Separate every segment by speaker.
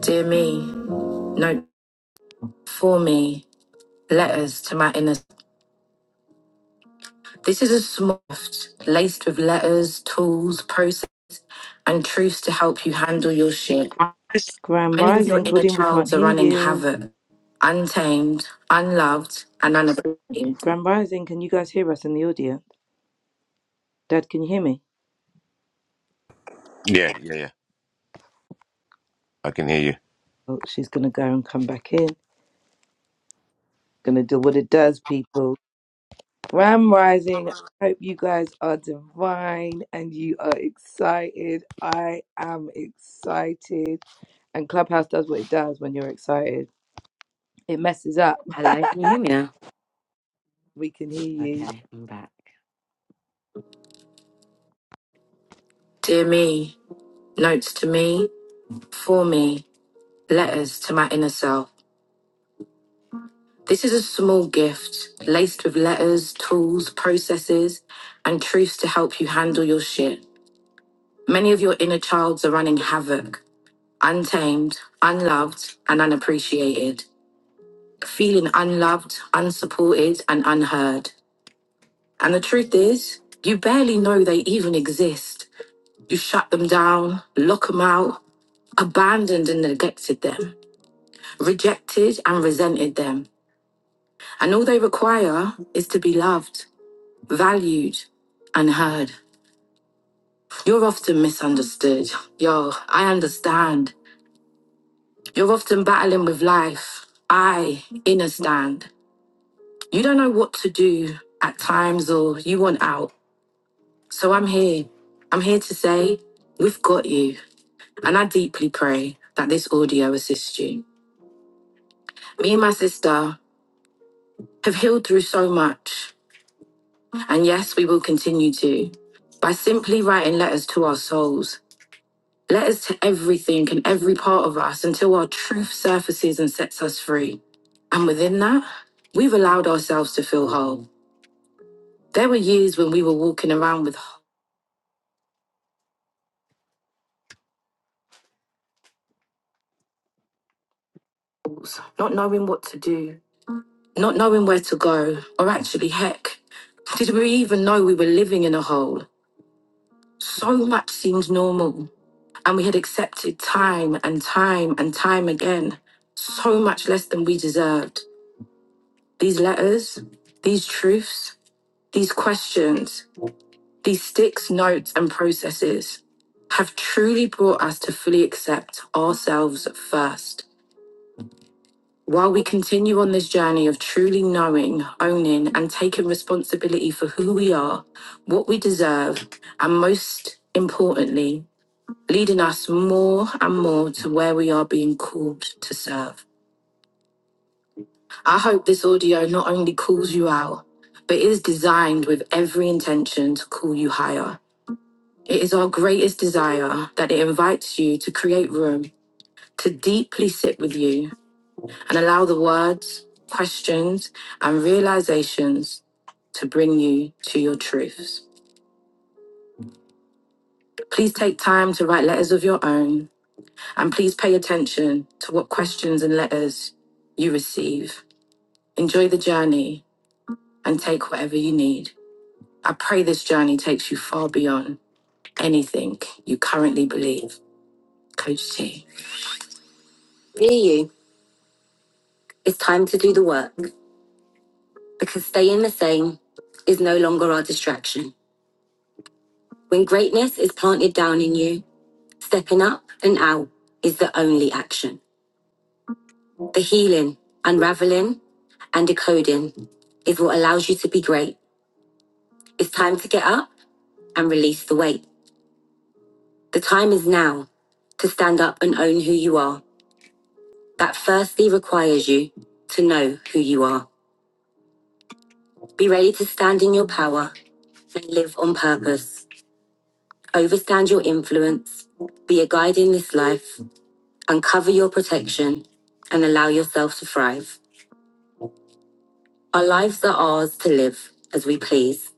Speaker 1: Dear me, no, for me, letters to my inner. This is a smoft laced with letters, tools, process, and truths to help you handle your shit.
Speaker 2: Grand
Speaker 1: Many of your
Speaker 2: Rising,
Speaker 1: inner
Speaker 2: Claudine, we can't
Speaker 1: childs are
Speaker 2: hear
Speaker 1: running
Speaker 2: you.
Speaker 1: havoc, untamed, unloved, and unappreciated.
Speaker 2: Grand Rising, can you guys hear us in the audience? Dad, can you hear me?
Speaker 3: Yeah, yeah, yeah. I can hear you.
Speaker 2: Oh, she's gonna go and come back in. Gonna do what it does, people. Grand Rising, I hope you guys are divine and you are excited. I am excited. And Clubhouse does what it does when you're excited. It messes up.
Speaker 1: Hello, can you hear me now?
Speaker 2: We can hear you.
Speaker 1: Okay, I'm back. Dear me, notes to me, for me, letters to my inner self. This is a small gift laced with letters, tools, processes, and truths to help you handle your shit. Many of your inner childs are running havoc, untamed, unloved, and unappreciated, feeling unloved, unsupported, and unheard. And the truth is, you barely know they even exist. You shut them down, lock them out, abandoned and neglected them, rejected and resented them. And all they require is to be loved. valued and heard. You're often misunderstood. Yo, I understand. You're often battling with life. I understand. You don't know what to do at times or you want out. So I'm here. I'm here to say we've got you. And I deeply pray that this audio assists you. Me and my sister have healed through so much. And yes, we will continue to by simply writing letters to our souls Letters to everything and every part of us until our truth surfaces and sets us free. And within that, we've allowed ourselves to feel whole. There were years when we were walking around with holes, not knowing what to do, not knowing where to go, or actually, heck, did we even know we were living in a hole? So much seemed normal, and we had accepted time and time and time again so much less than we deserved. These letters, these truths, these questions, These six notes and processes have truly brought us to fully accept ourselves first. While we continue on this journey of truly knowing, owning, and taking responsibility for who we are, what we deserve, and most importantly, leading us more and more to where we are being called to serve. I hope this audio not only calls you out, but is designed with every intention to call you higher. It is our greatest desire that it invites you to create room to deeply sit with you and allow the words, questions, and realizations to bring you to your truths. Please take time to write letters of your own and please pay attention to what questions and letters you receive. Enjoy the journey and take whatever you need. I pray this journey takes you far beyond anything you currently believe. Coach T. Be you. It's time to do the work. because staying the same is no longer our distraction. When greatness is planted down in you, stepping up and out is the only action. The healing, unraveling, and decoding is what allows you to be great. It's time to get up and release the weight. The time is now to stand up and own who you are. That firstly requires you to know who you are. Be ready to stand in your power and live on purpose. Overstand your influence. Be a guide in this life Uncover your protection and allow yourself to thrive. Our lives are ours to live as we please.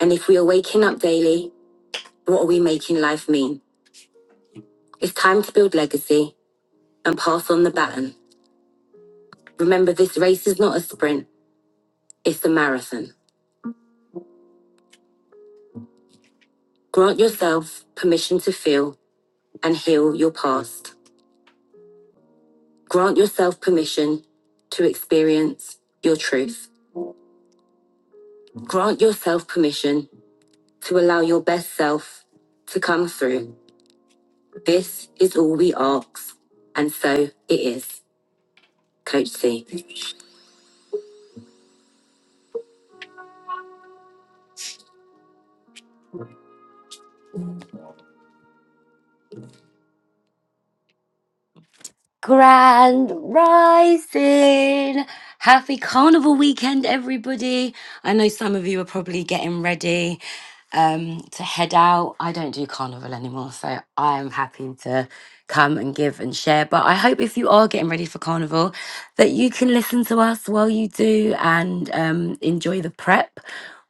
Speaker 1: And if we are waking up daily, what are we making life mean? It's time to build legacy and pass on the baton. Remember, this race is not a sprint, it's a marathon. Grant yourself permission to feel and heal your past. Grant yourself permission to experience your truth. Grant yourself permission to allow your best self to come through. This is all we ask, and so it is, Coach C. Grand Rising! Happy Carnival weekend, everybody! I know some of you are probably getting ready um, to head out. I don't do Carnival anymore, so I am happy to come and give and share. But I hope if you are getting ready for Carnival that you can listen to us while you do and um, enjoy the prep.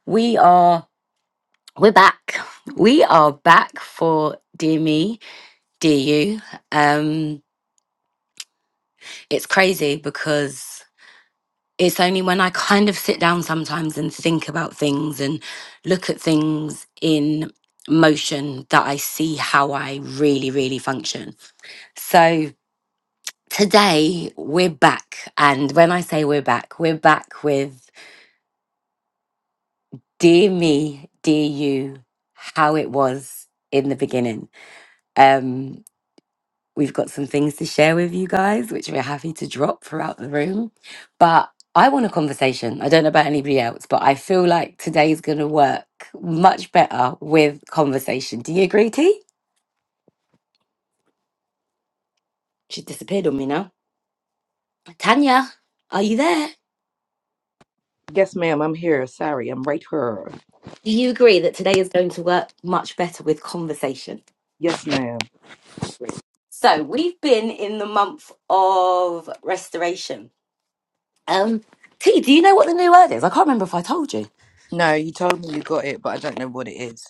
Speaker 1: We are. We're back. We are back for Dear Me, Dear You. Um, it's crazy because it's only when I kind of sit down sometimes and think about things and look at things in motion that I see how I really, really function. So today we're back. And when I say we're back, we're back with Dear Me, Dear You, how it was in the beginning. Um, We've got some things to share with you guys, which we're happy to drop throughout the room. But I want a conversation. I don't know about anybody else, but I feel like today's going to work much better with conversation. Do you agree, T? She disappeared on me now. Tanya, are you there?
Speaker 2: Yes, ma'am, I'm here. Sorry, I'm right here.
Speaker 1: Do you agree that today is going to work much better with conversation?
Speaker 2: Yes, ma'am.
Speaker 1: So we've been in the month of restoration. Um, T, do you know what the new word is? I can't remember if I told you.
Speaker 2: No, you told me you got it, but I don't know what it is.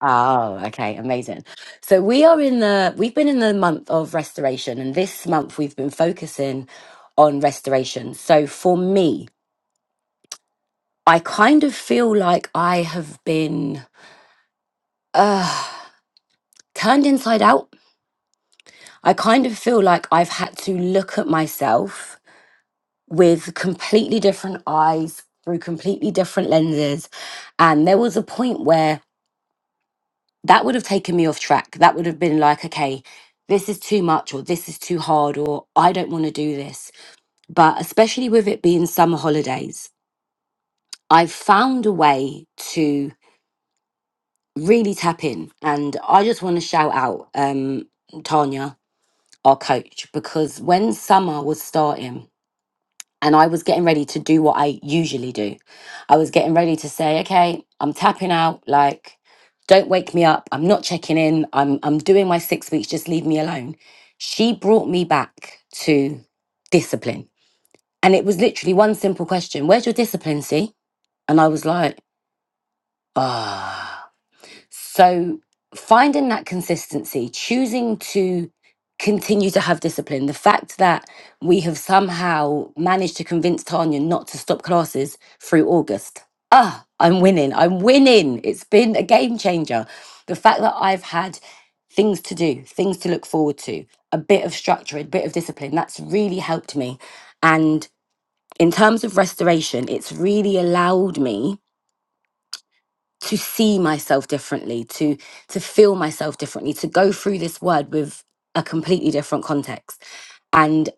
Speaker 1: Oh, okay, amazing. So we are in the we've been in the month of restoration and this month we've been focusing on restoration. So for me, I kind of feel like I have been uh turned inside out. I kind of feel like I've had to look at myself with completely different eyes through completely different lenses. And there was a point where that would have taken me off track. That would have been like, okay, this is too much, or this is too hard, or I don't want to do this. But especially with it being summer holidays, I've found a way to really tap in. And I just want to shout out um, Tanya, our coach, because when summer was starting, and I was getting ready to do what I usually do. I was getting ready to say, okay, I'm tapping out, like, don't wake me up. I'm not checking in. I'm I'm doing my six weeks, just leave me alone. She brought me back to discipline. And it was literally one simple question, where's your discipline, see? And I was like, ah. So finding that consistency, choosing to continue to have discipline, the fact that we have somehow managed to convince Tanya not to stop classes through August. Ah, I'm winning. I'm winning. It's been a game changer. The fact that I've had things to do, things to look forward to, a bit of structure, a bit of discipline, that's really helped me. And in terms of restoration, it's really allowed me to see myself differently to to feel myself differently to go through this word with a completely different context and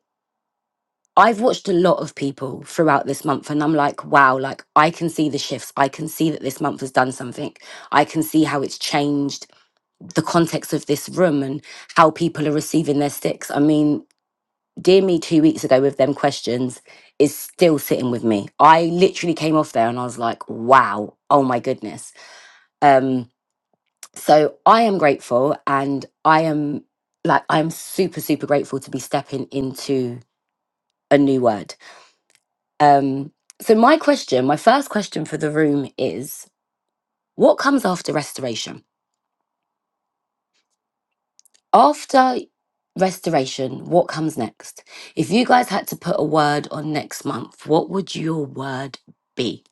Speaker 1: i've watched a lot of people throughout this month and i'm like wow like i can see the shifts i can see that this month has done something i can see how it's changed the context of this room and how people are receiving their sticks i mean dear me two weeks ago with them questions is still sitting with me i literally came off there and i was like wow oh my goodness Um, So I am grateful and I am like I'm super super grateful to be stepping into a new word. Um so my question, my first question for the room is what comes after restoration? After restoration, what comes next? If you guys had to put a word on next month, what would your word be?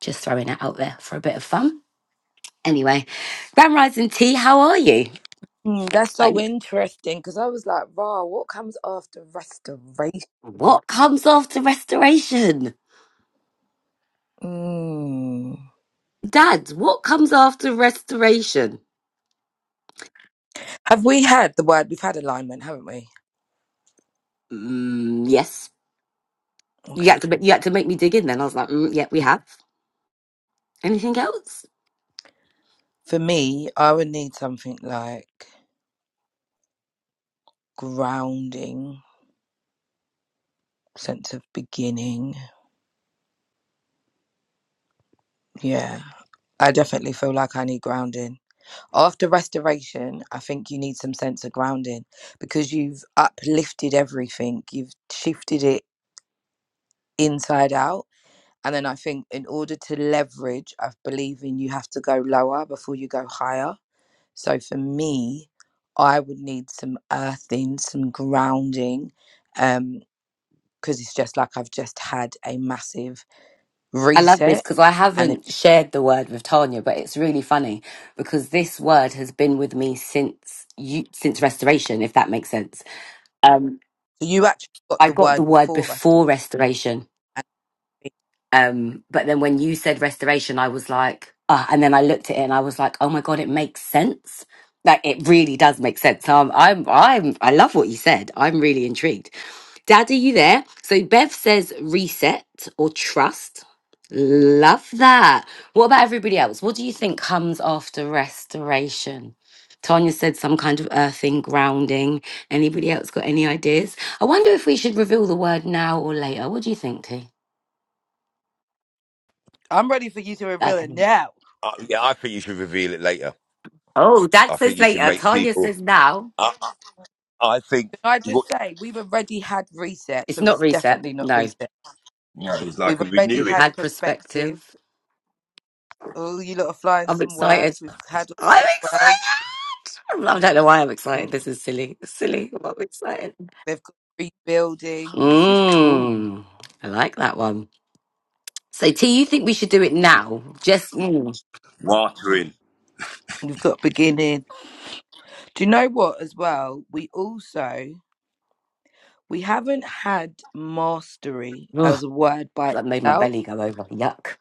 Speaker 1: Just throwing it out there for a bit of fun. Anyway, Grand Rising T, how are you?
Speaker 2: Mm, that's so
Speaker 1: I,
Speaker 2: interesting because I was like, "Wow, what comes after restoration?"
Speaker 1: what comes after restoration?
Speaker 2: Mm.
Speaker 1: Dad, what comes after restoration?
Speaker 2: Have we had the word? We've had alignment, haven't we?
Speaker 1: Mm, yes. You
Speaker 2: Okay.
Speaker 1: had to make, you had to make me dig in then. I was like, mm, yeah, we have. Anything else?
Speaker 2: For me, I would need something like grounding, sense of beginning. Yeah, I definitely feel like I need grounding after restoration. I think you need some sense of grounding because you've uplifted everything. You've shifted it inside out And then I think in order to leverage, I believe in you have to go lower before you go higher. So for me, I would need some earthing, some grounding, um, because it's just like I've just had a massive
Speaker 1: I love this
Speaker 2: reset.
Speaker 1: because I
Speaker 2: And then
Speaker 1: haven't shared the word with Tanya, but it's really funny because this word has been with me since you since restoration, if that makes sense. Um,
Speaker 2: you actually got
Speaker 1: I
Speaker 2: the
Speaker 1: got the
Speaker 2: word
Speaker 1: word
Speaker 2: before restoration.
Speaker 1: before restoration Um, but then when you said restoration, I was like, ah, and then I looked at it and I was like, oh my god, it makes sense. Like it really does make sense. So I'm, I'm, I'm, I love what you said. I'm really intrigued. Dad, are you there? So Bev says reset or trust. Love that. What about everybody else? What do you think comes after restoration? Tanya said some kind of earthing, grounding. Anybody else got any ideas? I wonder if we should reveal the word now or later. What do you think, T?
Speaker 2: I'm ready for you to reveal
Speaker 1: Okay.
Speaker 2: it now.
Speaker 3: Uh, yeah, I think you should reveal it later.
Speaker 1: Oh, Dad
Speaker 3: I think
Speaker 1: says
Speaker 3: you should
Speaker 1: later.
Speaker 3: make
Speaker 1: Tanya
Speaker 3: people.
Speaker 1: says now.
Speaker 3: I, I I think
Speaker 2: Can I just
Speaker 3: what
Speaker 2: say we've already had reset,
Speaker 1: It's
Speaker 2: so
Speaker 1: not
Speaker 2: it's
Speaker 1: reset.
Speaker 2: definitely not
Speaker 1: No,
Speaker 2: reset.
Speaker 3: you know, it's like
Speaker 2: We've
Speaker 3: a
Speaker 2: already
Speaker 1: we've
Speaker 3: renewing,
Speaker 2: had
Speaker 1: had
Speaker 2: perspective.
Speaker 1: perspective.
Speaker 2: Oh, you lot are flying
Speaker 1: I'm
Speaker 2: some
Speaker 1: excited.
Speaker 2: words. We've had
Speaker 1: I'm
Speaker 2: all those words.
Speaker 1: excited. I don't know why I'm
Speaker 2: Mm,
Speaker 1: excited. This is silly. It's silly. but I'm excited.
Speaker 2: They've got rebuilding. This is cool.
Speaker 1: Mmm. I like that one. So, T, you think we should do it now? Just mm.
Speaker 3: watering.
Speaker 2: We've got beginning. Do you know what as well? We also we haven't had mastery
Speaker 1: Ugh,
Speaker 2: as a word by
Speaker 1: that made my
Speaker 2: itself.
Speaker 1: belly go over. Yuck.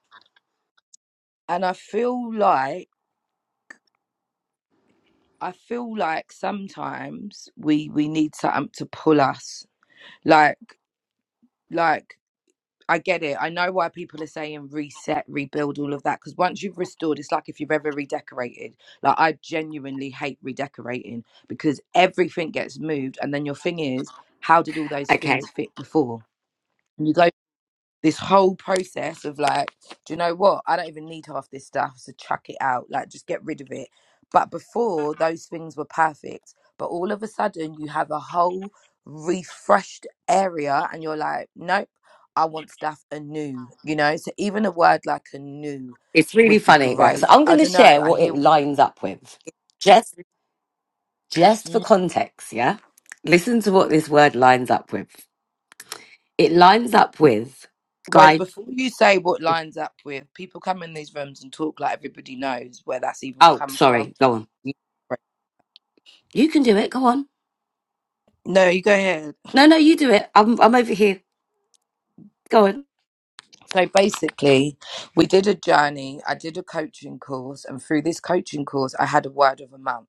Speaker 2: And I feel like I feel like sometimes we we need something to pull us. Like like I get it. I know why people are saying reset, rebuild, all of that. Because once you've restored, it's like if you've ever redecorated. Like I genuinely hate redecorating because everything gets moved, and then your thing is, how did all those
Speaker 1: Okay.
Speaker 2: things fit before? And you go this whole process of like, do you know what? I don't even need half this stuff, so chuck it out. Like, just get rid of it. But before, those things were perfect. But all of a sudden, you have a whole refreshed area, and you're like, nope, I want stuff anew, you know? So even a word like anew
Speaker 1: It's really
Speaker 2: would be
Speaker 1: funny, right? So,
Speaker 2: great.
Speaker 1: I'm going
Speaker 2: I
Speaker 1: to
Speaker 2: don't know.
Speaker 1: share
Speaker 2: I
Speaker 1: what
Speaker 2: hear.
Speaker 1: it lines up with, just just for
Speaker 2: Mm,
Speaker 1: context. Yeah. Listen to what this word lines up with. It lines up with
Speaker 2: Wait,
Speaker 1: guide.
Speaker 2: before you say what lines up with, people come in these rooms and talk like everybody knows where that's even
Speaker 1: Oh,
Speaker 2: come from.
Speaker 1: sorry. Go on. You can do it. Go on.
Speaker 2: No, you go ahead.
Speaker 1: No, no, you do it. I'm, I'm over here. Go on.
Speaker 2: So basically, we did a journey. I did a coaching course, and through this coaching course, I had a word of a month.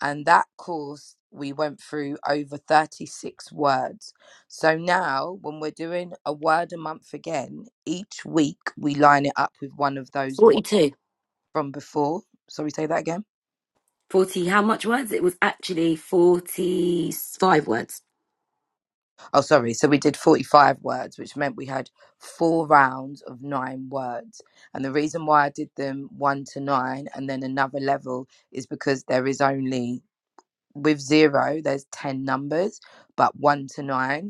Speaker 2: And that course, we went through over 36 words. So now, when we're doing a word a month again, each week we line it up with one of those words
Speaker 1: 42.
Speaker 2: from before. Sorry, say that again.
Speaker 1: 40, how much words? It was actually 45 words.
Speaker 2: Oh, sorry. So we did 45 words, which meant we had four rounds of nine words. And the reason why I did them one to nine and then another level is because there is only, with zero, there's 10 numbers, but one to nine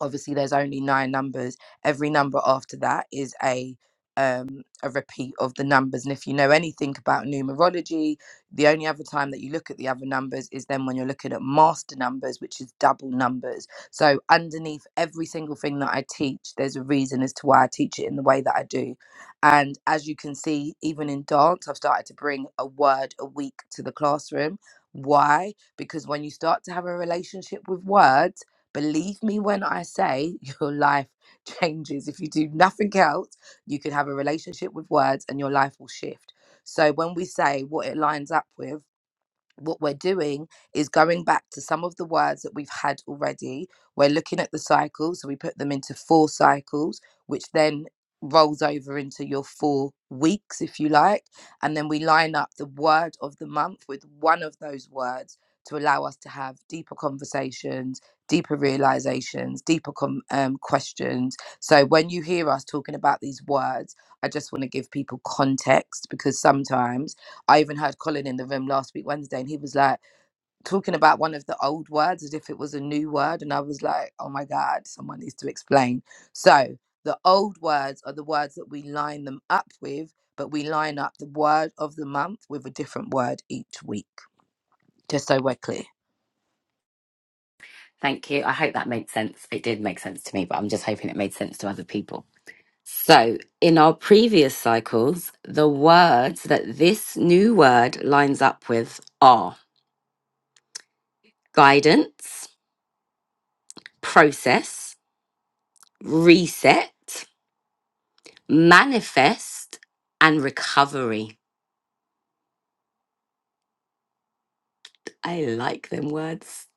Speaker 2: obviously there's only nine numbers every number after that is a um a repeat of the numbers and if you know anything about numerology the only other time that you look at the other numbers is then when you're looking at master numbers which is double numbers so underneath every single thing that i teach there's a reason as to why i teach it in the way that i do and as you can see even in dance i've started to bring a word a week to the classroom why because when you start to have a relationship with words Believe me when I say your life changes. If you do nothing else, you can have a relationship with words and your life will shift. So when we say what it lines up with, what we're doing is going back to some of the words that we've had already. We're looking at the cycles, so we put them into four cycles, which then rolls over into your four weeks, if you like. And then we line up the word of the month with one of those words to allow us to have deeper conversations, deeper realizations, deeper com- um, questions. So when you hear us talking about these words, I just want to give people context because sometimes I even heard Colin in the room last week, Wednesday, and he was like talking about one of the old words as if it was a new word. And I was like, oh my God, someone needs to explain. So the old words are the words that we line them up with, but we line up the word of the month with a different word each week, just so we're clear.
Speaker 1: Thank you. I hope that made sense. It did make sense to me, but I'm just hoping it made sense to other people. So, in our previous cycles, the words that this new word lines up with are guidance, process, reset, manifest and recovery. I like them words.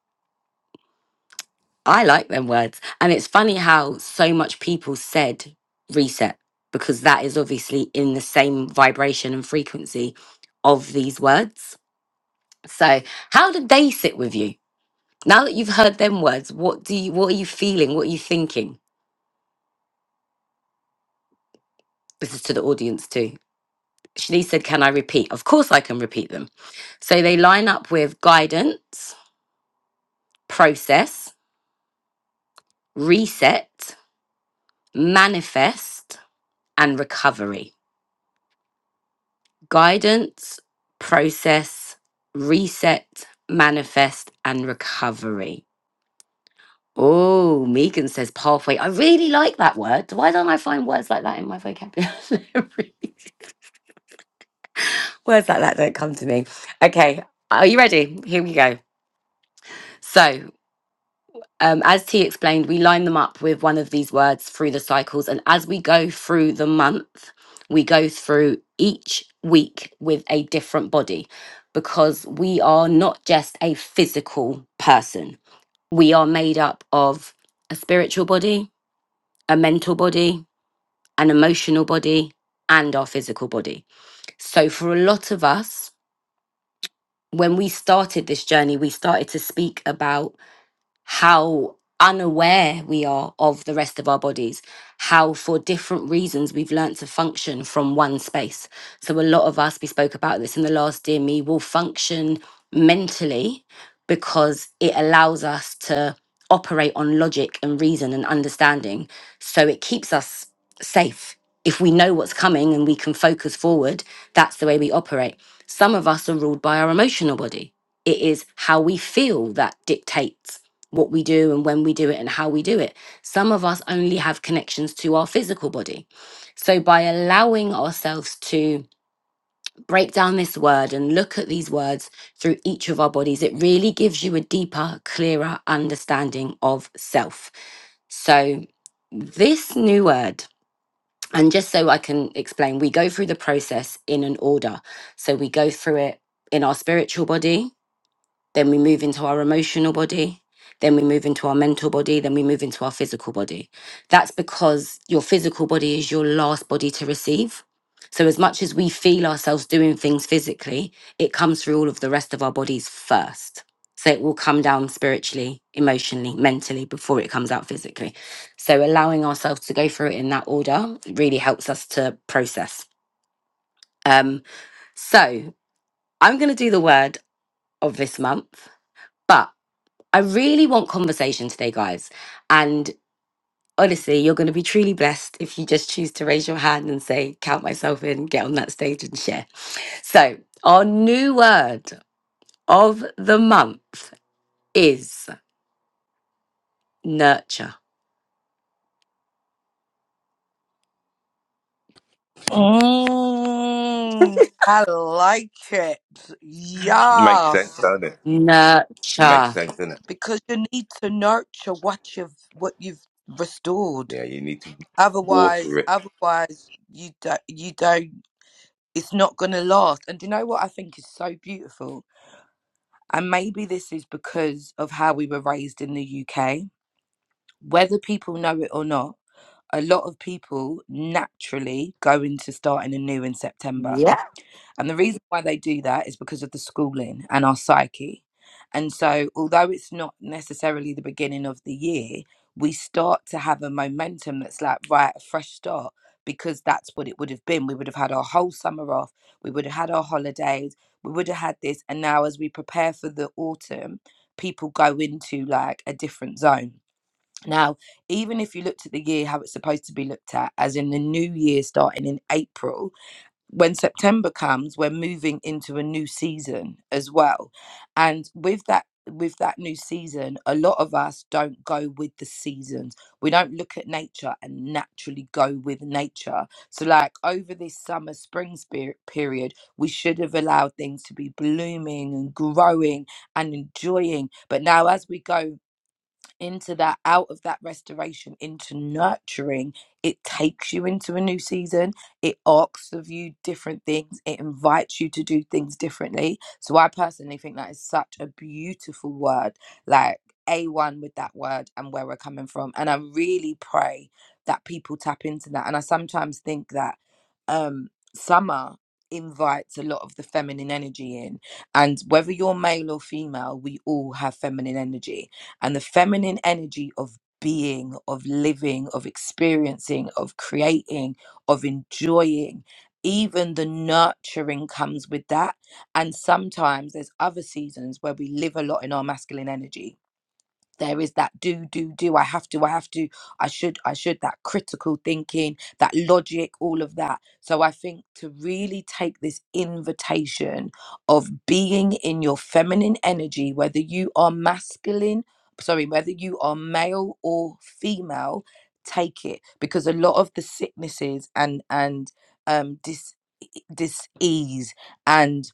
Speaker 1: I like them words. And it's funny how so much people said reset because that is obviously in the same vibration and frequency of these words. So, how did they sit with you? Now that you've heard them words, what do you what are you feeling? What are you thinking? This is to the audience too. Shanice said, "Can I repeat?" Of course I can repeat them. So they line up with guidance, process, reset, manifest and recovery guidance process reset manifest and recovery oh megan says pathway i really like that word why don't i find words like that in my vocabulary words like that don't come to me okay are you ready here we go so Um, as T explained, we line them up with one of these words through the cycles. And as we go through the month, we go through each week with a different body because we are not just a physical person we are made up of a spiritual body, a mental body, an emotional body, and our physical body. So, for a lot of us, when we started this journey, we started to speak about how unaware we are of the rest of our bodies, how for different reasons we've learnt to function from one space. So, a lot of us, we spoke about this in the last Dear Me, will function mentally because it allows us to operate on logic and reason and understanding. So, it keeps us safe. If we know what's coming and we can focus forward, that's the way we operate. Some of us are ruled by our emotional body. It is how we feel that dictates what we do and when we do it and how we do it. Some of us only have connections to our physical body. So, by allowing ourselves to break down this word and look at these words through each of our bodies, it really gives you a deeper, clearer understanding of self. So, this new word, and just so I can explain, we go through the process in an order. So, we go through it in our spiritual body, then we move into our emotional body. Then we move into our mental body. Then we move into our physical body. That's because your physical body is your last body to receive. So, as much as we feel ourselves doing things physically, it comes through all of the rest of our bodies first. So, it will come down spiritually, emotionally, mentally before it comes out physically. So, allowing ourselves to go through it in that order really helps us to process. Um, so, I'm going to do the word of this month, but I really want conversation today, guys. And honestly, you're going to be truly blessed if you just choose to raise your hand and say, Count myself in, get on that stage and share. So, our new word of the month is nurture.
Speaker 2: Mm, I like it.
Speaker 3: Makes sense,
Speaker 2: Yes,
Speaker 3: don't it? It makes
Speaker 1: Nurture.
Speaker 3: sense, doesn't it?
Speaker 2: Because you need to nurture what you've what you've restored.
Speaker 3: Yeah, you need to water
Speaker 2: Otherwise,
Speaker 3: it.
Speaker 2: otherwise you don't, you don't, it's not going to last. And do you know what I think is so beautiful? And maybe this is because of how we were raised in the UK. Whether people know it or not, a lot of people naturally go into starting anew in September.
Speaker 1: Yeah.
Speaker 2: And the reason why they do that is because of the schooling and our psyche. And so, although it's not necessarily the beginning of the year, we start to have a momentum that's like, right, a fresh start, because that's what it would have been. We would have had our whole summer off, we would have had our holidays, we would have had this. And now, as we prepare for the autumn, people go into like a different zone. Now, even if you looked at the year how it's supposed to be looked at, as in the new year starting in April, when September comes, we're moving into a new season as well. And with that with that new season, a lot of us don't go with the seasons. We don't look at nature and naturally go with nature. So like over this summer spring spirit period, we should have allowed things to be blooming and growing and enjoying. But now as we go into that out of that restoration into nurturing it takes you into a new season it asks of you different things it invites you to do things differently so i personally think that is such a beautiful word like a1 with that word and where we're coming from and i really pray that people tap into that and i sometimes think that um summer invites a lot of the feminine energy in and whether you're male or female we all have feminine energy and the feminine energy of being, of living, of experiencing, of creating, of enjoying. Even the nurturing comes with that. And sometimes there's other seasons where we live a lot in our masculine energy there is that do do do i have to i have to i should i should that critical thinking that logic all of that so i think to really take this invitation of being in your feminine energy whether you are masculine sorry whether you are male or female take it because a lot of the sicknesses and and um dis dis ease and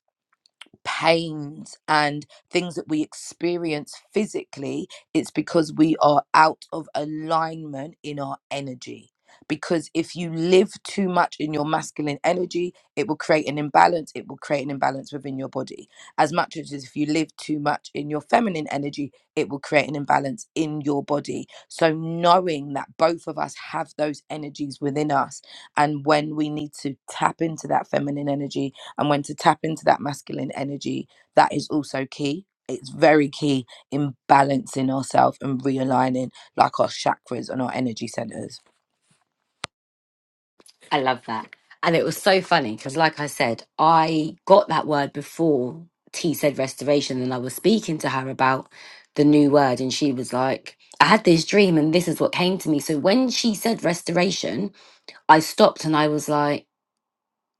Speaker 2: pains and things that we experience physically, it's because we are out of alignment in our energy. Because if you live too much in your masculine energy, it will create an imbalance. It will create an imbalance within your body. As much as if you live too much in your feminine energy, it will create an imbalance in your body. So, knowing that both of us have those energies within us, and when we need to tap into that feminine energy, and when to tap into that masculine energy, that is also key. It's very key in balancing ourselves and realigning like our chakras and our energy centers.
Speaker 1: I love that. And it was so funny because, like I said, I got that word before T said restoration, and I was speaking to her about the new word, and she was like, I had this dream, and this is what came to me. So when she said restoration, I stopped and I was like,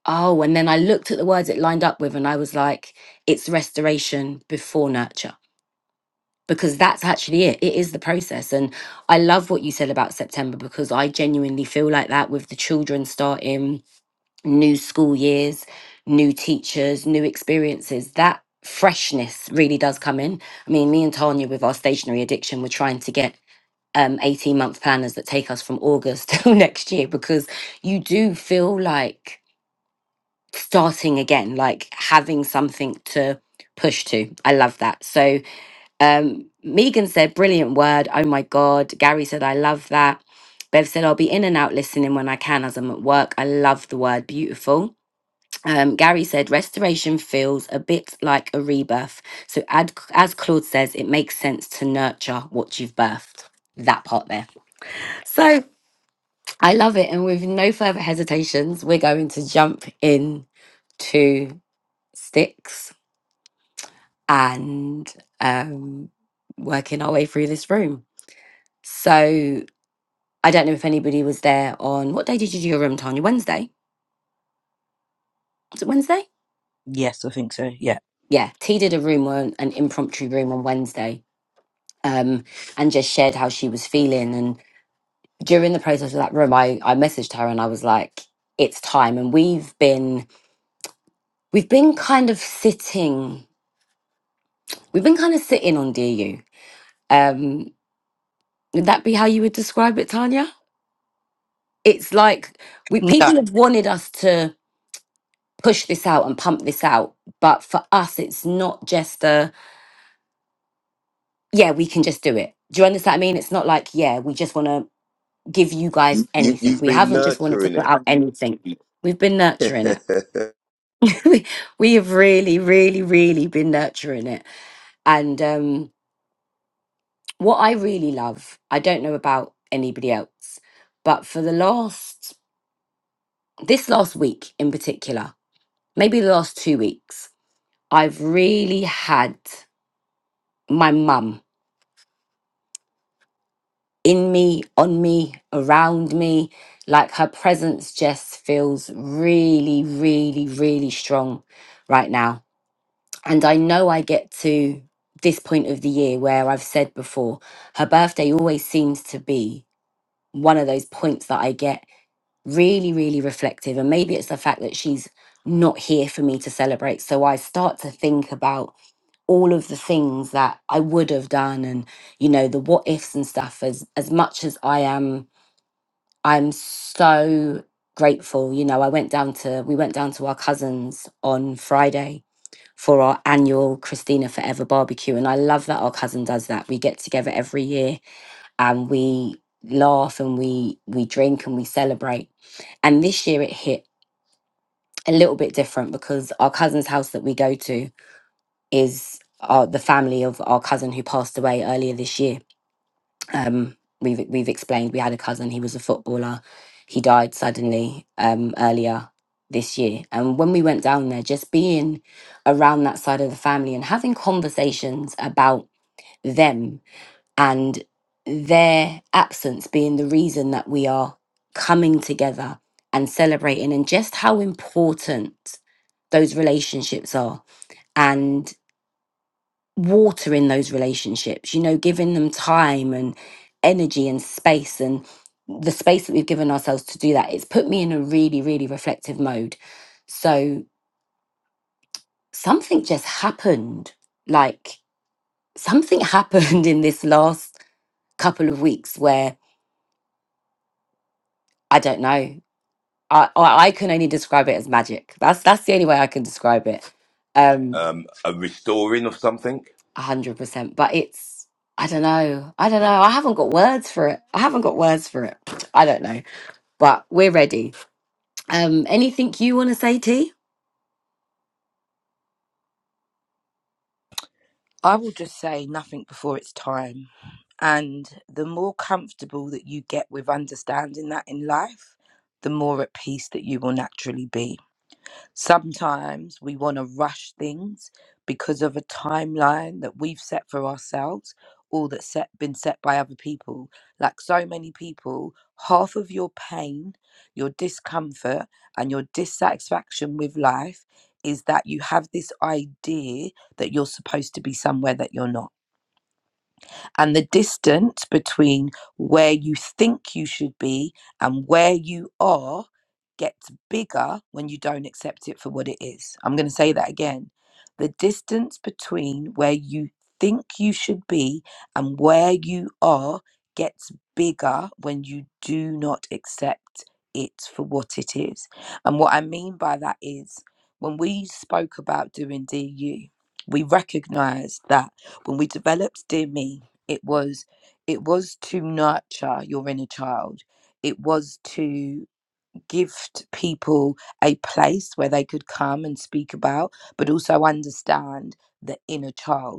Speaker 1: oh, and then I looked at the words it lined up with, and I was like, it's restoration before nurture. Because that's actually it. It is the process. And I love what you said about September because I genuinely feel like that with the children starting new school years, new teachers, new experiences, that freshness really does come in. I mean, me and Tanya with our stationary addiction, we're trying to get um 18 month planners that take us from August till next year because you do feel like starting again, like having something to push to. I love that. So um Megan said, brilliant word. Oh my God. Gary said, I love that. Bev said, I'll be in and out listening when I can as I'm at work. I love the word beautiful. Um, Gary said restoration feels a bit like a rebirth. So, ad, as Claude says, it makes sense to nurture what you've birthed. That part there. So, I love it. And with no further hesitations, we're going to jump in to sticks and um, working our way through this room. So, I don't know if anybody was there on what day did you do your room, Tanya? Wednesday? Was it Wednesday?
Speaker 2: Yes, I think so. Yeah.
Speaker 1: Yeah, T did a room on an impromptu room on Wednesday um, and just shared how she was feeling. And during the process of that room, I, I messaged her and I was like, "It's time." And we've been we've been kind of sitting we've been kind of sitting on DU. Um, would that be how you would describe it, Tanya? It's like we people
Speaker 2: No,
Speaker 1: have wanted us to push this out and pump this out, but for us, it's not just a yeah we can just do it. Do you understand what I mean? It's not like yeah we just want to. give you guys
Speaker 3: You, you,
Speaker 1: anything.
Speaker 3: you've
Speaker 1: We
Speaker 3: been
Speaker 1: haven't just wanted to put
Speaker 3: nurturing
Speaker 1: out anything. We've been nurturing it.
Speaker 3: it.
Speaker 1: we we have really, really, really been nurturing it. And um, what I really love, I don't know about anybody else, but for the last this last week in particular, maybe the last two weeks, I've really had my mum in me, on me, around me. Like her presence just feels really, really, really strong right now And I know I get to this point of the year where I've said before, her birthday always seems to be one of those points that I get really, really reflective. And maybe it's the fact that she's not here for me to celebrate. So I start to think about all of the things that I would have done and, you know, the what ifs and stuff as as much as I am I'm so grateful. You know, I went down to we went down to our cousins on Friday for our annual Christina Forever barbecue. And I love that our cousin does that. We get together every year and we laugh and we we drink and we celebrate. And this year it hit a little bit different because our cousin's house that we go to is uh, the family of our cousin who passed away earlier this year um, we've we've explained we had a cousin. He was a footballer. He died suddenly um, earlier this year. And when we went down there, just being around that side of the family and having conversations about them and their absence being the reason that we are coming together and celebrating, and just how important those relationships are water in those relationships, you know, giving them time and energy and space and the space that we've given ourselves to do that. It's put me in a really, really reflective mode. So something just happened. Like something happened in this last couple of weeks where I don't know. I, I I can only describe it as magic. That's that's the only way I can describe it. Um
Speaker 3: um, a restoring of something.
Speaker 1: a hundred percent. But it's I don't know. I don't know. I haven't got words for it. I haven't got words for it. I don't know. but we're ready. Um, anything you want to say, T?
Speaker 2: I will just say nothing before it's time. And the more comfortable that you get with understanding that in life, the more at peace that you will naturally be. Sometimes we want to rush things because of a timeline that we've set for ourselves or that's set, been set by other people. Like so many people, half of your pain, your discomfort, and your dissatisfaction with life is that you have this idea that you're supposed to be somewhere that you're not and the distance between where you think you should be and where you are gets bigger when you don't accept it for what it is. I'm going to say that again. The distance between where you think you should be and where you are gets bigger when you do not accept it for what it is. And what I mean by that is when we spoke about doing DU, we recognized that when we developed Dear Me, it was it was to nurture your inner child it was to gift people a place where they could come and speak about but also understand the inner child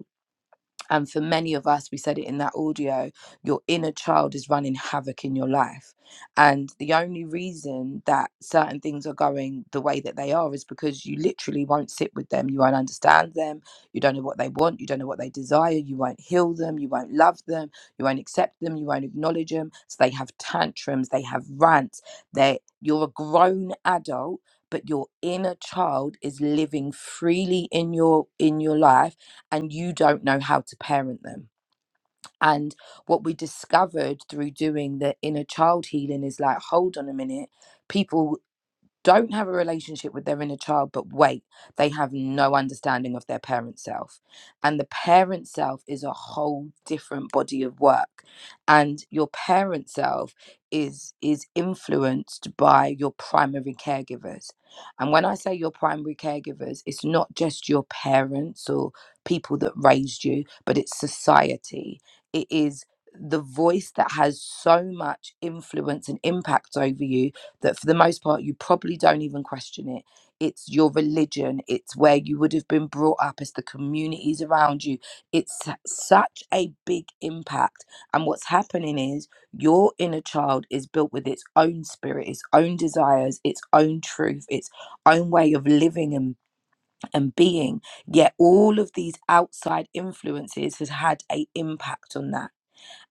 Speaker 2: and for many of us, we said it in that audio, your inner child is running havoc in your life. And the only reason that certain things are going the way that they are is because you literally won't sit with them. You won't understand them. You don't know what they want. You don't know what they desire. You won't heal them. You won't love them. You won't accept them. You won't acknowledge them. So they have tantrums. They have rants. They you're a grown adult, but your inner child is living freely in your in your life and you don't know how to parent them. And what we discovered through doing the inner child healing is like, hold on a minute, people don't have a relationship with their inner child, but wait, they have no understanding of their parent self. And the parent self is a whole different body of work. And your parent self is is influenced by your primary caregivers. And when I say your primary caregivers, it's not just your parents or people that raised you, but it's society. It is the voice that has so much influence and impact over you that for the most part you probably don't even question it it's your religion it's where you would have been brought up it's the communities around you it's su- such a big impact and what's happening is your inner child is built with its own spirit its own desires its own truth its own way of living and, and being yet all of these outside influences has had a impact on that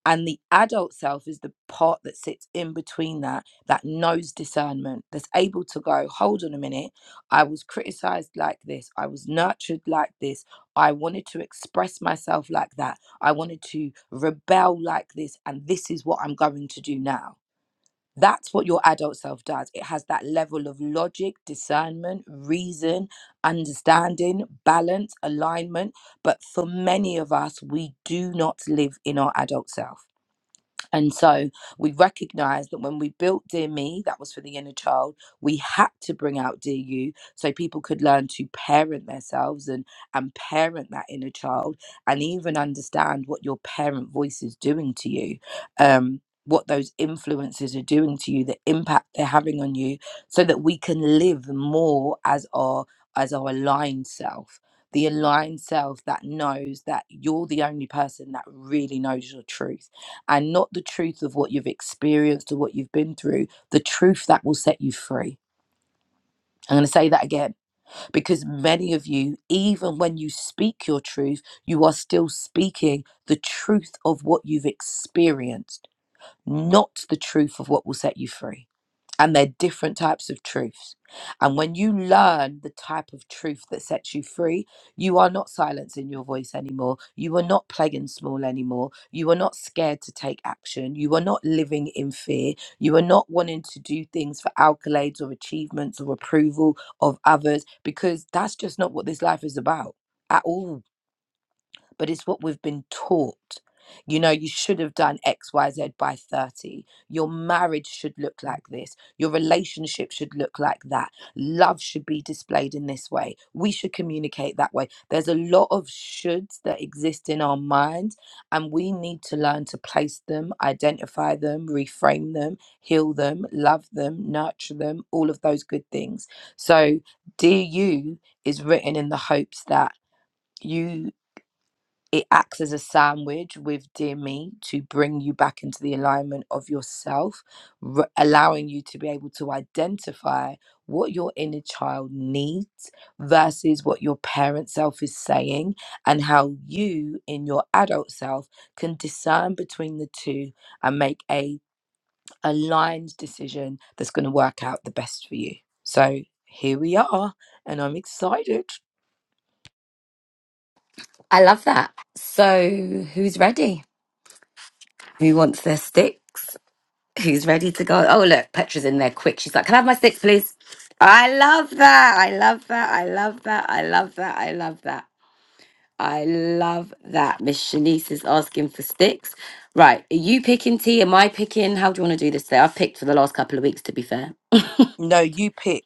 Speaker 2: and the adult self is the part that sits in between that that knows discernment that's able to go hold on a minute i was criticized like this i was nurtured like this i wanted to express myself like that i wanted to rebel like this and this is what i'm going to do now that's what your adult self does it has that level of logic discernment reason understanding balance alignment but for many of us we do not live in our adult self and so we recognized that when we built Dear Me, that was for the inner child, we had to bring out Dear You so people could learn to parent themselves and, and parent that inner child and even understand what your parent voice is doing to you. Um, what those influences are doing to you, the impact they're having on you, so that we can live more as our as our aligned self, the aligned self that knows that you're the only person that really knows your truth and not the truth of what you've experienced or what you've been through, the truth that will set you free. I'm going to say that again because many of you, even when you speak your truth, you are still speaking the truth of what you've experienced, not the truth of what will set you free and they're different types of truths. And when you learn the type of truth that sets you free, you are not silencing your voice anymore. You are not playing small anymore. You are not scared to take action. You are not living in fear. You are not wanting to do things for accolades or achievements or approval of others because that's just not what this life is about at all but it's what we've been taught. You know, you should have done XYZ by 30. Your marriage should look like this. Your relationship should look like that. Love should be displayed in this way. We should communicate that way. There's a lot of shoulds that exist in our minds, and we need to learn to place them, identify them, reframe them, heal them, love them, nurture them, all of those good things. So, Dear You is written in the hopes that you it acts as a sandwich with dear me to bring you back into the alignment of yourself r- allowing you to be able to identify what your inner child needs versus what your parent self is saying and how you in your adult self can discern between the two and make a aligned decision that's going to work out the best for you so here we are and i'm excited
Speaker 1: I love that. So, who's ready? Who wants their sticks? Who's ready to go? Oh, look, Petra's in there quick. She's like, Can I have my sticks, please? I love that. I love that. I love that. I love that. I love that. I love that. Miss Shanice is asking for sticks. Right. Are you picking T? Am I picking? How do you want to do this today? I've picked for the last couple of weeks, to be fair.
Speaker 2: No, you pick.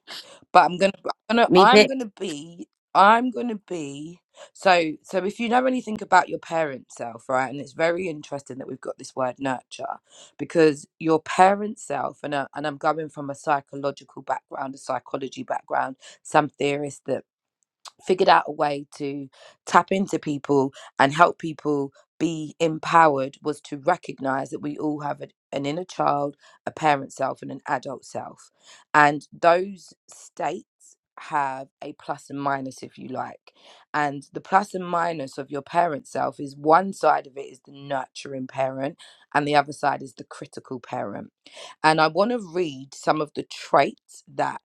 Speaker 2: But I'm gonna, I'm gonna,
Speaker 1: Me
Speaker 2: I'm
Speaker 1: picked.
Speaker 2: gonna be, I'm gonna be. So, so if you know anything about your parent self, right? And it's very interesting that we've got this word nurture, because your parent self, and I, and I'm going from a psychological background, a psychology background, some theorists that figured out a way to tap into people and help people be empowered was to recognize that we all have a, an inner child, a parent self, and an adult self. And those states have a plus and minus, if you like. And the plus and minus of your parent self is one side of it is the nurturing parent, and the other side is the critical parent. And I want to read some of the traits that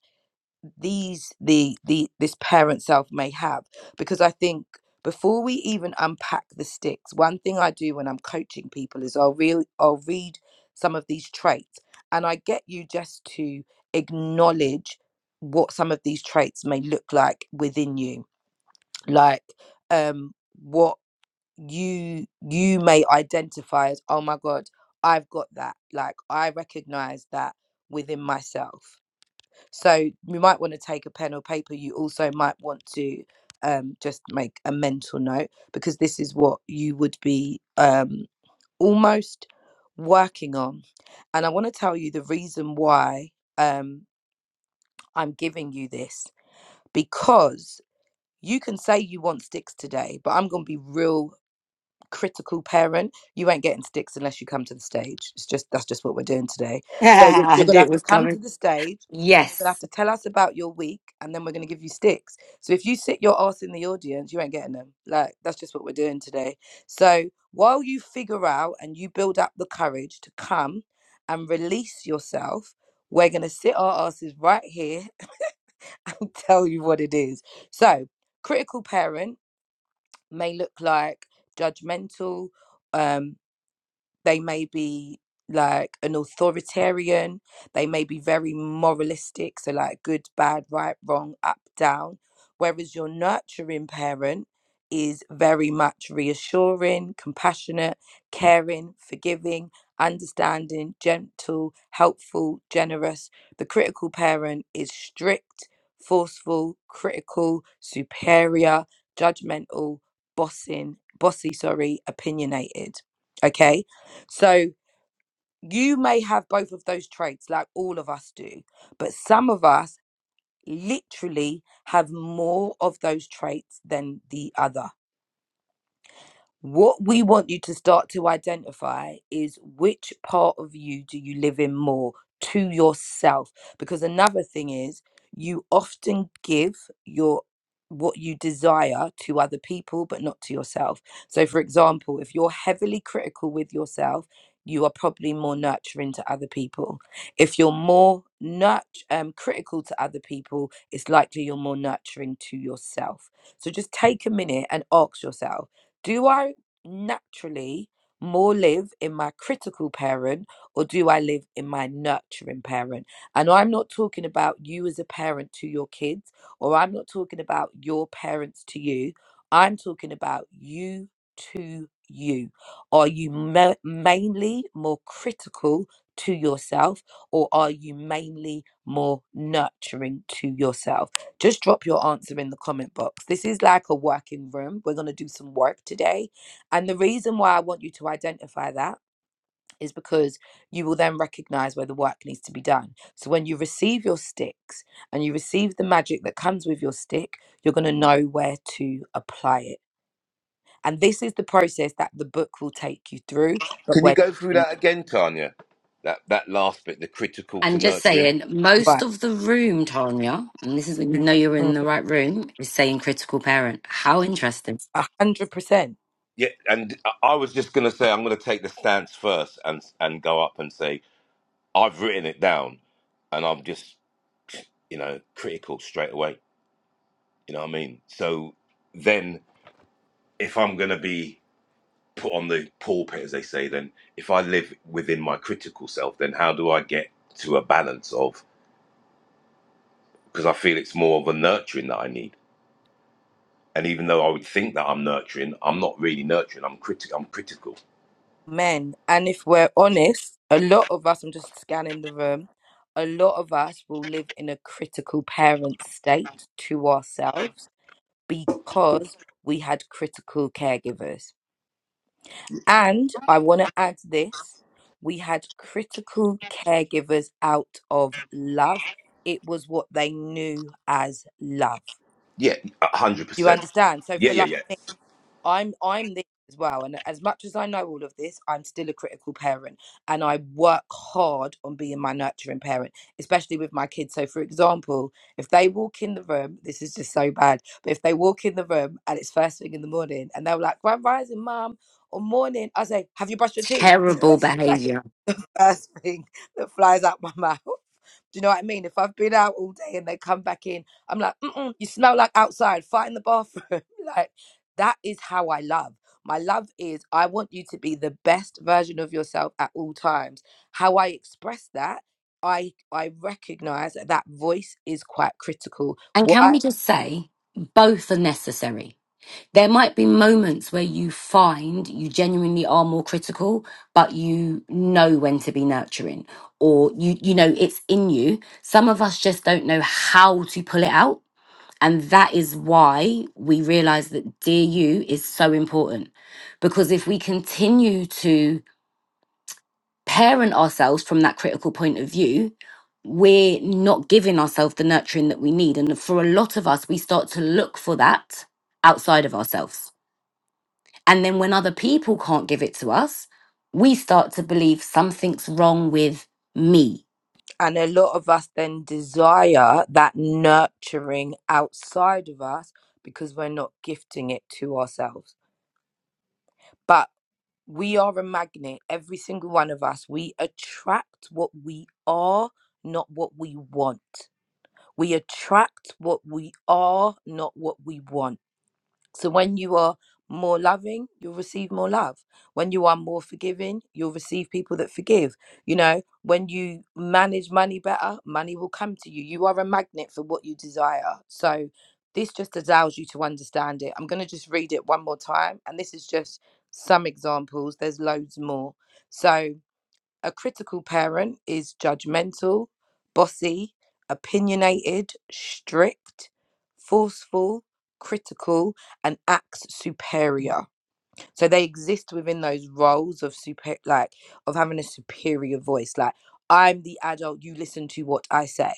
Speaker 2: these the the this parent self may have because i think before we even unpack the sticks one thing i do when i'm coaching people is i'll really i'll read some of these traits and i get you just to acknowledge what some of these traits may look like within you like um what you you may identify as oh my god i've got that like i recognize that within myself so you might want to take a pen or paper. You also might want to um, just make a mental note because this is what you would be um, almost working on. And I want to tell you the reason why um, I'm giving you this because you can say you want sticks today, but I'm going to be real critical parent, you ain't getting sticks unless you come to the stage. It's just that's just what we're doing today. So you're,
Speaker 1: I
Speaker 2: you're gonna
Speaker 1: knew it
Speaker 2: have to
Speaker 1: was
Speaker 2: come
Speaker 1: coming.
Speaker 2: to the stage and you're gonna have
Speaker 1: Yes.
Speaker 2: to tell us about your week and then we're gonna give you sticks. So if you sit your ass in the audience, you ain't getting them. Like that's just what we're doing today. So while you figure out and you build up the courage to come and release yourself, we're gonna sit our asses right here and tell you what it is. So critical parent may look like judgmental um, they may be like an authoritarian. They may be very moralistic. So, like good, bad, right, wrong, up, down. Whereas your nurturing parent is very much reassuring, compassionate, caring, forgiving, understanding, gentle, helpful, generous. The critical parent is strict, forceful, critical, superior, judgmental, bossing, bossy, sorry, opinionated. Okay. So you may have both of those traits, like all of us do, but some of us literally have more of those traits than the other. What we want you to start to identify is which part of you do you live in more to yourself? Because another thing is, you often give your what you desire to other people, but not to yourself. So, for example, if you're heavily critical with yourself, you are probably more nurturing to other people. If you're more nurt- um, critical to other people, it's likely you're more nurturing to yourself. So, just take a minute and ask yourself do I naturally more live in my critical parent or do I live in my nurturing parent? And I'm not talking about you as a parent to your kids, or I'm not talking about your parents to you. I'm talking about you to you. Are you ma- mainly more critical to yourself or are you mainly more nurturing to yourself? just drop your answer in the comment box. This is like a working room. We're going to do some work today. And the reason why I want you to identify that is because you will then recognize where the work needs to be done. So when you receive your sticks and you receive the magic that comes with your stick, you're going to know where to apply it. And this is the process that the book will take you through, but
Speaker 3: Can you
Speaker 2: when
Speaker 3: go through that again, Tanya? That that last bit, the critical to
Speaker 1: And just
Speaker 3: nurturing.
Speaker 1: saying, most
Speaker 2: right.
Speaker 1: of the room, Tanya, and this is when you know you're in the right room, is saying critical parent. How interesting.
Speaker 2: A hundred percent.
Speaker 3: Yeah, and I I was just going to say I'm going to take the stance first and and go up and say I've written it down and I'm just, you know, critical straight away. You know what I mean? So then if I'm going to be put on the pulpit, as they say, then if I live within my critical self, then how do I get to a balance of, because I feel it's more of a nurturing that I need. And even though I would think that I'm nurturing, I'm not really nurturing. I'm critical. I'm critical.
Speaker 2: Men. And if we're honest, a lot of us, I'm just scanning the room, a lot of us will live in a critical parent state to ourselves because we had critical caregivers. And I want to add this we had critical caregivers out of love. It was what they knew as love.
Speaker 3: Yeah, a hundred
Speaker 2: Do you
Speaker 3: percent.
Speaker 2: understand? So,
Speaker 3: Yeah,
Speaker 2: for
Speaker 3: yeah, yeah.
Speaker 2: like I'm I'm this as well, and as much as I know all of this, I'm still a critical parent, and I work hard on being my nurturing parent, especially with my kids. So, for example, if they walk in the room, this is just so bad, but if they walk in the room and it's first thing in the morning, and they're like, "Grand rising, mum," or morning, I say, "Have you brushed your teeth?"
Speaker 1: Terrible behavior.
Speaker 2: first thing that flies out my mouth. Do you know what I mean? If I've been out all day and they come back in, I'm like, Mm-mm, you smell like outside, fight in the bathroom. like, that is how I love. My love is I want you to be the best version of yourself at all times. How I express that, I I recognize that that voice is quite critical.
Speaker 1: And can we
Speaker 2: Why?
Speaker 1: just say, both are necessary? There might be moments where you find you genuinely are more critical, but you know when to be nurturing, or you you know it's in you. Some of us just don't know how to pull it out And that is why we realize that Dear You is so important. Because if we continue to parent ourselves from that critical point of view, we're not giving ourselves the nurturing that we need. And for a lot of us, we start to look for that outside of ourselves. And then when other people can't give it to us, we start to believe something's wrong with me.
Speaker 2: And a lot of us then desire that nurturing outside of us because we're not gifting it to ourselves. But we are a magnet, every single one of us. We attract what we are, not what we want. We attract what we are, not what we want. So when you are more loving, you'll receive more love. When you are more forgiving, you'll receive people that forgive. You know, when you manage money better, money will come to you. You are a magnet for what you desire. So this just allows you to understand it. I'm going to just read it one more time. And this is just some examples. There's loads more. So a critical parent is judgmental, bossy, opinionated, strict, forceful, critical, and acts superior. So they exist within those roles of super, like of having a superior voice. Like I'm the adult, you listen to what I say.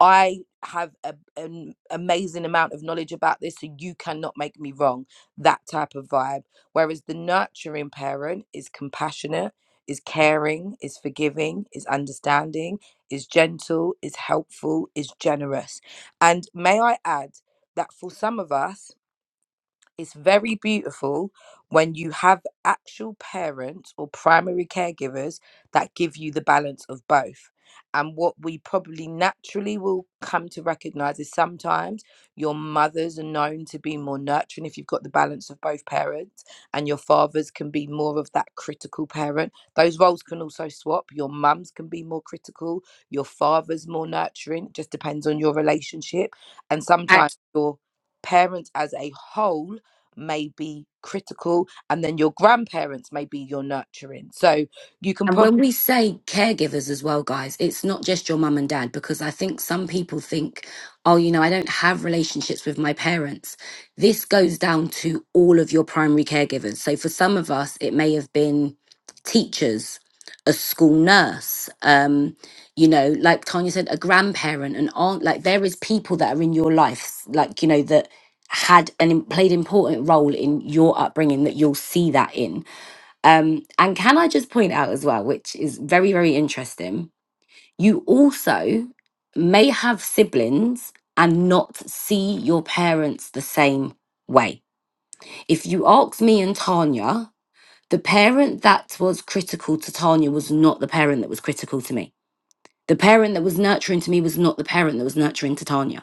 Speaker 2: I have a, an amazing amount of knowledge about this, so you cannot make me wrong. That type of vibe. Whereas the nurturing parent is compassionate, is caring, is forgiving, is understanding, is gentle, is helpful, is generous. And may I add that for some of us, it's very beautiful when you have actual parents or primary caregivers that give you the balance of both. And what we probably naturally will come to recognize is sometimes your mothers are known to be more nurturing if you've got the balance of both parents, and your fathers can be more of that critical parent. Those roles can also swap. Your mums can be more critical, your father's more nurturing. It just depends on your relationship. And sometimes your parents as a whole may be critical and then your grandparents may be your nurturing so you can
Speaker 1: And
Speaker 2: probably
Speaker 1: when we say caregivers as well, guys, it's not just your mum and dad, because I think some people think, oh, you know, I don't have relationships with my parents. This goes down to all of your primary caregivers. So for some of us, it may have been teachers, a school nurse, um, you know, like Tanya said, a grandparent, an aunt. Like there is people that are in your life, like, you know, that had and played important role in your upbringing that you'll see that in um, and can I just point out as well, which is very, very interesting, you also may have siblings and not see your parents the same way. If you ask me and Tanya, the parent that was critical to Tanya was not the parent that was critical to me. The parent that was nurturing to me was not the parent that was nurturing to Tanya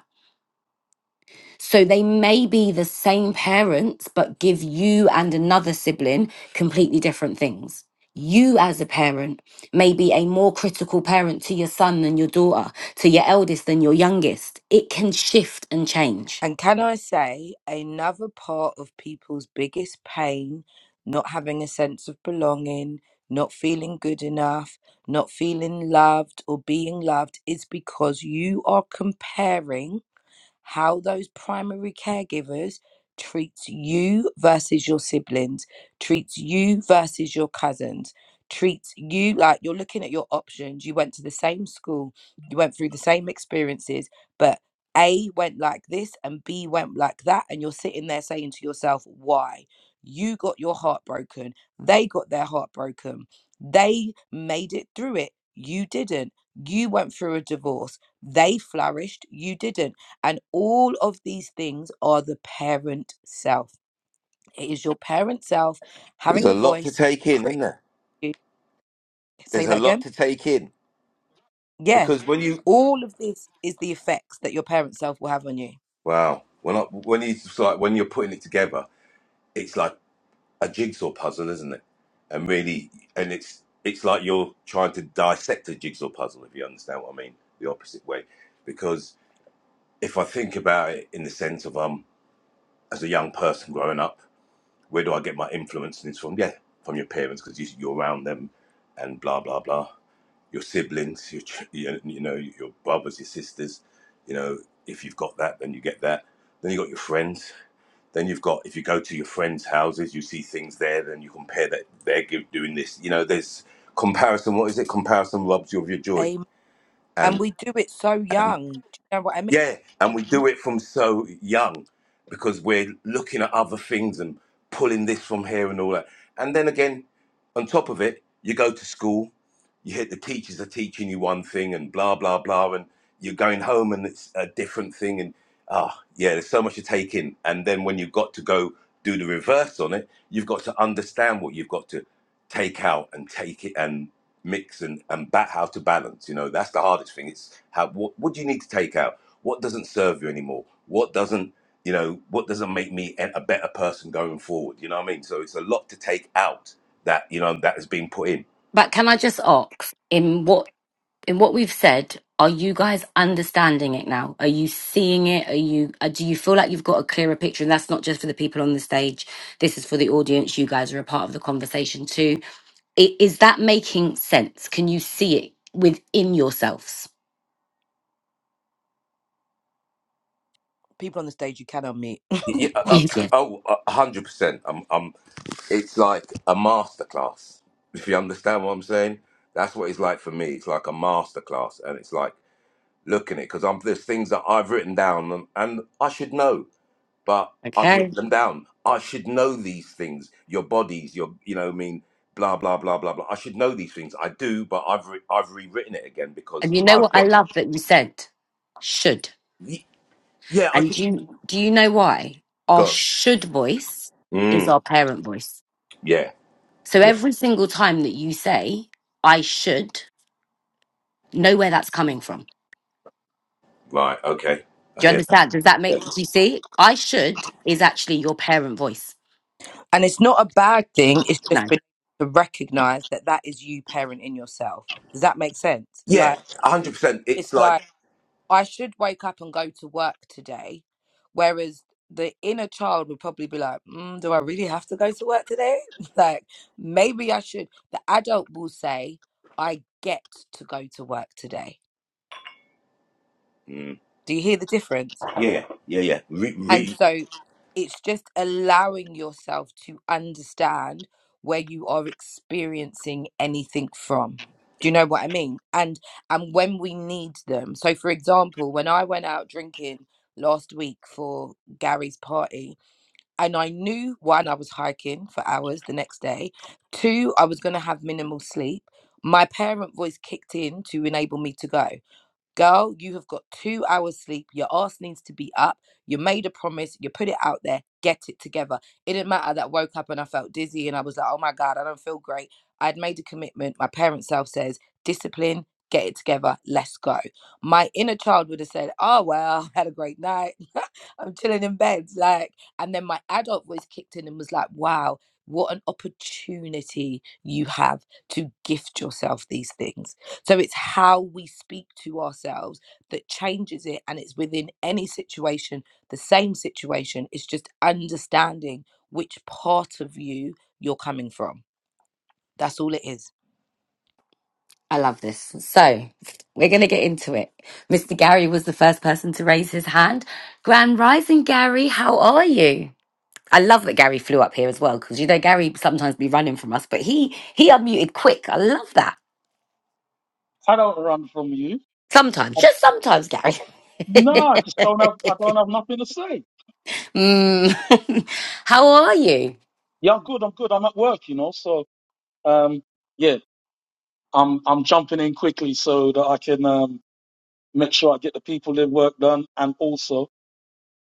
Speaker 1: So they may be the same parents, but give you and another sibling completely different things. You, as a parent, may be a more critical parent to your son than your daughter, to your eldest than your youngest. It can shift and change.
Speaker 2: and can i say another part of people's biggest pain not having a sense of belonging not feeling good enough not feeling loved or being loved is because you are comparing how those primary caregivers treats you versus your siblings, treats you versus your cousins, treats you like you're looking at your options. You went to the same school, you went through the same experiences, but A went like this and B went like that, and you're sitting there saying to yourself, why? You got your heart broken. They got their heart broken. They made it through it. You didn't. You went through a divorce. They flourished. You didn't. And all of these things are the parent self. It is your parent self
Speaker 3: There's
Speaker 2: having
Speaker 3: a
Speaker 2: a
Speaker 3: lot to
Speaker 2: voice,
Speaker 3: take in,
Speaker 2: critic
Speaker 3: isn't there?
Speaker 2: you.
Speaker 3: There's
Speaker 2: Say
Speaker 3: a
Speaker 2: that
Speaker 3: lot
Speaker 2: again.
Speaker 3: to take in
Speaker 2: Yeah.
Speaker 3: because when you
Speaker 2: All of this is the effects that your parent self will have on you.
Speaker 3: Wow. When I, when you like when you're putting it together, it's like a jigsaw puzzle, isn't it? And really, and it's it's like you're trying to dissect a jigsaw puzzle, if you understand what I mean, the opposite way. Because if I think about it in the sense of um, as a young person growing up, where do I get my influences from? Yeah, from your parents, because you, you're around them, and blah blah blah. Your siblings, your ch- you you know your brothers, your sisters. You know, if you've got that, then you get that. Then you got your friends Then you've got if you go to your friends' houses, you see things there. Then you compare that they're give, doing this. You know, there's comparison. What is it? Comparison robs you of your joy.
Speaker 2: Amen. And
Speaker 3: And
Speaker 2: we do it so
Speaker 3: and
Speaker 2: young. Do you know what I mean?
Speaker 3: yeah, and we do it from so young because we're looking at other things and pulling this from here and all that. And then again, on top of it, you go to school, you hit the teachers are teaching you one thing and blah, blah, blah. And you're going home and it's a different thing. And ah, yeah, there's so much to take in. And then when you've got to go do the reverse on it, you've got to understand what you've got to take out and take it mix and and bat how to balance you know that's the hardest thing it's how what, what do you need to take out what doesn't serve you anymore what doesn't you know what doesn't make me a better person going forward you know what i mean so it's a lot to take out that you know that has been put in
Speaker 1: But can I just ask, in what in what we've said, are you guys understanding it now? Are you seeing it? Are you uh, do you feel like you've got a clearer picture? And that's not just for the people on the stage. This is for the audience. You guys are a part of the conversation too. I- Is that making sense? Can you see it within yourselves?
Speaker 2: People on the stage you can unmute.
Speaker 3: yeah, uh, uh,
Speaker 1: yes.
Speaker 3: oh, uh, a 100% i'm i'm it's like a masterclass if you understand what i'm saying that's what it's like for me it's like a masterclass and it's like looking at it because i'm there's things that i've written down and, and i should know but I've
Speaker 1: Okay.
Speaker 3: written them down. I should know these things. Your bodies, your you know, I mean, blah blah blah blah blah. I should know these things. I do, but I've re- I've rewritten it again because
Speaker 1: And you know
Speaker 3: I
Speaker 1: what I
Speaker 3: want.
Speaker 1: love that you said should.
Speaker 3: Ye- Yeah, I
Speaker 1: And
Speaker 3: should
Speaker 1: do you do you know why? Our
Speaker 3: go.
Speaker 1: should voice is
Speaker 3: Mm,
Speaker 1: our parent voice.
Speaker 3: yeah,
Speaker 1: So
Speaker 3: yeah,
Speaker 1: every single time that you say I should Know where that's coming from.
Speaker 3: right, okay. I
Speaker 1: Do you
Speaker 3: hear. That.
Speaker 1: understand? Does that
Speaker 3: Yeah,
Speaker 1: make, do you see? I should is actually your parent voice.
Speaker 2: and it's not a bad thing. It's just
Speaker 1: No,
Speaker 2: been to recognize that that is you parenting yourself. Does that make sense?
Speaker 3: Yeah,
Speaker 2: Like,
Speaker 3: A hundred percent. It's
Speaker 2: it's like,
Speaker 3: like,
Speaker 2: I should wake up and go to work today. Whereas the inner child would probably be like, mm, Do I really have to go to work today? like, maybe I should. The adult will say, I get to go to work today.
Speaker 3: mm,
Speaker 2: Do you hear the difference?
Speaker 3: yeah, yeah, yeah. Re-
Speaker 2: And
Speaker 3: re-
Speaker 2: so it's just allowing yourself to understand where you are experiencing anything from. Do you know what I mean? And and when we need them. So for example, when I went out drinking last week for Gary's party, and I knew one, I was hiking for hours the next day. Two, I was gonna have minimal sleep. My parent voice kicked in to enable me to go. Girl, you have got two hours sleep. Your ass needs to be up. You made a promise. You put it out there. Get it together. It didn't matter that I woke up and I felt dizzy and I was like, oh my God, I don't feel great. I'd made a commitment. My parent self says, discipline, get it together. Let's go. My inner child would have said, oh, well, had a great night. I'm chilling in bed. Like, and then my adult voice kicked in and was like, wow, what an opportunity you have to gift yourself these things so it's how we speak to ourselves that changes it. And it's within any situation, the same situation. It's just understanding which part of you you're coming from. That's all it is.
Speaker 1: I love this. So we're going to get into it. Mr. Gary was the first person to raise his hand. Grand Rising, Gary, how are you? I love that Gary flew up here as well because you know Gary sometimes be running from us, but he he unmuted quick. I love that.
Speaker 4: I don't run from you.
Speaker 1: Sometimes, just sometimes, Gary.
Speaker 4: No, I just don't have. I don't have nothing to say.
Speaker 1: Mm. How are you?
Speaker 4: Yeah, I'm good. I'm good. I'm at work, you know. So, um, yeah, I'm I'm jumping in quickly so that I can um make sure I get the people their work done and also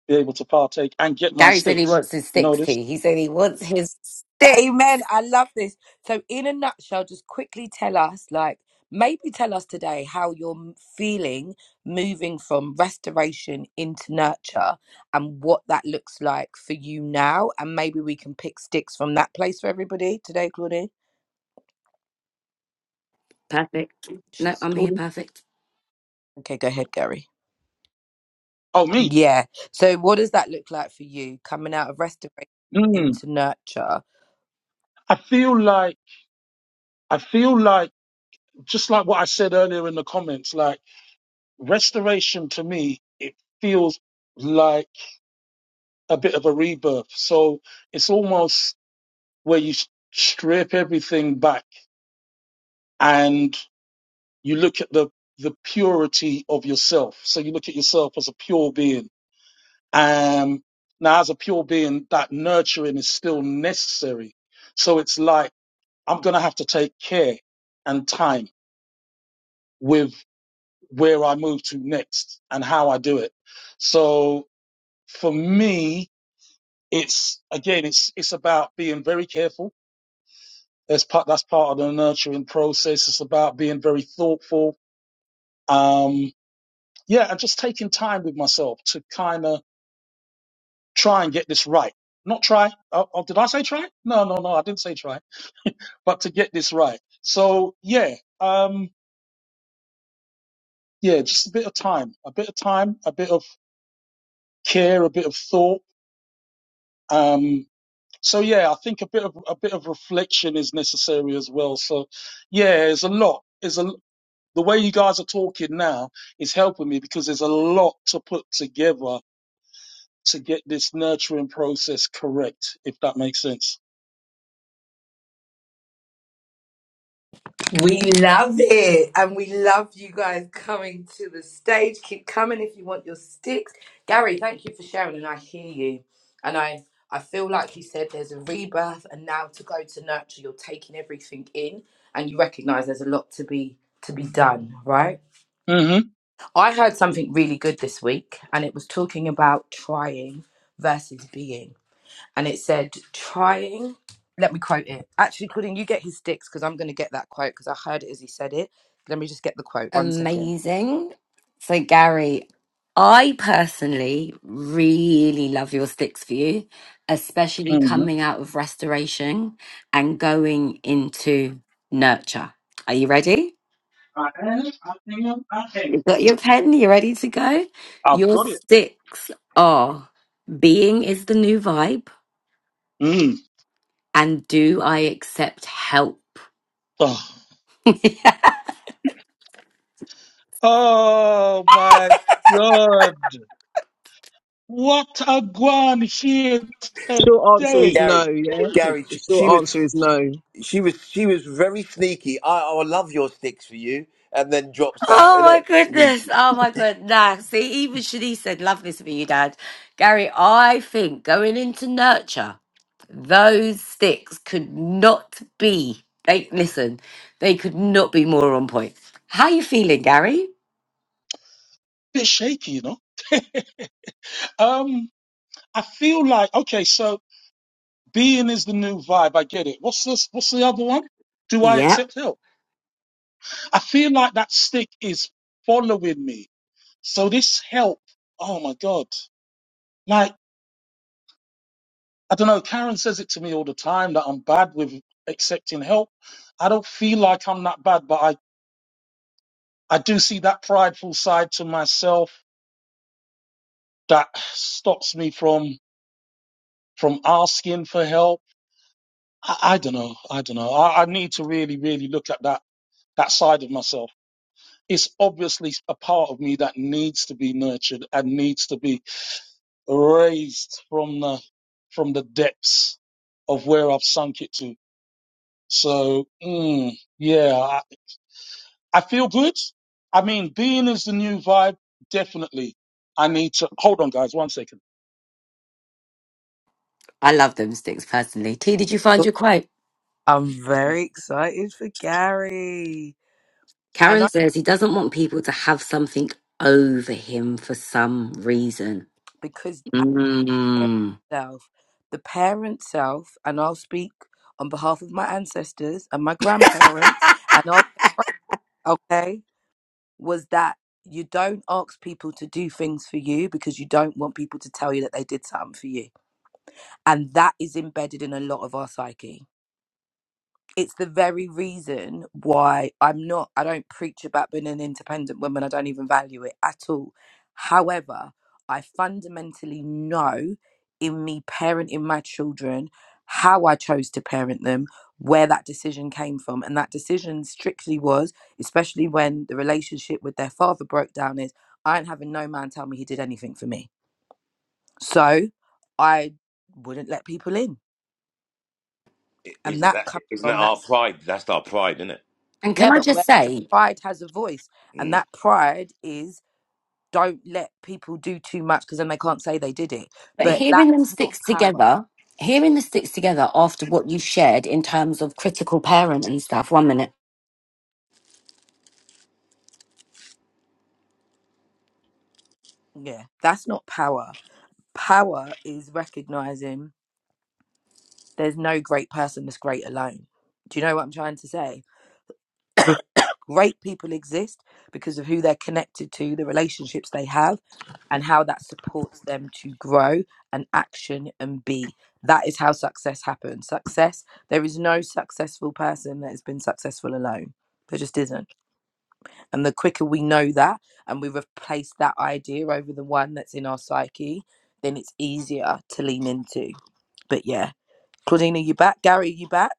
Speaker 4: be able to partake and get my
Speaker 1: Gary said he
Speaker 4: sticks.
Speaker 1: wants his
Speaker 4: You know
Speaker 1: sticks
Speaker 4: this?
Speaker 1: tea. He said he wants his stick.
Speaker 2: Amen. I love this. So, in a nutshell, just quickly tell us, like, maybe tell us today how you're m- feeling moving from restoration into nurture and what that looks like for you now. And maybe we can pick sticks from that place for everybody today, Claudine.
Speaker 1: Perfect. No,
Speaker 2: She's
Speaker 1: I'm here.
Speaker 4: Claudia?
Speaker 1: Perfect.
Speaker 2: okay. Go ahead, Gary.
Speaker 4: Oh, me.
Speaker 2: Yeah. So, what does that look like for you coming out of restoration
Speaker 4: Mm,
Speaker 2: into nurture?
Speaker 4: I feel like I feel like just like what I said earlier in the comments. Like restoration to me, it feels like a bit of a rebirth. So it's almost where you s- strip everything back and you look at the the purity of yourself. So you look at yourself as a pure being. Um, now, as a pure being, that nurturing is still necessary. So it's like I'm gonna have to take care and time with where I move to next and how I do it. So for me, it's again, it's it's about being very careful. That's part that's part of the nurturing process. It's about being very thoughtful Um, yeah, and just taking time with myself to kind of try and get this right. Not try. Oh, oh, did I say try? No, no, no, I didn't say try. But to get this right. So yeah, um, yeah, just a bit of time, a bit of time, a bit of care, a bit of thought. Um, so yeah, I think a bit of a bit of reflection is necessary as well. So yeah, there's a lot. There's a the way you guys are talking now is helping me because there's a lot to put together to get this nurturing process correct, if that makes sense.
Speaker 2: We love it. And we love you guys coming to the stage. Keep coming if you want your sticks. Gary, thank you for sharing. And I hear you. And I, I feel like you said there's a rebirth. And now to go to nurture, you're taking everything in and you recognize there's a lot to be to be done, right?
Speaker 4: hmm
Speaker 2: I heard something really good this week and it was talking about trying versus being and it said trying let me quote it actually claudine you get his sticks because i'm going to get that quote because i heard it as he said it let me just get the quote one second
Speaker 1: Amazing. So, Gary, I personally really love your sticks view, especially
Speaker 4: hmm
Speaker 1: coming out of restoration and going into nurture. Are you ready?
Speaker 4: I am, I am, I am.
Speaker 1: You've got your pen. You ready to go?
Speaker 4: I've
Speaker 1: Your
Speaker 4: got it.
Speaker 1: sticks are being is the new vibe,
Speaker 4: Mm.
Speaker 1: and do I accept help?
Speaker 4: Oh. oh my God. What a guan here
Speaker 5: Short answer is
Speaker 4: today.
Speaker 5: no,
Speaker 3: Gary,
Speaker 5: yeah?
Speaker 4: Jesus.
Speaker 3: Gary,
Speaker 5: The
Speaker 3: she, she
Speaker 5: short
Speaker 3: was
Speaker 5: answer is no.
Speaker 3: she was she was very sneaky. I I love your sticks for you, and then drops that.
Speaker 1: Oh
Speaker 3: Isn't
Speaker 1: my
Speaker 3: it? Sneaky.
Speaker 1: goodness. Oh my goodness. Nah, see, even Shanice said, love this for you, Dad. Gary, I think going into nurture, those sticks could not be, they, listen, they could not be more on point. How you feeling, Gary?
Speaker 4: Bit shaky, you know? Um, I feel like, okay, so being is the new vibe. I get it. What's this? What's the other one? Do I
Speaker 1: Yep.
Speaker 4: accept help? I feel like that stick is following me So this help, oh my God. Like, I don't know, Karen says it to me all the time that I'm bad with accepting help. I don't feel like I'm that bad, but I, I do see that prideful side to myself that stops me from from asking for help. I, I don't know. I don't know. I, I need to really, really look at that that side of myself. It's obviously a part of me that needs to be nurtured and needs to be raised from the from the depths of where I've sunk it to So, mm, yeah, I, I feel good. I mean, being is the new vibe. Definitely. I need to hold on, guys. One second.
Speaker 1: I love them sticks personally. T, did you find your quote?
Speaker 2: i'm very excited for gary and
Speaker 1: Karen
Speaker 2: i
Speaker 1: says he doesn't want people to have something over him for some reason.
Speaker 2: because that parent
Speaker 1: Mm.
Speaker 2: self the parent self and i'll speak on behalf of my ancestors and my grandparents and i'll okay was that you don't ask people to do things for you because you don't want people to tell you that they did something for you. And that is embedded in a lot of our psyche it's the very reason why I'm not, I don't preach about being an independent woman. I don't even value it at all. However, I fundamentally know in me parenting my children how I chose to parent them, where that decision came from. And that decision strictly was, especially when the relationship with their father broke down, is I ain't having no man tell me he did anything for me. So I wouldn't let people in. And
Speaker 3: Isn't
Speaker 2: that
Speaker 3: that
Speaker 2: comes
Speaker 3: isn't that
Speaker 2: from that.
Speaker 3: our pride? That's our pride, isn't it?
Speaker 1: And can
Speaker 2: Yeah,
Speaker 1: I
Speaker 2: but
Speaker 1: just
Speaker 2: where the
Speaker 1: say,
Speaker 2: pride has a voice, and
Speaker 3: Mm,
Speaker 2: that pride is don't let people do too much because then they can't say they did it.
Speaker 1: But
Speaker 2: But
Speaker 3: mm.
Speaker 1: hearing them
Speaker 2: that's not
Speaker 1: sticks
Speaker 2: power.
Speaker 1: together, hearing the sticks together after what you shared in terms of critical parent and stuff. One minute.
Speaker 2: Yeah, that's not power. Power is recognizing there's no great person that's great alone. Do you know what I'm trying to say? Great people exist because of who they're connected to, the relationships they have, and how that supports them to grow and action and be. That is how success happens. Success, there is no successful person that has been successful alone. There just isn't. And the quicker we know that and we replace that idea over the one that's in our psyche, then it's easier to lean into. But yeah, Claudina, you back? Gary, are you back?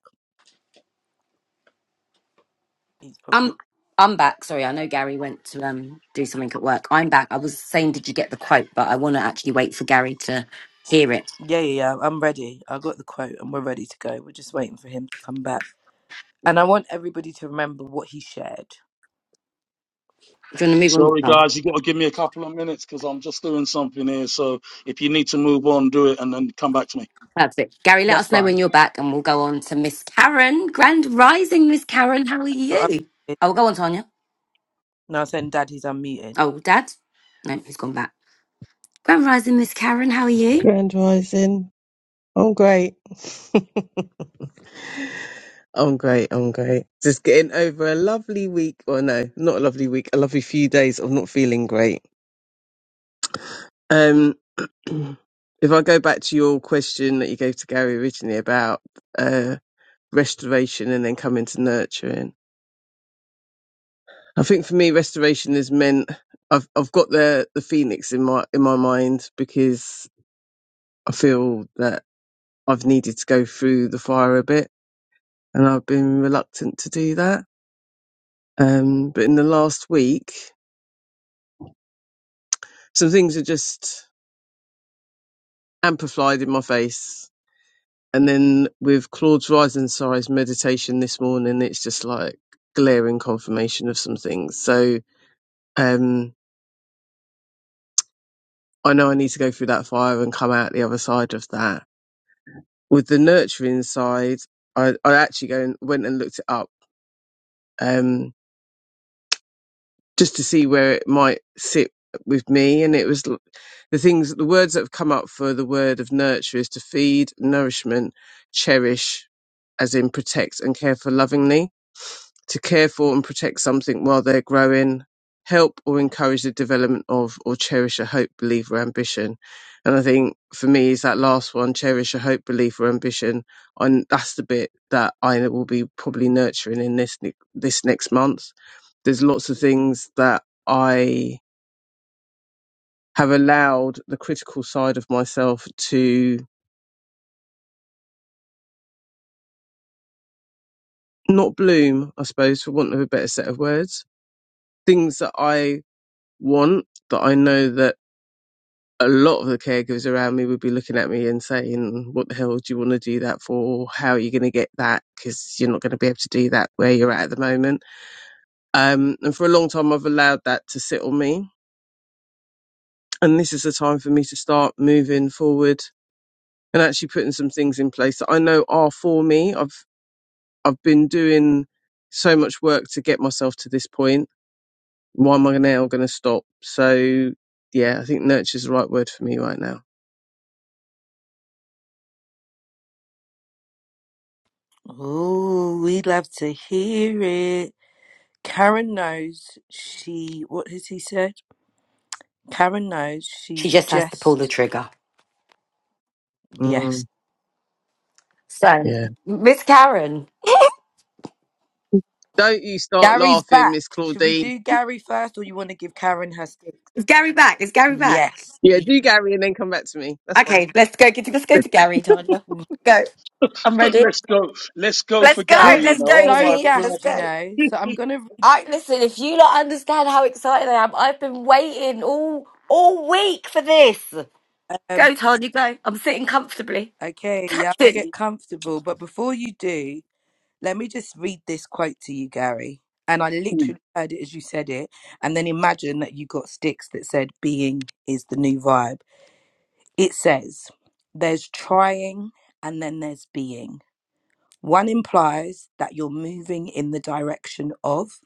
Speaker 2: He's probably
Speaker 1: I'm I'm back. Sorry, I know Gary went to um do something at work. I'm back. I was saying, did you get the quote? But I want to actually wait for Gary to hear it.
Speaker 2: Yeah, yeah, yeah. I'm ready. I got the quote and we're ready to go. We're just waiting for him to come back. And I want everybody to remember what he shared.
Speaker 1: Do you want to move
Speaker 4: Sorry,
Speaker 1: on? Oh,
Speaker 4: guys. You got to give me a couple of minutes because I'm just doing something here. So if you need to move on, do it and then come back to me.
Speaker 1: perfect. Gary, let
Speaker 2: That's
Speaker 1: us know when
Speaker 2: fine.
Speaker 1: you're back, and we'll go on to Miss Karen. Grand Rising, Miss Karen. How are
Speaker 2: So I'm,
Speaker 1: you? Oh, go on, Tanya.
Speaker 2: no, I'm saying dad, he's unmuted.
Speaker 1: Oh, Dad. No, he's gone back. Grand Rising, Miss Karen. How are you?
Speaker 5: Grand Rising. I'm great. I'm great. I'm great. Just getting over a lovely week, or no, not a lovely week, a lovely few days of not feeling great. Um, if I go back to your question that you gave to Gary originally about uh, restoration and then coming to nurturing, I think for me restoration has meant I've I've got the the phoenix in my in my mind because I feel that I've needed to go through the fire a bit and I've been reluctant to do that. Um, but in the last week, some things are just amplified in my face. And then with Claude's Rise and Size meditation this morning, it's just like glaring confirmation of some things. So, um, I know I need to go through that fire and come out the other side of that. With the nurturing side, I, I actually go and, went and looked it up. Um, just to see where it might sit with me. And it was l- the things, the words that have come up for the word of nurture is to feed, nourishment, cherish, as in protect and care for lovingly, to care for and protect something while they're growing, help or encourage the development of or cherish a hope, belief or ambition. And I think for me is that last one, cherish a hope, belief or ambition. And that's the bit that I will be probably nurturing in this, ne- this next month there's lots of things that I have allowed the critical side of myself to not bloom, I suppose, for want of a better set of words. Things that I want that I know that a lot of the caregivers around me would be looking at me and saying, What the hell do you want to do that for? How are you going to get that? Because you're not going to be able to do that where you're at at the moment. Um, and for a long time, I've allowed that to sit on me. And this is the time for me to start moving forward and actually putting some things in place that I know are for me. I've I've been doing so much work to get myself to this point. Why am I now going to stop? So yeah, I think nurture is the right word for me right now.
Speaker 2: Oh, we love to hear it. Karen knows she. What has he said? Karen knows
Speaker 1: She
Speaker 2: she's
Speaker 1: just has to pull the
Speaker 2: just.
Speaker 1: trigger.
Speaker 2: Yes.
Speaker 5: Mm,
Speaker 1: So,
Speaker 5: yeah.
Speaker 1: Miss Karen,
Speaker 5: Don't you start
Speaker 2: Gary's
Speaker 5: laughing,
Speaker 2: back.
Speaker 5: Miss
Speaker 2: Should we
Speaker 5: Claudine.
Speaker 2: do Gary first, or you want to give Karen her six?
Speaker 1: is Gary back? Is Gary back?
Speaker 2: Yes.
Speaker 5: Yeah, do Gary and then come back to me. That's fine.
Speaker 1: Okay, let's go. Get let's go to Gary, Tanya. Go. I'm ready.
Speaker 4: Let's go. Let's go
Speaker 1: Let's
Speaker 4: for
Speaker 1: go.
Speaker 4: Gary. You
Speaker 1: Let's
Speaker 4: know,
Speaker 2: Claudine's
Speaker 1: go,
Speaker 4: oh
Speaker 2: so
Speaker 4: my
Speaker 1: T. Let's
Speaker 4: God.
Speaker 2: gassed, you
Speaker 1: go.
Speaker 2: know. So I'm gonna.
Speaker 1: I listen. If you don't understand how excited I am, I've been waiting all all week for this.
Speaker 2: Um,
Speaker 1: Go, Tanya. Go. I'm sitting comfortably.
Speaker 2: okay, y'all
Speaker 1: Tactic.
Speaker 2: get comfortable. But before you do, let me just read this quote to you, Gary. And I
Speaker 4: Mm,
Speaker 2: literally heard it as you said it. And then imagine that you got sticks that said "being is the new vibe." It says there's trying and then there's being. One implies that you're moving in the direction of,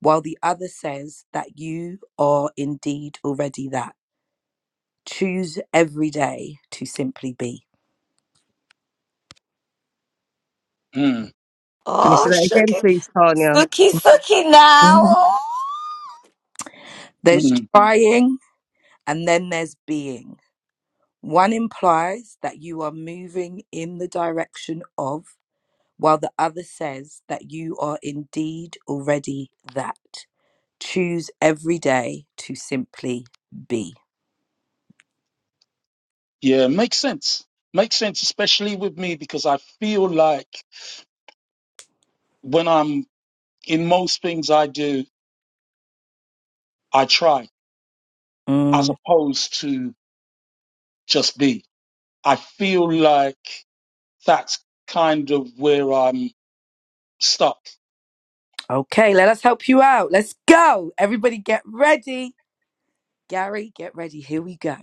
Speaker 2: while the other says that you are indeed already that. Choose every day to simply be.
Speaker 4: mm,
Speaker 5: Can you
Speaker 1: Oh,
Speaker 5: say that again,
Speaker 1: Suki,
Speaker 5: please, Tanya?
Speaker 1: Suki, Suki now.
Speaker 2: hmm
Speaker 1: Oh,
Speaker 2: There's
Speaker 4: mm.
Speaker 2: trying and then there's being. One implies that you are moving in the direction of, while the other says that you are indeed already that. choose every day to simply be.
Speaker 4: Yeah, makes sense. Makes sense, especially with me because I feel like when I'm in most things I do, I try as
Speaker 2: Mm,
Speaker 4: opposed to just be. I feel like that's kind of where I'm stuck.
Speaker 2: okay, let us help you out. Let's go. Everybody get ready. Gary, get ready. Here we go.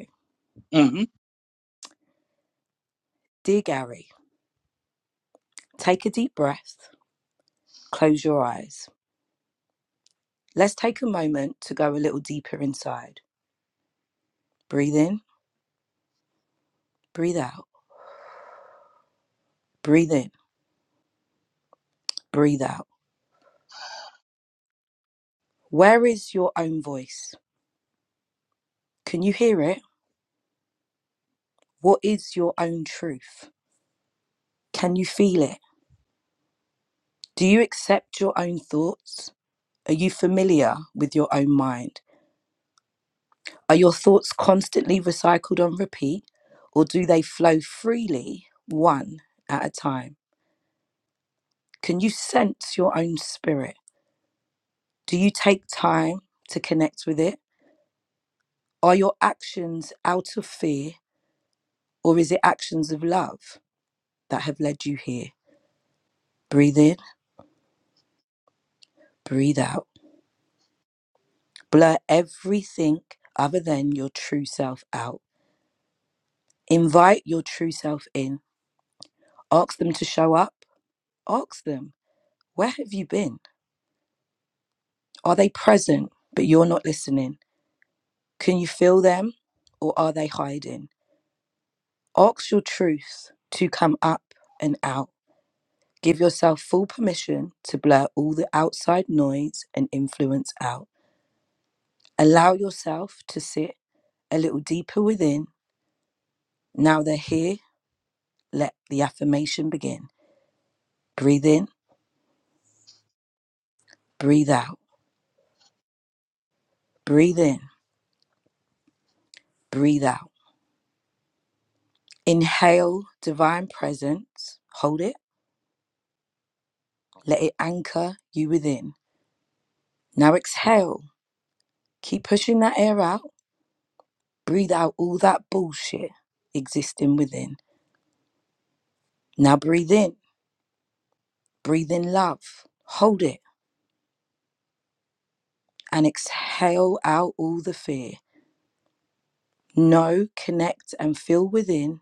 Speaker 4: hmm
Speaker 2: Dear Gary, take a deep breath. Close your eyes. Let's take a moment to go a little deeper inside. Breathe in, breathe out. Breathe in, breathe out. Where is your own voice? Can you hear it? What is your own truth? Can you feel it? Do you accept your own thoughts? Are you familiar with your own mind? Are your thoughts constantly recycled on repeat, or do they flow freely, one at a time? Can you sense your own spirit? Do you take time to connect with it? Are your actions out of fear, or is it actions of love that have led you here? Breathe in, breathe out. Blur everything other than your true self out. Invite your true self in. Ask them to show up. Ask them Where have you been? Are they present, but you're not listening? Can you feel them, or are they hiding? Ask your truth to come up and out. Give yourself full permission to blur all the outside noise and influence out. Allow yourself to sit a little deeper within. Now they're here, let the affirmation begin. Breathe in, breathe out, breathe in, breathe out. Inhale divine presence, hold it, let it anchor you within. Now exhale. Keep pushing that air out. Breathe out all that bullshit existing within. Now breathe in. Breathe in love. Hold it and exhale out all the fear. Know, connect, and feel within.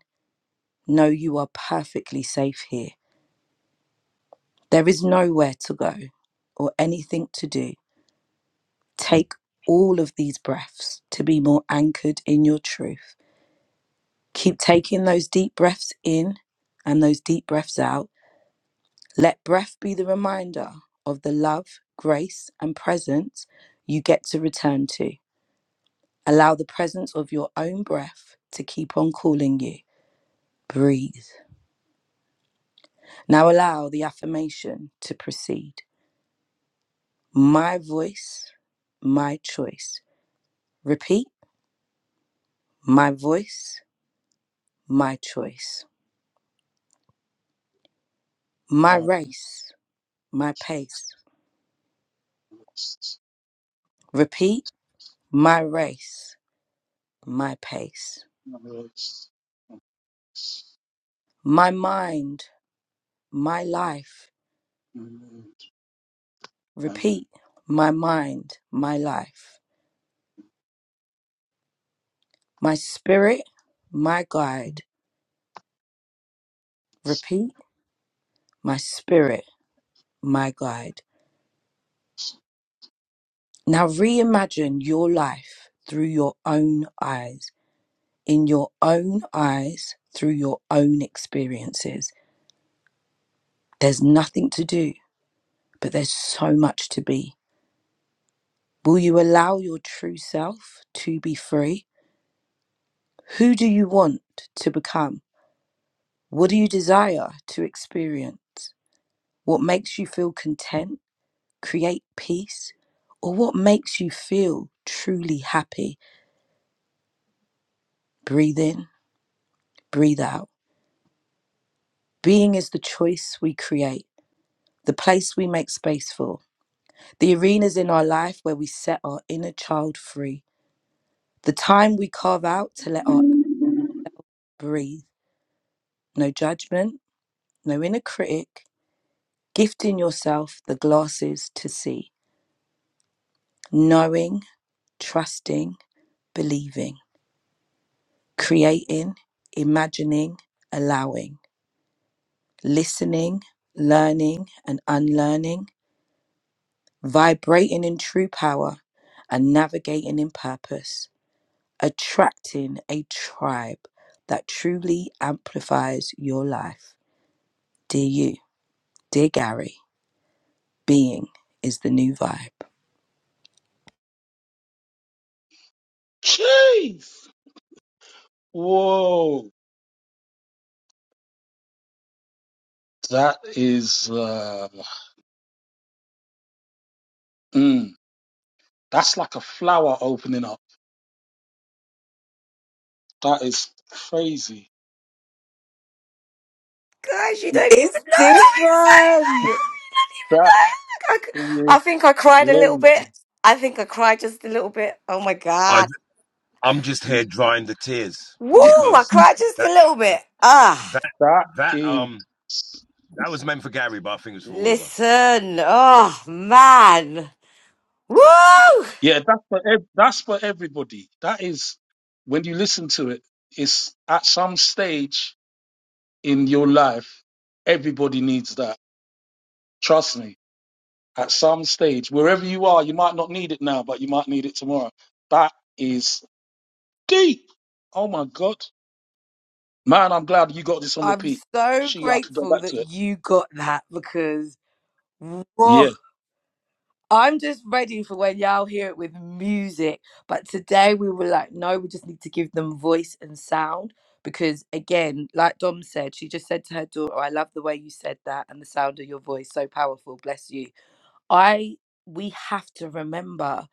Speaker 2: Know you are perfectly safe here. There is nowhere to go or anything to do. Take all of these breaths to be more anchored in your truth. Keep taking those deep breaths in and those deep breaths out Let breath be the reminder of the love, grace, and presence you get to return to. Allow the presence of your own breath to keep on calling you. Breathe. Now allow the affirmation to proceed. My voice, my choice. Repeat. My voice, my choice. My race, my pace. Repeat. My race, my pace. My mind, my life Repeat my mind, my life. My spirit, my guide. Repeat my spirit, my guide. Now reimagine your life through your own eyes, in your own eyes, through your own experiences. There's nothing to do, but there's so much to be. Will you allow your true self to be free? Who do you want to become? What do you desire to experience? What makes you feel content, create peace, or what makes you feel truly happy? Breathe in, breathe out. Being is the choice we create, the place we make space for, the arenas in our life where we set our inner child free, the time we carve out to let our breathe. No judgment, no inner critic. Gifting yourself the glasses to see, knowing, trusting, believing. creating, imagining, allowing, listening, learning and unlearning, vibrating in true power and navigating in purpose, attracting a tribe that truly amplifies your life. Dear you, dear Gary, being is the new vibe.
Speaker 4: Jeez! Whoa! That is, uh, mm, that's like a flower opening up. That is crazy.
Speaker 1: gosh, you don't even
Speaker 2: It's
Speaker 1: know how excited I
Speaker 2: different.
Speaker 1: am. You don't even
Speaker 4: That
Speaker 1: know. Look, I, c-
Speaker 4: is
Speaker 1: I think I cried a little bit.
Speaker 4: crazy.
Speaker 1: I think I cried just a little bit. Oh my
Speaker 3: I,
Speaker 1: God.
Speaker 3: I'm just here drying the tears
Speaker 1: Woo, I
Speaker 3: because
Speaker 1: cried just a
Speaker 3: that
Speaker 1: little bit. Ah,
Speaker 3: that
Speaker 4: That
Speaker 3: that
Speaker 4: is,
Speaker 3: um that was meant for Gary, but I think it's for all of us.
Speaker 1: listen. Oh, man. Woo!
Speaker 4: yeah, that's for, ev- that's for everybody. That is, when you listen to it, it's at some stage in your life. Everybody needs that. Trust me. At some stage, wherever you are, you might not need it now, but you might need it tomorrow. That is deep. Oh my God. Man, I'm glad you got this on
Speaker 2: I'm
Speaker 4: repeat.
Speaker 2: so
Speaker 4: She, I could go
Speaker 2: grateful
Speaker 4: back
Speaker 2: that
Speaker 4: to it.
Speaker 2: you got that because whoa.
Speaker 4: Yeah.
Speaker 2: I'm just ready for when y'all hear it with music. But today we were like, no, we just need to give them voice and sound. Because again, like Dom said, she just said to her daughter, "Oh, I love the way you said that and the sound of your voice, so powerful, bless you. I we have to remember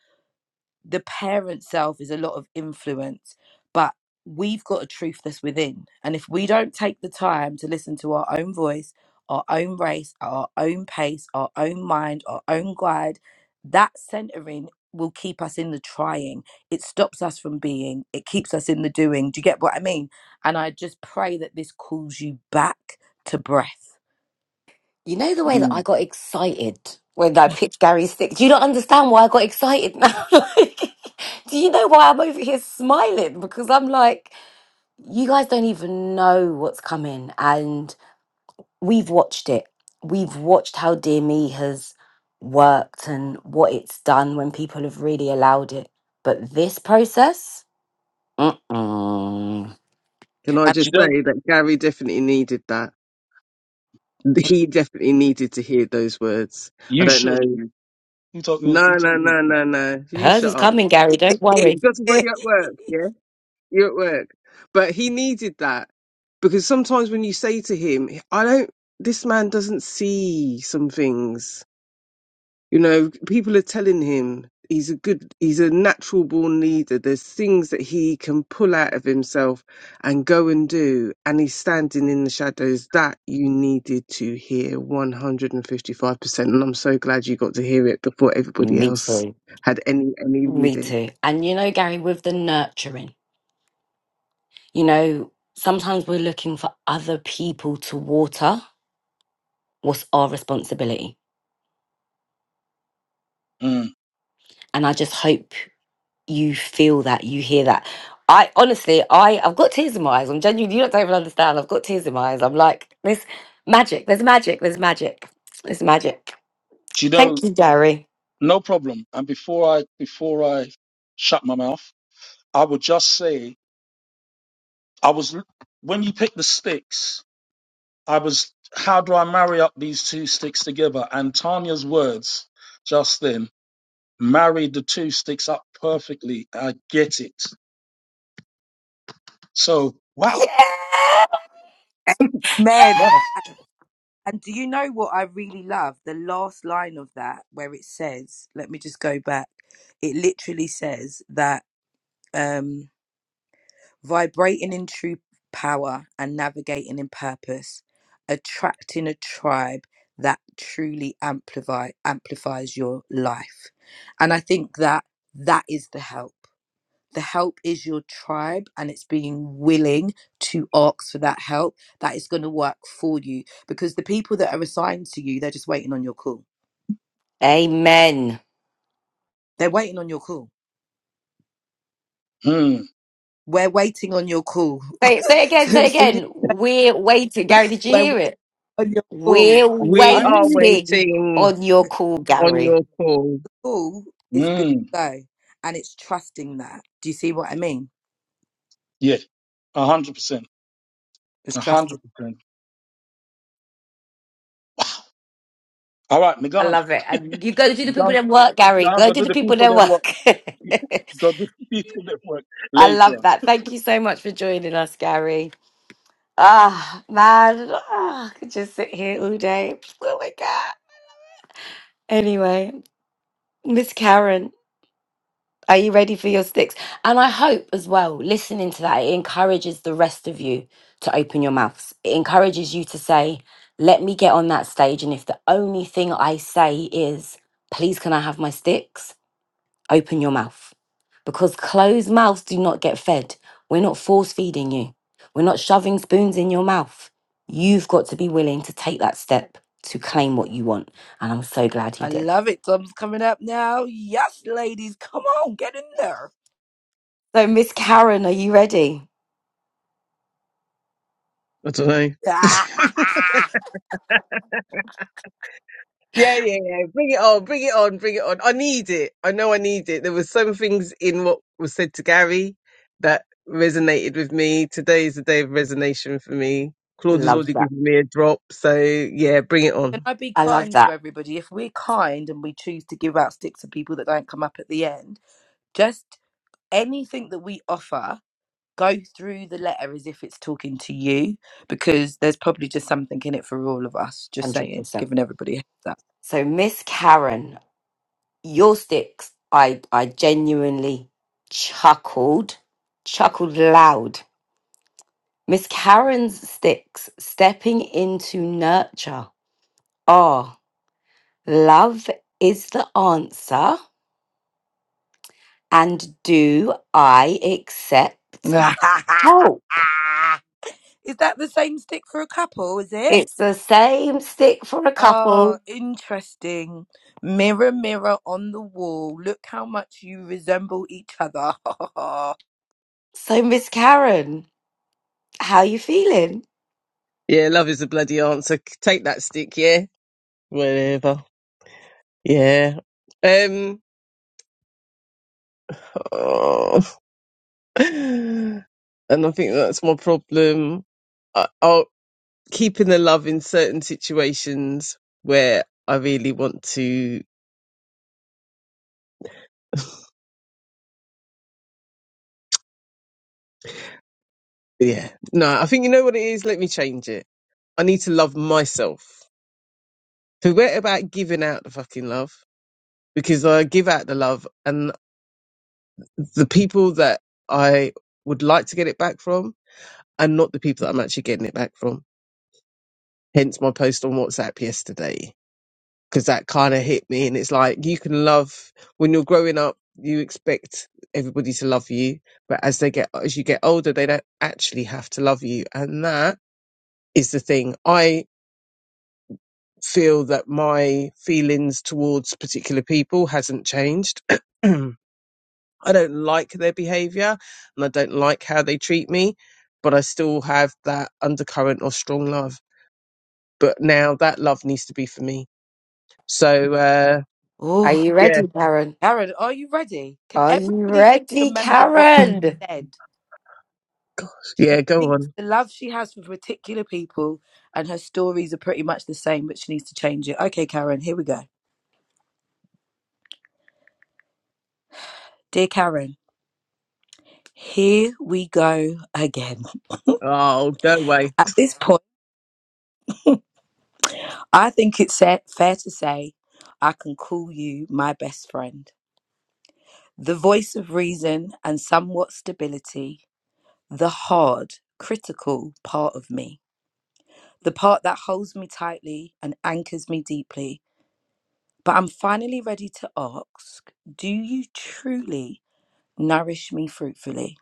Speaker 2: the parent self is a lot of influence, but we've got a truth that's within. And if we don't take the time to listen to our own voice, our own race, our own pace, our own mind, our own guide, that centering will keep us in the trying. It stops us from being, it keeps us in the doing. Do you get what I mean? And I just pray that this calls you back to breath.
Speaker 1: You know the way that I
Speaker 4: Mm.
Speaker 1: got excited when I picked Gary Six? Do you not understand why I got excited now? like, do you know why I'm over here smiling? Because I'm like, you guys don't even know what's coming and we've watched it we've watched how dear me has worked and what it's done when people have really allowed it but this process mm-mm.
Speaker 5: Can I
Speaker 2: And
Speaker 4: You
Speaker 5: just
Speaker 4: know,
Speaker 5: say that Gary definitely needed that? He definitely needed to hear those words. I
Speaker 4: you
Speaker 5: don't
Speaker 4: shush
Speaker 5: know.
Speaker 4: you. You talk, you,
Speaker 5: No,
Speaker 4: you talk.
Speaker 5: no,
Speaker 4: you
Speaker 5: no,
Speaker 4: talk.
Speaker 5: no, no. You
Speaker 1: hers
Speaker 5: shut
Speaker 1: is
Speaker 5: up.
Speaker 1: coming gary don't
Speaker 5: You
Speaker 1: worry
Speaker 5: have got to go you're at work, yeah? You're at work. But he needed that because sometimes when you say to him, I don't, this man doesn't see some things. You know, people are telling him he's a good, he's a natural born leader. There's things that he can pull out of himself and go and do. And he's standing in the shadows. That you needed to hear 155%. And I'm so glad you got to hear it before everybody
Speaker 1: me
Speaker 5: else
Speaker 1: too
Speaker 5: had any, any
Speaker 1: me
Speaker 5: reading.
Speaker 1: too and you know gary with the nurturing you know sometimes we're looking for other people to water what's our responsibility
Speaker 4: Mm.
Speaker 1: and i just hope you feel that, you hear that. I honestly, I I've got tears in my eyes. I'm genuinely, you don't even understand. I've got tears in my eyes. I'm like, there's magic. There's magic. There's magic. There's magic.
Speaker 4: You know,
Speaker 1: Thank you, Gary.
Speaker 4: no problem. And before I, before I shut my mouth, I would just say, I was, when you pick the sticks, I was, how do I marry up these two sticks together? And Tanya's words just then married the two sticks up perfectly. I get it. So, wow,
Speaker 1: Yeah.
Speaker 2: Amen.
Speaker 4: wow.
Speaker 2: And do you know what I really love? The last line of that, where it says, let me just go back. It literally says that um, vibrating in true power and navigating in purpose, attracting a tribe that truly amplify amplifies your life. And I think that that is the help. The help is your tribe, and it's being willing to ask for that help that is going to work for you because the people that are assigned to you, they're just waiting on your call.
Speaker 1: Amen.
Speaker 2: They're waiting on your call.
Speaker 4: Mm,
Speaker 2: We're waiting on your call.
Speaker 1: Say it. Say it again.
Speaker 2: so
Speaker 1: Say it
Speaker 2: as soon as
Speaker 1: again. We're waiting, Gary. Did you
Speaker 2: we're waiting
Speaker 1: hear it?
Speaker 2: on your call,
Speaker 1: We're
Speaker 2: so if
Speaker 5: We
Speaker 4: I hear
Speaker 5: are
Speaker 4: you.
Speaker 2: we
Speaker 1: waiting
Speaker 5: waiting
Speaker 1: on your call,
Speaker 5: on
Speaker 1: Gary.
Speaker 5: your call.
Speaker 2: call, it's good
Speaker 4: Mm,
Speaker 2: to go, and it's trusting that. Do you see what I mean?
Speaker 4: yeah, 100%.
Speaker 2: It's trusting.
Speaker 4: 100%. Wow. All right,
Speaker 1: I
Speaker 4: Megan.
Speaker 1: love it. And you go do the people
Speaker 4: Megan,
Speaker 1: that work, Gary.
Speaker 4: Megan,
Speaker 1: Go
Speaker 4: go
Speaker 1: do
Speaker 4: do
Speaker 1: the
Speaker 4: the
Speaker 1: people
Speaker 4: people
Speaker 1: that
Speaker 4: them work.
Speaker 1: work.
Speaker 4: go do the people them work
Speaker 1: I
Speaker 4: later.
Speaker 1: love that. Thank you so much for joining us, Gary. Ah, man. Ah, I could just sit here all day. Oh my God. Anyway, Miss Karen, are you ready for your sticks? And I hope as well, listening to that, it encourages the rest of you to open your mouths. It encourages you to say, let me get on that stage. And if the only thing I say is, please, can I have my sticks? Open your mouth because closed mouths do not get fed. We're not force feeding you, we're not shoving spoons in your mouth. You've got to be willing to take that step to claim what you want. And I'm so glad he
Speaker 2: I
Speaker 1: did.
Speaker 2: love it. Tom's coming up now. Yes, ladies, come on, get in there.
Speaker 1: So, Miss Karen, are you ready?
Speaker 5: I don't know. Yeah, yeah, yeah. Bring it on, bring it on, bring it on. I need it. I know I need it. There were some things in what was said to Gary that resonated with me. Today is the day of resonation for me. Claude has
Speaker 1: Love
Speaker 5: already
Speaker 1: that.
Speaker 5: given me a drop, so yeah, bring it
Speaker 2: Can
Speaker 5: on.
Speaker 2: I be
Speaker 1: I love
Speaker 2: kind to
Speaker 1: that
Speaker 2: everybody? If we're kind and we choose to give out sticks to people that don't come up at the end, just anything that we offer, go through the letter as if it's talking to you, because there's probably just something in it for all of us. Just saying,
Speaker 1: 100%.
Speaker 2: giving everybody a heads up.
Speaker 1: So, Miss Karen, your sticks, I, I genuinely chuckled, chuckled loud. Miss Karen's sticks, stepping into nurture. Ah. Love is the answer. And do I accept help?
Speaker 2: is that the same stick for a couple? Is it?
Speaker 1: It's the same stick for a
Speaker 2: Oh,
Speaker 1: couple.
Speaker 2: interesting. Mirror, mirror on the wall, look how much you resemble each other.
Speaker 1: So, Miss Karen, how you feeling?
Speaker 5: Yeah, love is a bloody answer. C- Take that stick, yeah. Whatever. Yeah. Um. oh. and I think that's my problem. I, I keeping the love in certain situations where I really want to. Yeah. No, I think you know what it is. Let me change it. I need to love myself. Forget about giving out the fucking love because I give out the love and the people that I would like to get it back from and not the people that I'm actually getting it back from. Hence my post on WhatsApp yesterday. because that kind of hit me. And it's like you can love when you're growing up, you expect everybody to love you, but as they get as you get older, they don't actually have to love you, and that is the thing. I feel that my feelings towards particular people hasn't changed. I don't like their behavior and I don't like how they treat me, but I still have that undercurrent of strong love. But now that love needs to be for me. So, uh,
Speaker 1: Are
Speaker 2: Oh,
Speaker 1: you
Speaker 5: yeah.
Speaker 1: ready, Karen?
Speaker 2: Aaron, are you ready? Can
Speaker 1: Are you
Speaker 2: everybody just
Speaker 1: ready,
Speaker 2: remember what
Speaker 1: Karen?
Speaker 2: she said? She
Speaker 5: Yeah, go on.
Speaker 2: thinks the love she has for particular people and her stories are pretty much the same, but she needs to change it. Okay, Karen, here we go. Dear Karen, here we go again.
Speaker 5: Oh, go away.
Speaker 2: At this point, I think it's sa- fair to say I can call you my best friend. the voice of reason and somewhat stability, the hard, critical part of me, the part that holds me tightly and anchors me deeply. But I'm finally ready to ask do you truly nourish me fruitfully?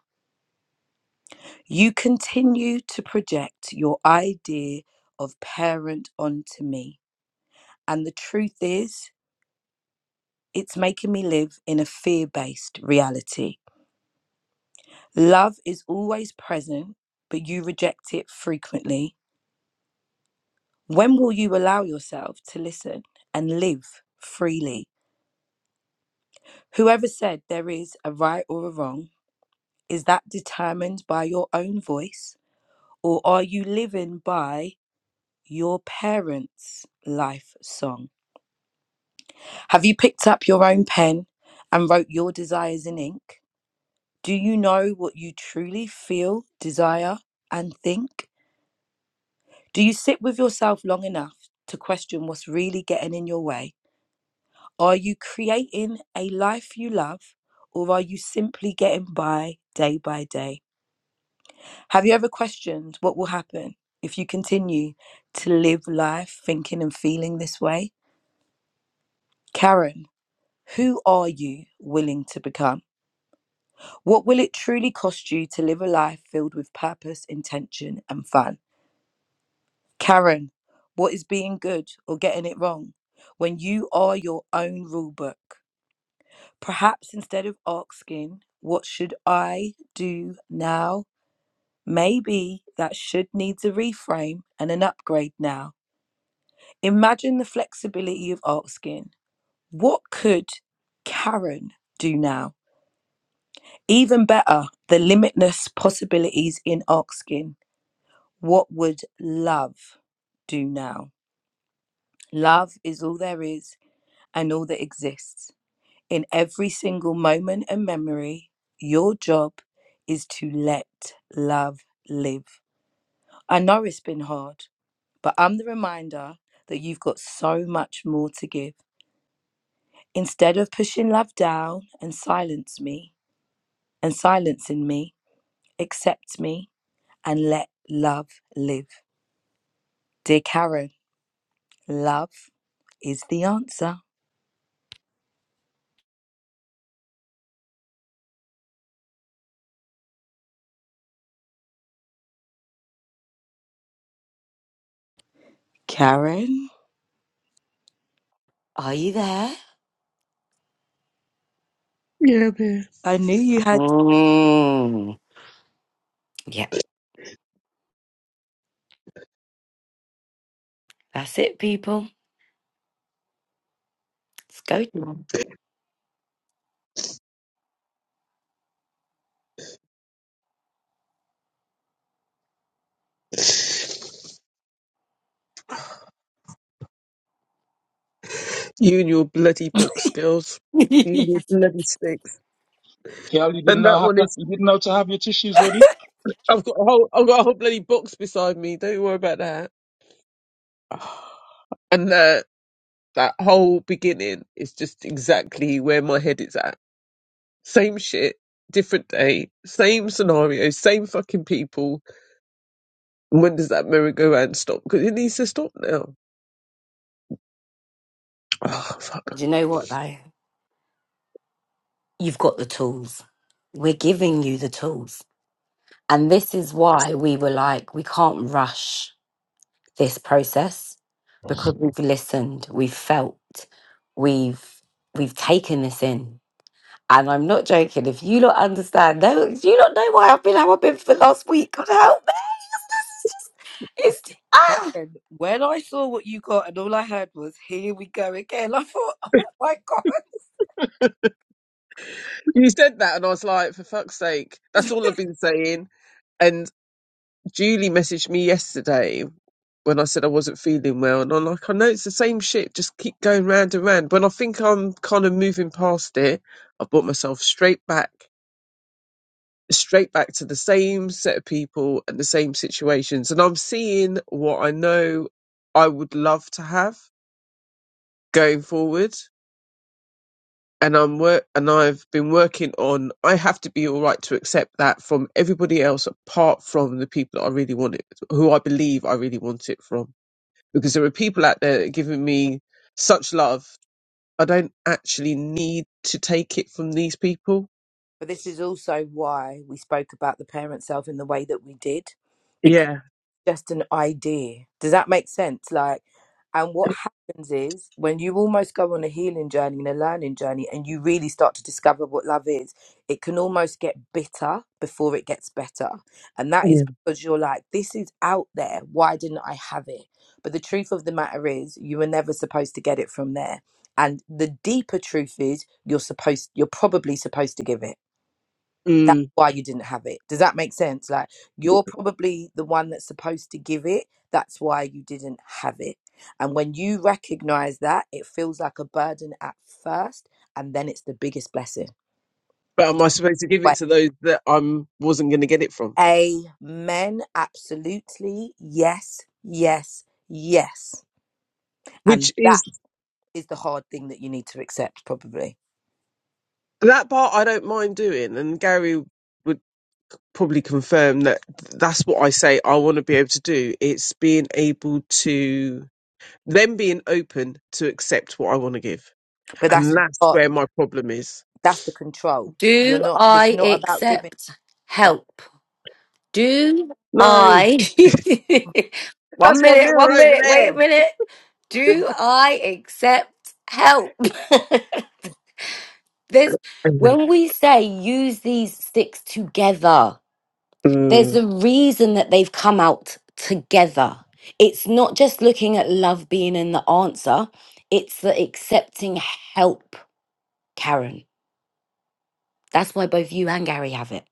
Speaker 2: You continue to project your idea of parent onto me. And the truth is, it's making me live in a fear based reality Love is always present, but you reject it frequently. When will you allow yourself to listen and live freely? Whoever said there is a right or a wrong, is that determined by your own voice, or are you living by your parents' life song? Have you picked up your own pen and wrote your desires in ink? Do you know what you truly feel, desire, and think? Do you sit with yourself long enough to question what's really getting in your way? Are you creating a life you love or are you simply getting by day by day? Have you ever questioned what will happen if you continue to live life thinking and feeling this way? Karen, who are you willing to become? What will it truly cost you to live a life filled with purpose, intention, and fun? Karen, what is being good or getting it wrong when you are your own rulebook? Perhaps instead of asking, what should I do now? Maybe that should needs a reframe and an upgrade now. Imagine the flexibility of asking, what could Karen do now? Even better, the limitless possibilities in asking, what would love do now? Love is all there is and all that exists. In every single moment and memory, your job is to let love live. I know it's been hard, but I'm the reminder that you've got so much more to give. Instead of pushing love down and silence me and silencing me, accept me and let love live. Dear Karen, love is the answer. Karen,
Speaker 1: Are you there?
Speaker 5: Yeah, man.
Speaker 2: I knew you had
Speaker 1: Mm. Yeah, that's it, people. Let's go.
Speaker 5: You and your bloody book skills. You and your bloody sticks.
Speaker 4: Kel, you didn't
Speaker 5: And
Speaker 4: know
Speaker 5: that
Speaker 4: how
Speaker 5: one
Speaker 4: to,
Speaker 5: is
Speaker 4: you didn't know to have your tissues ready? Sure.
Speaker 5: I've got a whole I've got a whole bloody box beside me. Don't you worry about that. And that that whole beginning is just exactly where my head is at. Same shit, different day, same scenario, same fucking people. And when does that merry-go-round stop? Because it needs to stop now.
Speaker 1: Do you know what, though? You've got the tools. We're giving you the tools. And this is why we were like, we can't rush this process because we've listened, we've felt, we've we've taken this in. And I'm not joking. If you lot understand, no, do you not know why I've been how I've been for the last week. God help me. It's just, it's ah.
Speaker 2: Karen, when I saw what you got and all I heard was, here we go again, I thought, oh my God.
Speaker 5: You said that, and I was like, for fuck's sake, that's all I've been saying. And Julie messaged me yesterday when I said I wasn't feeling well, and I'm like, I know it's the same shit, just keep going round and round. When I think I'm kind of moving past it, I brought myself straight back, straight back to the same set of people and the same situations, and I'm seeing what I know I would love to have going forward. And I'm work, and I've been working on. I have to be all right to accept that from everybody else, apart from the people that I really want it, who I believe I really want it from because there are people out there that are giving me such love. I don't actually need to take it from these people.
Speaker 2: But this is also why we spoke about the parent self in the way that we did. because.
Speaker 5: Yeah.
Speaker 2: just an idea. Does that make sense? Like, and what happens is when you almost go on a healing journey and a learning journey and you really start to discover what love is, it can almost get bitter before it gets better. And that is
Speaker 5: Yeah.
Speaker 2: because you're like, this is out there. Why didn't I have it? But the truth of the matter is, you were never supposed to get it from there. And the deeper truth is, you're supposed, you're probably supposed to give it that's
Speaker 5: Mm.
Speaker 2: why you didn't have it. Does that make sense? Like you're probably the one that's supposed to give it. That's why you didn't have it. And when you recognize that, it feels like a burden at first, and then it's the biggest blessing.
Speaker 5: But am I supposed to give it
Speaker 2: Wait.
Speaker 5: to those that I am wasn't going to get it from?
Speaker 2: Amen. Absolutely. Yes. Yes. Yes.
Speaker 5: Which
Speaker 2: And
Speaker 5: is
Speaker 2: that is the hard thing that you need to accept, probably.
Speaker 5: that part I don't mind doing. And Gary would probably confirm that that's what I say I want to be able to do. It's being able to, them being open to accept what I want to give.
Speaker 2: But
Speaker 5: And
Speaker 2: that's
Speaker 5: that's
Speaker 2: uh,
Speaker 5: where my problem is.
Speaker 2: that's the control. You're
Speaker 1: Do
Speaker 2: not. It's
Speaker 1: I
Speaker 2: not about giving.
Speaker 1: accept
Speaker 2: up.
Speaker 1: help? Do
Speaker 5: No,
Speaker 1: I, one
Speaker 5: that's my
Speaker 1: minute,
Speaker 5: mirror
Speaker 1: one
Speaker 5: over
Speaker 1: minute, wait a minute. Do I accept help?
Speaker 2: Ugh.
Speaker 1: there's,
Speaker 5: Mhm.
Speaker 1: when we say use these sticks together, there's
Speaker 5: Mm,
Speaker 1: a reason that they've come out together. It's not just looking at love being in the answer, it's the accepting help, Karen. That's why both you and Gary have it.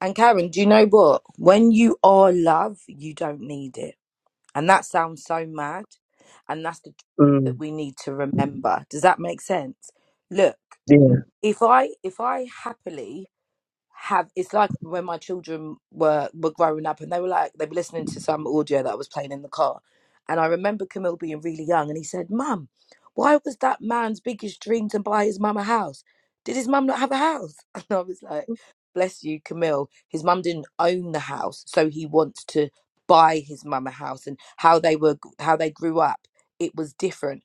Speaker 2: And Karen, do you know what? When you are love, you don't need it. And that sounds so mad. And that's the truth that
Speaker 5: mm,
Speaker 2: we need to remember. Does that make sense? Look,
Speaker 5: yeah,
Speaker 2: if I if I happily have it's like when my children were were growing up and they were like they were listening to some audio that I was playing in the car and I remember Camille being really young and he said mum why was that man's biggest dream to buy his mum a house did his mum not have a house and I was like bless you Camille his mum didn't own the house so he wants to buy his mum a house and how they were how they grew up it was different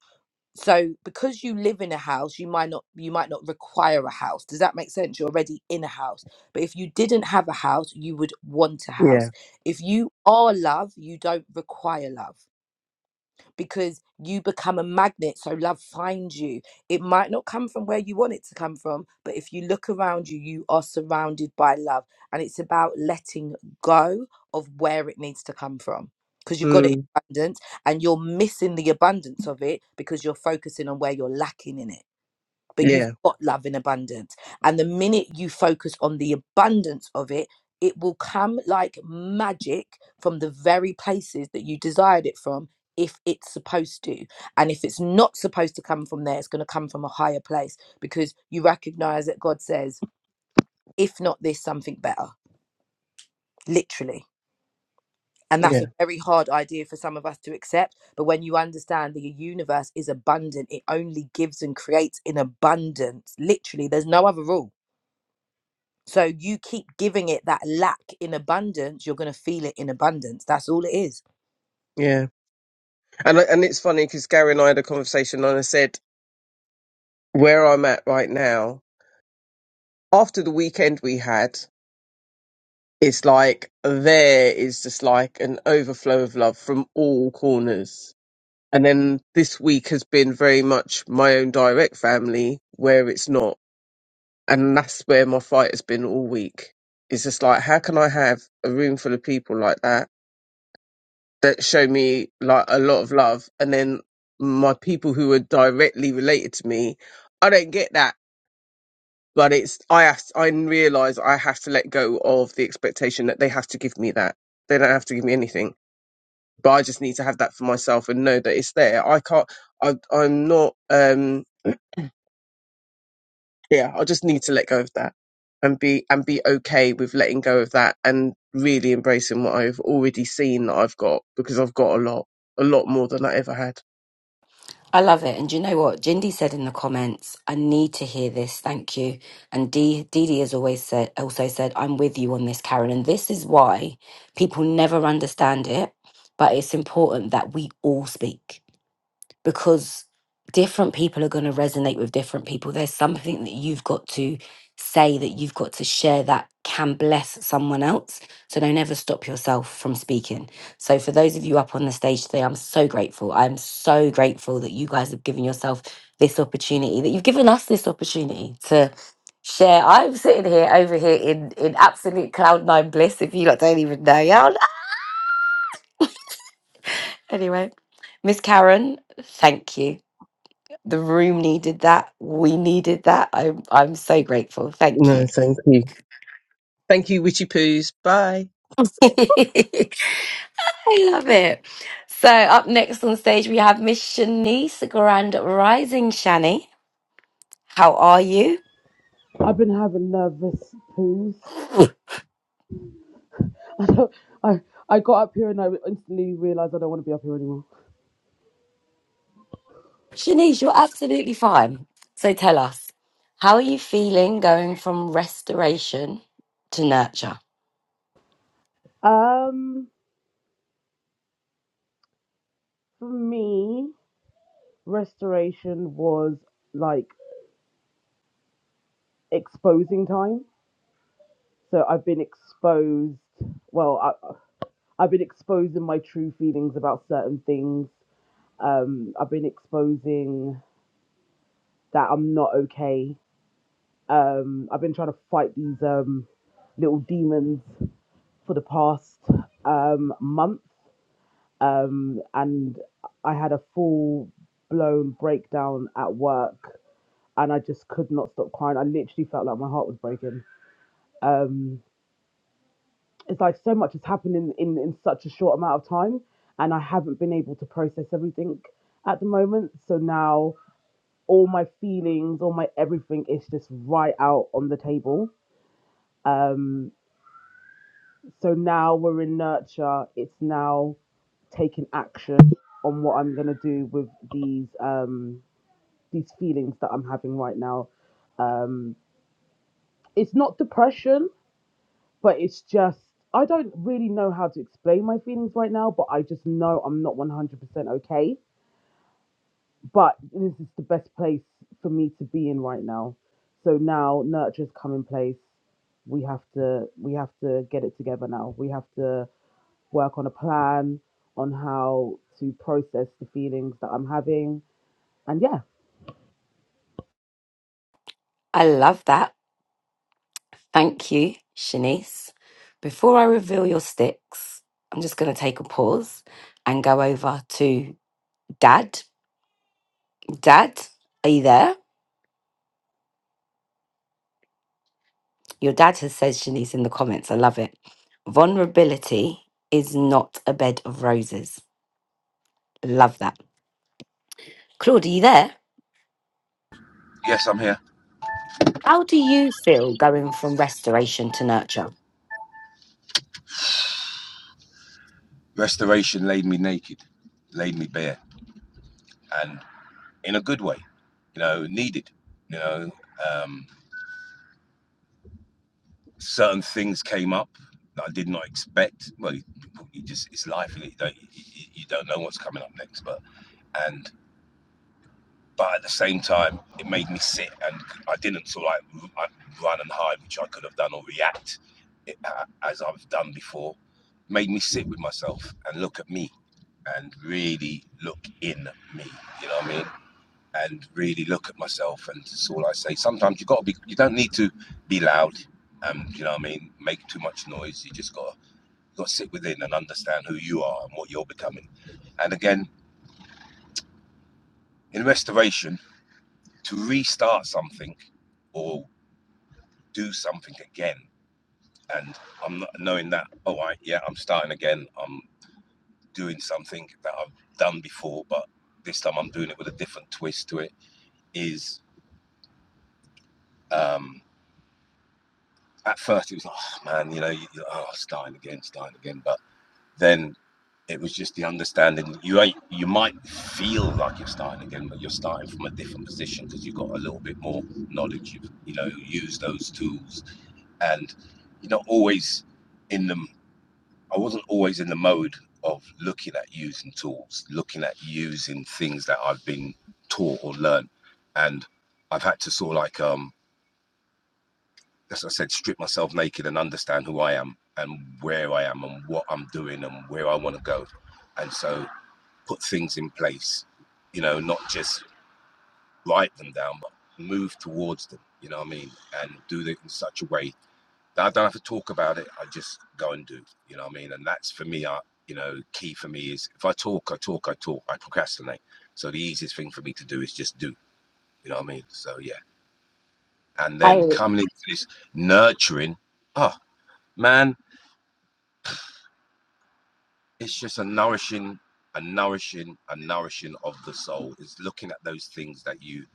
Speaker 2: so because you live in a house you might not you might not require a house does that make sense you're already in a house but if you didn't have a house you would want a
Speaker 5: yeah,
Speaker 2: house if you are love you don't require love because you become a magnet. So love finds you. It might not come from where you want it to come from, but if you look around you, you are surrounded by love. And it's about letting go of where it needs to come from because you've got it in
Speaker 5: mm,
Speaker 2: abundance and you're missing the abundance of it because you're focusing on where you're lacking in it but you've
Speaker 5: yeah,
Speaker 2: got love in abundance. And the minute you focus on the abundance of it, it will come like magic from the very places that you desired it from if it's supposed to. And if it's not supposed to come from there, it's going to come from a higher place because you recognize that God says, if not this, something better, literally. And
Speaker 5: yeah,
Speaker 2: that's a very hard idea for some of us to accept. But when you understand the universe is abundant, it only gives and creates in abundance. Literally, there's no other rule So you keep giving it that lack in abundance, you're going to feel it in abundance. That's all it is.
Speaker 5: yeah. And I- and it's funny because Gary and I had a conversation, and I said where I'm at right now after the weekend we had. It's like there is just like an overflow of love from all corners. And then this week has been very much my own direct family where it's not. And that's where my fight has been all week. It's just like, how can I have a room full of people like that? that show me like a lot of love and then my people who are directly related to me i don't get that but it's i have i realize i have to let go of the expectation that they have to give me that they don't have to give me anything but i just need to have that for myself and know that it's there i can't I, i'm not um yeah, I just need to let go of that and be and be okay with letting go of that and really embracing what I've already seen that I've got because I've got a lot, a lot more than I ever had.
Speaker 1: I love it. And do you know what? Jindy said in the comments, I need to hear this. Thank you. And Dee Dee has always said, also said, I'm with you on this, Karen. And this is why people never understand it, but it's important that we all speak because different people are going to resonate with different people. There's something that you've got to say, that you've got to share that can bless someone else. So don't ever stop yourself from speaking. So, for those of you up on the stage today, I'm so grateful. I'm so grateful that you guys have given yourself this opportunity, that you've given us this opportunity to. Share. I'm sitting here over here in in absolute cloud nine bliss. If you lot don't even know, yeah. Anyway, Miss Karen, thank you. The room needed that. We needed that. I'm I'm so grateful. Thank
Speaker 5: No,
Speaker 1: you.
Speaker 5: thank you. Thank you, Witchy Poos. Bye.
Speaker 1: I love it. So up next on stage we have Miss Shanice Grand Rising Shani. How are you?
Speaker 6: I've been having nervous poos. I don't, I I got up here and I instantly realized I don't want to be up here anymore.
Speaker 1: Shanice, you're absolutely fine. So tell us, how are you feeling going from restoration to nurture?
Speaker 6: Um, for me, restoration was like exposing time. So I've been exposed. Well, I, I've been exposing my true feelings about certain things. Um, I've been exposing that I'm not okay. Um, I've been trying to fight these um little demons for the past um month um, and I had a full blown breakdown at work, and I just could not stop crying. I literally felt like my heart was breaking. Um, it's like so much has happened in, in, in such a short amount of time, and I haven't been able to process everything at the moment. So now all my feelings, all my everything is just right out on the table. Um, So now we're in nurture. It's now taking action on what I'm gonna do with these. Um, these feelings that I'm having right now. Um, it's not depression, but it's just I don't really know how to explain my feelings right now, but I just know I'm not 100% okay. But this is the best place for me to be in right now. So now nurture's come in place. We have to we have to get it together now. We have to work on a plan on how to process the feelings that I'm having. And yeah,
Speaker 1: I love that. Thank you, Shanice. Before I reveal your sticks, I'm just going to take a pause and go over to Dad, Dad, are you there? Your dad has said Shanice in the comments. I love it. Vulnerability is not a bed of roses. Love that. Claude, are you there?
Speaker 3: Yes, I'm here.
Speaker 1: How do you feel going from restoration to nurture?
Speaker 3: Restoration laid me naked, laid me bare, and in a good way. You know, needed. You know, um, certain things came up that I did not expect. Well, you, you just it's life. and You don't you you don't know what's coming up next, but and but at the same time, it made me sit and I didn't sort of like run and hide, which I could have done, or react it, uh, as I've done before. Made me sit with myself and look at me and really look in me. You know what I mean? And really look at myself. And that's all I say. Sometimes you got to be. You don't need to be loud. Um, you know what I mean? Make too much noise. You just got to got to sit within and understand who you are and what you're becoming. And again, in restoration, to restart something or do something again. And I'm not knowing that, all right, yeah, I'm starting again. I'm doing something that I've done before, but this time I'm doing it with a different twist to it. Is um, at first it was like, oh, man, you know, you, oh, starting again, starting again. But then it was just the understanding that you ain't, you might feel like you're starting again, but you're starting from a different position because you've got a little bit more knowledge. You've, you know, used those tools and you're not always in them I wasn't always in the mode of looking at using tools, looking at using things that I've been taught or learned. And I've had to sort of like, um, as I said, strip myself naked and understand who I am and where I am and what I'm doing and where I want to go. And so put things in place, you know, not just write them down, but move towards them, you know what I mean? And do it in such a way I don't have to talk about it. I just go and do. You know what I mean? And that's for me. I you know key for me is if I talk, I talk, I talk, I procrastinate. So the easiest thing for me to do is just do. You know what I mean? So yeah. And then coming into this nurturing, oh man, it's just a nourishing, a nourishing, a nourishing of the soul. It's looking at those things that you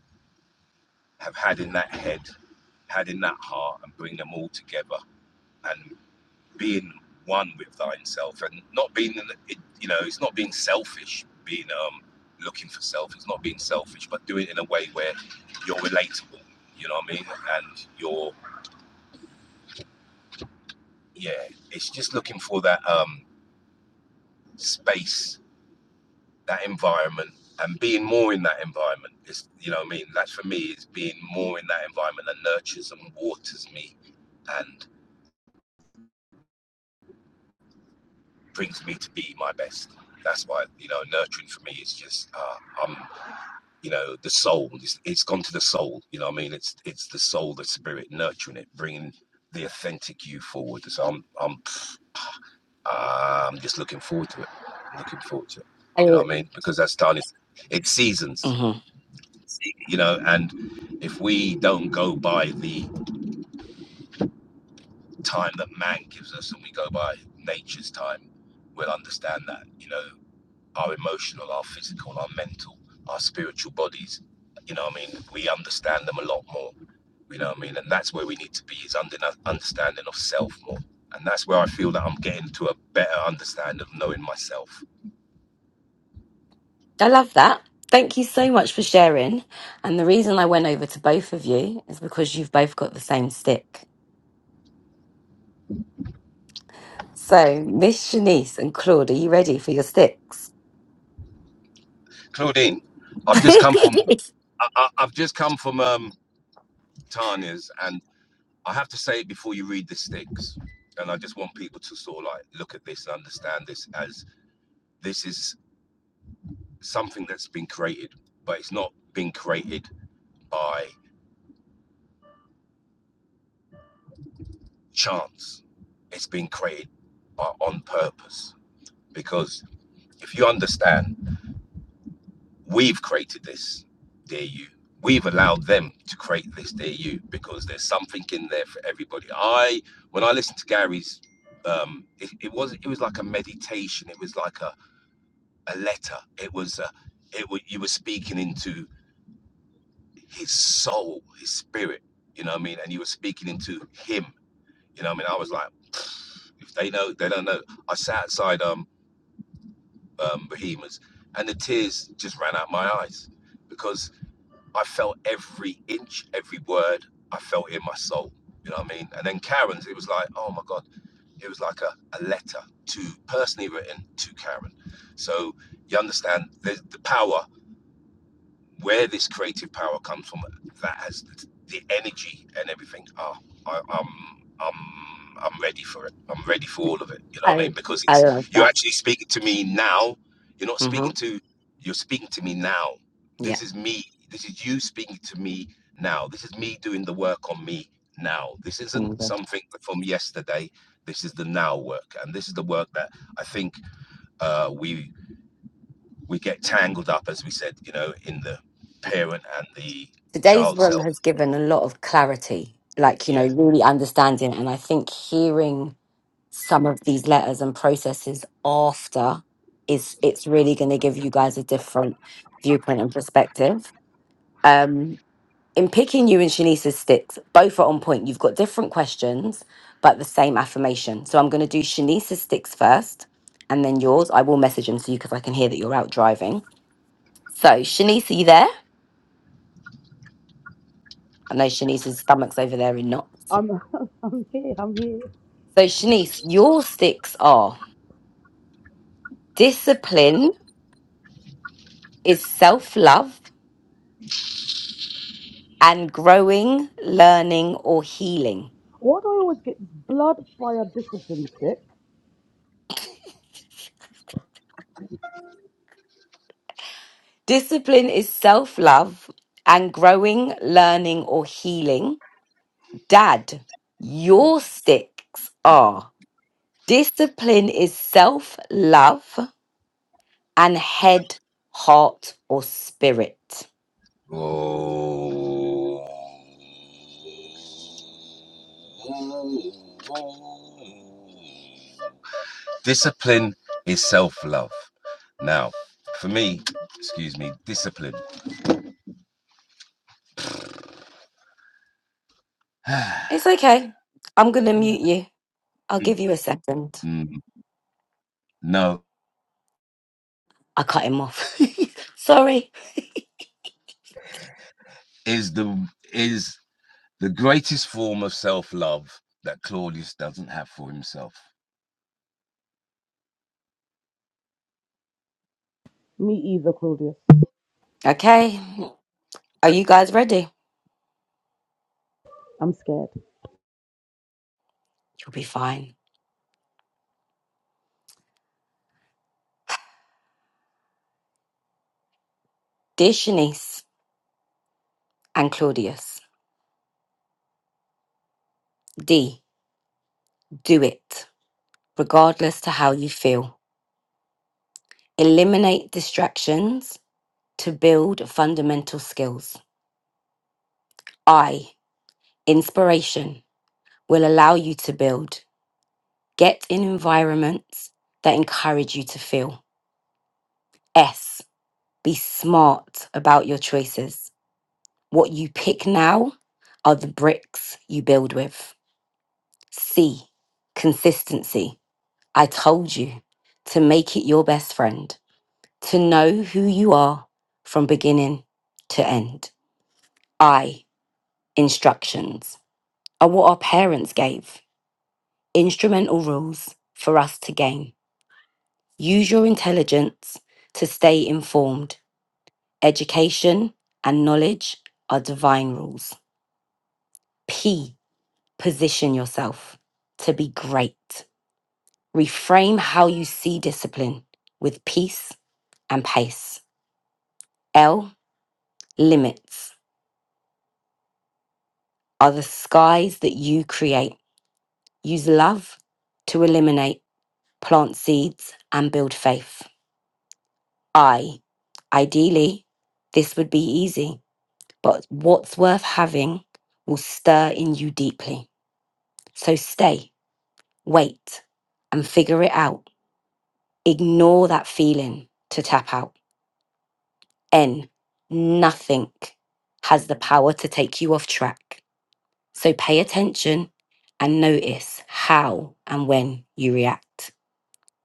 Speaker 3: have had in that head, had in that heart, and bring them all together and being one with thyself and not being, you know, it's not being selfish, being um, looking for self. It's not being selfish, but doing it in a way where you're relatable. You know what I mean? And you're, yeah, it's just looking for that um, space, that environment, and being more in that environment. Is you know what I mean? That's for me is being more in that environment that nurtures and waters me and brings me to be my best. That's why you know nurturing for me is just uh, I'm you know the soul it's, it's gone to the soul you know what i mean it's it's the soul the spirit nurturing it bringing the authentic you forward so i'm i'm i'm just looking forward to it looking forward to it you know
Speaker 1: I,
Speaker 3: what i mean because that's done it's, it's seasons
Speaker 1: Mhm.
Speaker 3: you know and if we don't go by the time that man gives us and we go by nature's time we'll understand that you know our emotional, our physical, our mental, our spiritual bodies. You know what I mean? We understand them a lot more. You know what I mean? And that's where we need to be is under, understanding of self more. And that's where I feel that I'm getting to a better understanding of knowing myself.
Speaker 1: I love that. Thank you so much for sharing. And the reason I went over to both of you is because you've both got the same stick. So, Miss Shanice and Claude, are you ready for your sticks?
Speaker 3: Claudine, I've just come from
Speaker 1: I,
Speaker 3: I, I- have just come from um, Tanya's, and I have to say it before you read the sticks. And I just want people to sort of like look at this and understand this as this is something that's been created, but it's not been created by chance. It's been created, but on purpose. Because if you understand, we've created this, dear you. We've allowed them to create this, dear you, because there's something in there for everybody. I, when I listened to Gary's, um, it, it was it was like a meditation. It was like a, a letter. It was a, it was you were speaking into his soul, his spirit. You know what I mean? And you were speaking into him. You know what I mean? I was like, if they know, they don't know. I sat outside. Um, um, Behemoths, and the tears just ran out my eyes because I felt every inch, every word. I felt it in my soul. You know what I mean? And then Karen's, it was like, oh my God, it was like a, a letter to personally written to Karen. So you understand there's the power where this creative power comes from that has the energy and everything oh, I, i'm i'm i'm ready for it i'm ready for all of it you know what i mean because
Speaker 1: I
Speaker 3: it's
Speaker 1: love
Speaker 3: you're
Speaker 1: that.
Speaker 3: actually speaking to me now you're not
Speaker 1: hmm
Speaker 3: speaking to you're speaking to me now
Speaker 1: Yeah.
Speaker 3: this is me this is you speaking to me now this is me doing the work on me now this
Speaker 1: Oh my
Speaker 3: isn't
Speaker 1: God.
Speaker 3: something from yesterday this is the now work and this is the work that i think uh, we we get tangled up, as we said, you know, in the parent and the
Speaker 1: Today's
Speaker 3: child
Speaker 1: room
Speaker 3: self.
Speaker 1: has given a lot of clarity, like, you know,
Speaker 3: Yeah.
Speaker 1: really understanding. And I think hearing some of these letters and processes after is it's really going to give you guys a different viewpoint and perspective. Um, in picking you and Shanice's sticks, both are on point. You've got different questions, but the same affirmation. So I'm going to do Shanice's sticks first and then yours. I will message them to you because I can hear that you're out driving. So, Shanice, are you there? I know Shanice's stomach's over there in knots.
Speaker 6: I'm I'm here. I'm here.
Speaker 1: So, Shanice, your sticks are discipline is self love and growing, learning, or healing.
Speaker 6: Why do I always get this blood fire discipline stick?
Speaker 1: Discipline is self love and growing, learning, or healing. Dad, your sticks are discipline is self love and head, heart, or spirit.
Speaker 3: Oh. Discipline is self love. Now, for me, excuse me, discipline.
Speaker 1: It's okay. I'm going to mute you. I'll give you a second.
Speaker 3: no,
Speaker 1: I cut him off. Sorry.
Speaker 3: is the is the greatest form of self love that Claudius doesn't have for himself.
Speaker 6: Me either, Claudius.
Speaker 1: Okay. Are you guys ready?
Speaker 6: I'm scared.
Speaker 1: You'll be fine. Dear Shanice and Claudius, D, do it, regardless to how you feel. Eliminate distractions to build fundamental skills. I, inspiration, will allow you to build. Get in environments that encourage you to feel. S, be smart about your choices. What you pick now are the bricks you build with. C, consistency. I told you to make it your best friend, to know who you are from beginning to end. I, instructions are what our parents gave, instrumental rules for us to gain. Use your intelligence to stay informed. Education and knowledge are divine rules. P, position yourself to be great. Reframe how you see discipline with peace and pace. L, limits are the skies that you create. Use love to eliminate, plant seeds, and build faith. I. Ideally, this would be easy, but what's worth having will stir in you deeply. So stay, wait, and figure it out. Ignore that feeling to tap out. N. Nothing has the power to take you off track. So pay attention and notice how and when you react.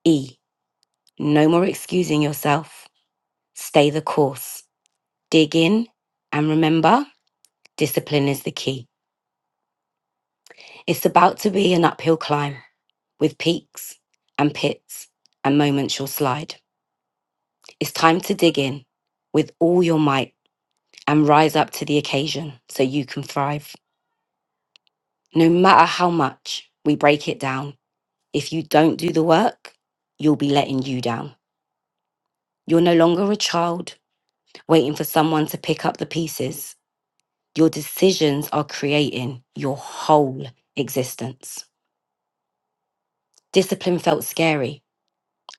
Speaker 1: E. No more excusing yourself. Stay the course. Dig in and remember Discipline is the key. It's about to be an uphill climb with peaks and pits and moments you'll slide. It's time to dig in with all your might and rise up to the occasion so you can thrive. No matter how much we break it down, if you don't do the work, you'll be letting you down. You're no longer a child waiting for someone to pick up the pieces. Your decisions are creating your whole existence. Discipline felt scary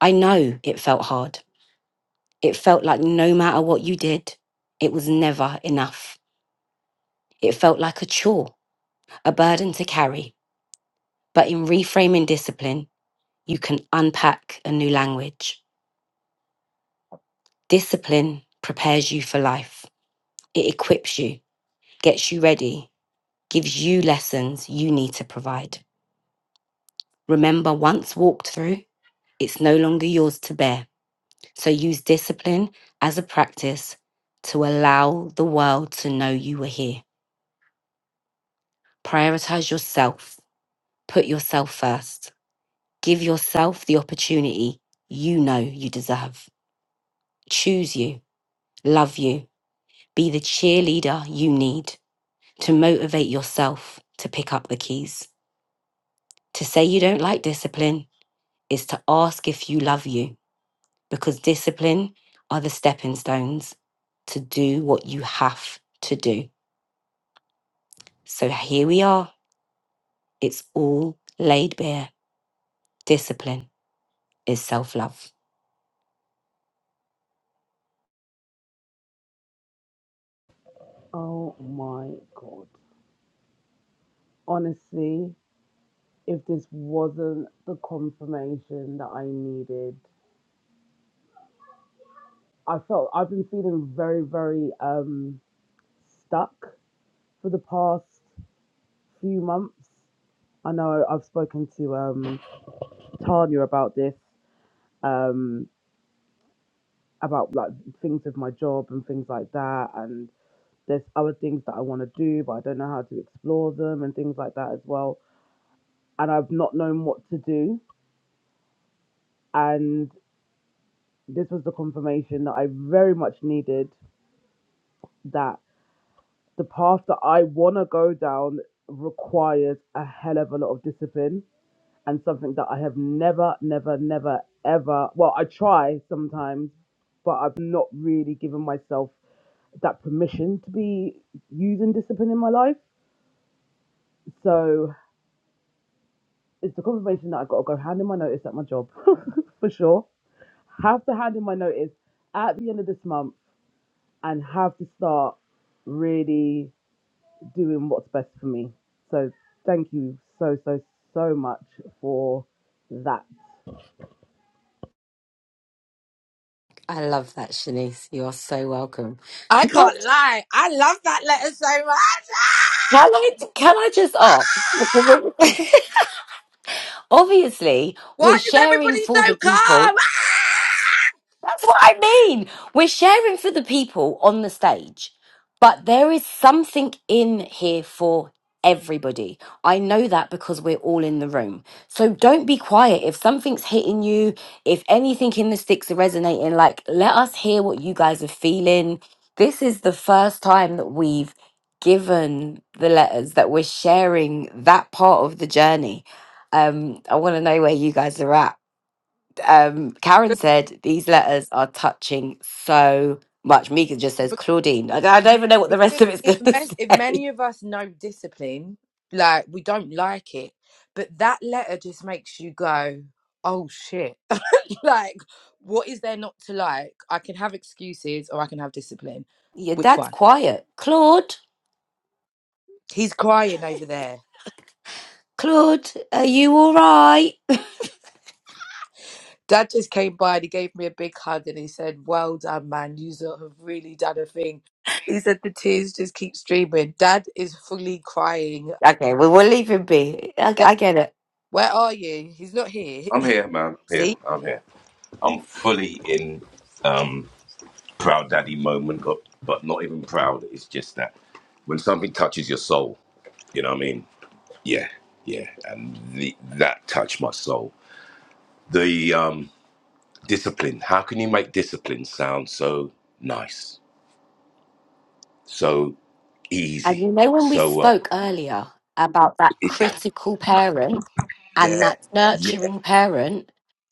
Speaker 1: I know it felt hard. It felt like no matter what you did, it was never enough. It felt like a chore, a burden to carry. But in reframing discipline, you can unpack a new language. Discipline prepares you for life, it equips you, gets you ready, gives you lessons you need to provide. Remember, once walked through, it's no longer yours to bear. So use discipline as a practice to allow the world to know you were here. Prioritize yourself. Put yourself first. Give yourself the opportunity you know you deserve. Choose you. Love you. Be the cheerleader you need to motivate yourself to pick up the keys. To say you don't like discipline is to ask if you love you because discipline are the stepping stones to do what you have to do. So here we are. It's all laid bare. Discipline is self love.
Speaker 6: Oh my god. Honestly, if this wasn't the confirmation that I needed, I felt I've been feeling very, very um stuck for the past few months. I know I've spoken to um Tanya about this, um, about like things with my job and things like that. and. There's other things that I want to do, but I don't know how to explore them and things like that as well. And I've not known what to do. And this was the confirmation that I very much needed that the path that I want to go down requires a hell of a lot of discipline and something that I have never, never, never, ever. Well, I try sometimes, but I've not really given myself that permission to be using discipline in my life. So it's the confirmation that I got to go hand in my notice at my job for sure. Have to hand in my notice at the end of this month and have to start really doing what's best for me. So thank you so so so much for that.
Speaker 1: I love that, Shanice. You are so welcome.
Speaker 2: I
Speaker 1: Can I,
Speaker 2: can't lie. I love that letter so much.
Speaker 1: can I, can I just ask?
Speaker 2: Ah!
Speaker 1: Obviously,
Speaker 2: Why
Speaker 1: we're
Speaker 2: is
Speaker 1: sharing
Speaker 2: everybody
Speaker 1: for the
Speaker 2: so
Speaker 1: people.
Speaker 2: calm?
Speaker 1: That's what I mean. We're sharing for the people on the stage. But there is something in here for everybody. I know that because we're all in the room. So don't be quiet. If something's hitting you, if anything in the sticks are resonating, like let us hear what you guys are feeling. This is the first time that we've given the letters that we're sharing that part of the journey. Um, I want to know where you guys are at um, Karen
Speaker 2: Ah!
Speaker 1: said these letters are touching so much. Mika just says Claudine. I, I don't even know what the rest of it's going
Speaker 2: if
Speaker 1: to
Speaker 2: mes- if
Speaker 1: say.
Speaker 2: many of us know discipline, like we don't like it, but that letter just makes you go, "Oh shit!" like, what is there not to like? I can have excuses or I can have discipline.
Speaker 1: Your
Speaker 2: Which
Speaker 1: dad's
Speaker 2: one?
Speaker 1: quiet. Claude,
Speaker 2: He's crying over there.
Speaker 1: Claude, are you all right?
Speaker 2: Dad just came by and he gave me a big hug and he said, "Well done, man. You have really done a thing." He said the tears just keep streaming. Dad is fully crying.
Speaker 1: Okay, well we'll leave him be. I,
Speaker 2: Dad,
Speaker 1: I get it.
Speaker 2: where are you? He's not here.
Speaker 3: I'm here, man.
Speaker 2: See,
Speaker 3: Here, I'm here. I'm fully in. um, proud daddy moment, but, but not even proud. It's just that when something touches your soul, you know what I mean? Yeah, yeah. And the, that touched my soul. The um, discipline. How can you make discipline sound so nice, so
Speaker 1: And you
Speaker 3: easy,
Speaker 1: know when we
Speaker 3: so uh,
Speaker 1: spoke earlier about that
Speaker 3: it,
Speaker 1: critical parent and
Speaker 3: yeah,
Speaker 1: that
Speaker 3: yeah,
Speaker 1: nurturing parent,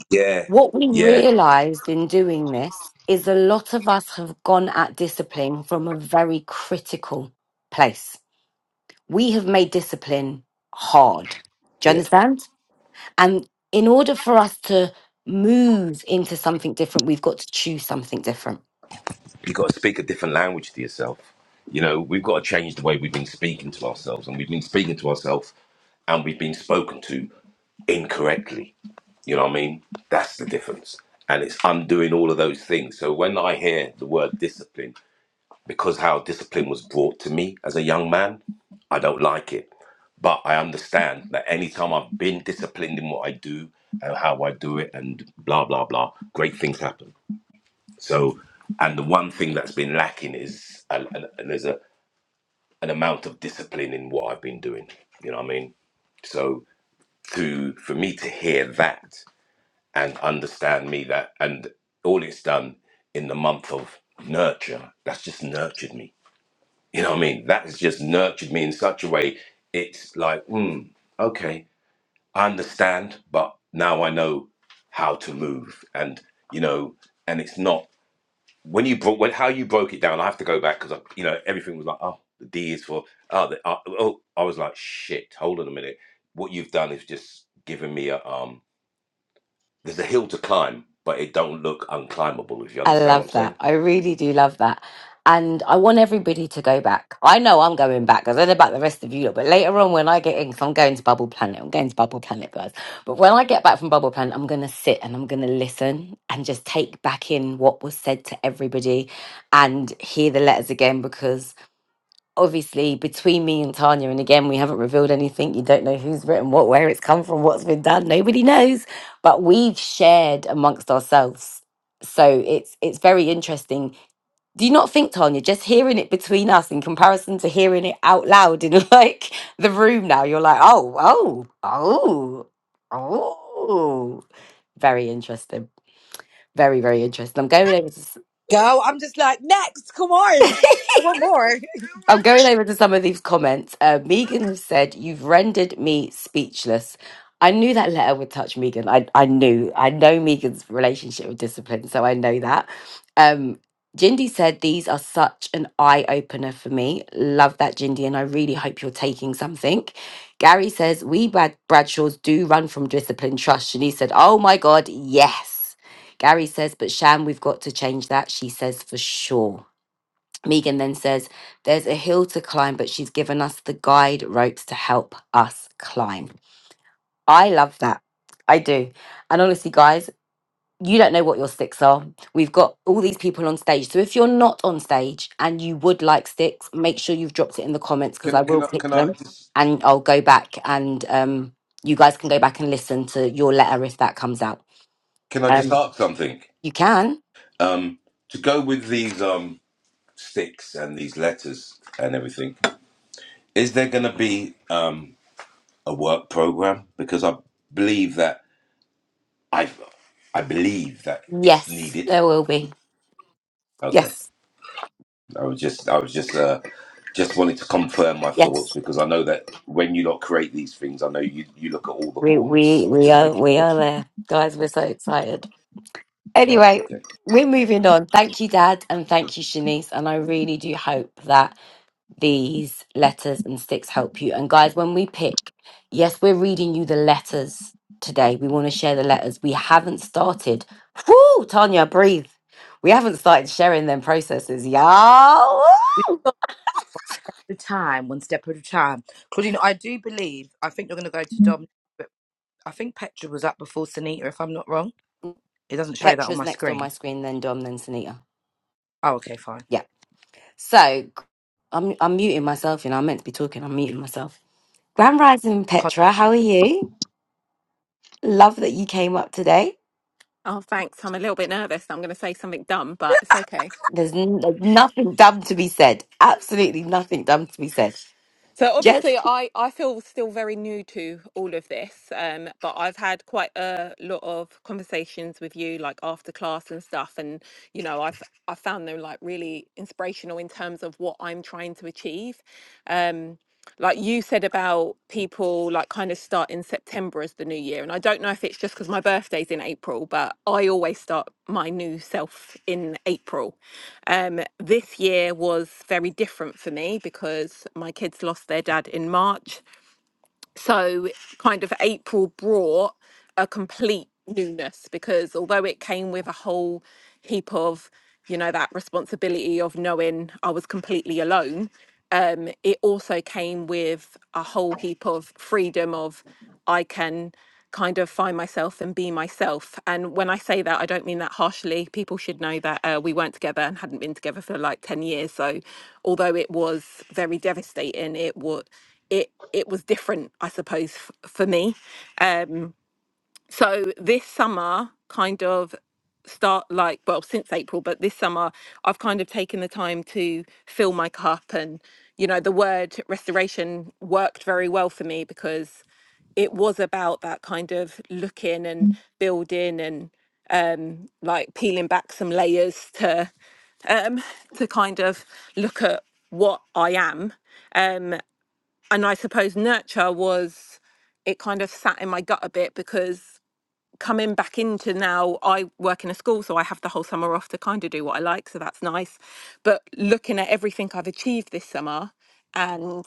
Speaker 3: yeah,
Speaker 1: what we
Speaker 3: yeah,
Speaker 1: realized in doing this is a lot of us have gone at discipline from a very critical place we have made discipline hard. Do you
Speaker 3: yeah.
Speaker 1: understand? And in order for us to move into something different, we've got to choose something different.
Speaker 3: you got to speak a different language to yourself. You know, we've got to change the way we've been speaking to ourselves, and we've been speaking to ourselves, and we've been spoken to incorrectly. You know what I mean? That's the difference. And it's undoing all of those things. So when I hear the word discipline, because how discipline was brought to me as a young man, I don't like it. But I understand that anytime I've been disciplined in what I do and how I do it and blah, blah, blah, great things happen. So, and the one thing that's been lacking is, and, and, and there's a an amount of discipline in what I've been doing. You know what I mean? So, to for me to hear that and understand me that, and all it's done in the month of nurture, that's just nurtured me. You know what I mean? That has just nurtured me in such a way. It's like, mm, okay, I understand, but now I know how to move, and you know, and it's not. when you broke when how you broke it down, I have to go back because you know everything was like, oh, the D is for oh, the, uh, oh, I was like, shit, hold on a minute. What you've done is just given me a um. There's a hill to climb, but it don't look unclimbable. If you
Speaker 1: I
Speaker 3: understand what I'm
Speaker 1: love that.
Speaker 3: saying.
Speaker 1: I really do love that. And I want everybody to go back. I know I'm going back. I don't know about the rest of you, lot, but later on when I get in, because I'm going to Bubble Planet, I'm going to Bubble Planet, guys. But when I get back from Bubble Planet, I'm going to sit and I'm going to listen and just take back in what was said to everybody and hear the letters again because obviously between me and Tanya, and again, we haven't revealed anything. You don't know who's written what, where it's come from, what's been done. Nobody knows, but we've shared amongst ourselves. So it's it's very interesting. Do you not think, Tanya, just hearing it between us in comparison to hearing it out loud in like the room now, you're like, oh, oh, oh, oh. Very interesting. Very, very interesting. I'm going over to
Speaker 2: go. I'm just like, next, come on. One more.
Speaker 1: I'm going over to some of these comments. Uh, Megan has said, You've rendered me speechless. I knew that letter would touch Megan. I, I knew. I know Megan's relationship with discipline, so I know that. Um, Jindy said, These are such an eye opener for me. Love that, Jindy, and I really hope you're taking something. Gary says, We Brad- Bradshaws do run from discipline trust. Shanice said, Oh my God, yes. Gary says, But Sham, we've got to change that. She says, For sure. Megan then says, There's a hill to climb, but she's given us the guide ropes to help us climb. I love that. I do. And honestly, guys, you don't know what your sticks are. We've got all these people on stage. So if you're not on stage and you would like sticks, make sure you've dropped it in the comments because I
Speaker 3: Can can
Speaker 1: will
Speaker 3: I
Speaker 1: pick
Speaker 3: can I
Speaker 1: them
Speaker 3: just
Speaker 1: and I'll go back and um, you guys can go back and listen to your letter if that comes out.
Speaker 3: can I just
Speaker 1: Um,
Speaker 3: ask something?
Speaker 1: you can.
Speaker 3: Um, to go with these um sticks and these letters and everything, is there going to be um a work program? Because I believe that I I believe that it's
Speaker 1: Yes,
Speaker 3: needed.
Speaker 1: there will be.
Speaker 3: Okay.
Speaker 1: Yes,
Speaker 3: I was just I was just uh just wanted to confirm my
Speaker 1: yes.
Speaker 3: thoughts because I know that when you lot create these things, I know you you look at all the
Speaker 1: We
Speaker 3: corners.
Speaker 1: we
Speaker 3: So I was
Speaker 1: we
Speaker 3: just
Speaker 1: are
Speaker 3: making
Speaker 1: we
Speaker 3: sure.
Speaker 1: are there, guys. We're so excited.
Speaker 3: Right,
Speaker 1: Anyway,
Speaker 3: okay.
Speaker 1: we're moving on. Thank you, Dad, and thank you, Shanice. And I really do hope that these letters and sticks help you. And guys, when we pick, yes, we're reading you the letters today. We want to share the letters. We haven't started. Whoo, Tanya, breathe. We haven't started sharing them processes, y'all.
Speaker 2: We got the time, one step at a time. Claudine, I do believe, I think you're going to go to Dom, but I think Petra was up before Sunita, if I'm not wrong. It doesn't show that on
Speaker 1: Petra's
Speaker 2: my
Speaker 1: next on my
Speaker 2: screen.
Speaker 1: screen, then Dom, then Sunita.
Speaker 2: Oh, okay, fine.
Speaker 1: Yeah. So I'm I'm muting myself, you know. I'm meant to be talking. I'm muting myself. Grand Rising
Speaker 2: Con-
Speaker 1: Petra, how are you? Love that you came up today.
Speaker 7: Oh, thanks. I'm a little bit nervous. I'm going to say something dumb, but it's okay.
Speaker 1: There's n- there's nothing dumb to be said. Absolutely nothing dumb to be said.
Speaker 7: So
Speaker 1: Just,
Speaker 7: obviously, I I feel still very new to all of this, um, but I've had quite a lot of conversations with you, like after class and stuff, and you know, I've I found them like really inspirational in terms of what I'm trying to achieve. Um. like you said about people like kind of start in September as the new year. And I don't know if it's just because my birthday's in April, but I always start my new self in April. Um, this year was very different for me because my kids lost their dad in March so kind of April brought a complete newness because although it came with a whole heap of, you know, that responsibility of knowing I was completely alone, um, it also came with a whole heap of freedom of I can kind of find myself and be myself. And when I say that, I don't mean that harshly. People should know that uh, we weren't together and hadn't been together for like 10 years. So although it was very devastating, it was, it, it was different, I suppose, f- for me. Um, so this summer, kind of start like, well, since April, but this summer, I've kind of taken the time to fill my cup. And, you know, the word restoration worked very well for me because it was about that kind of looking and building and um, like peeling back some layers to um, to kind of look at what I am. Um, and I suppose nurture was it kind of sat in my gut a bit because coming back into now i work in a school so i have the whole summer off to kind of do what i like so that's nice but looking at everything i've achieved this summer and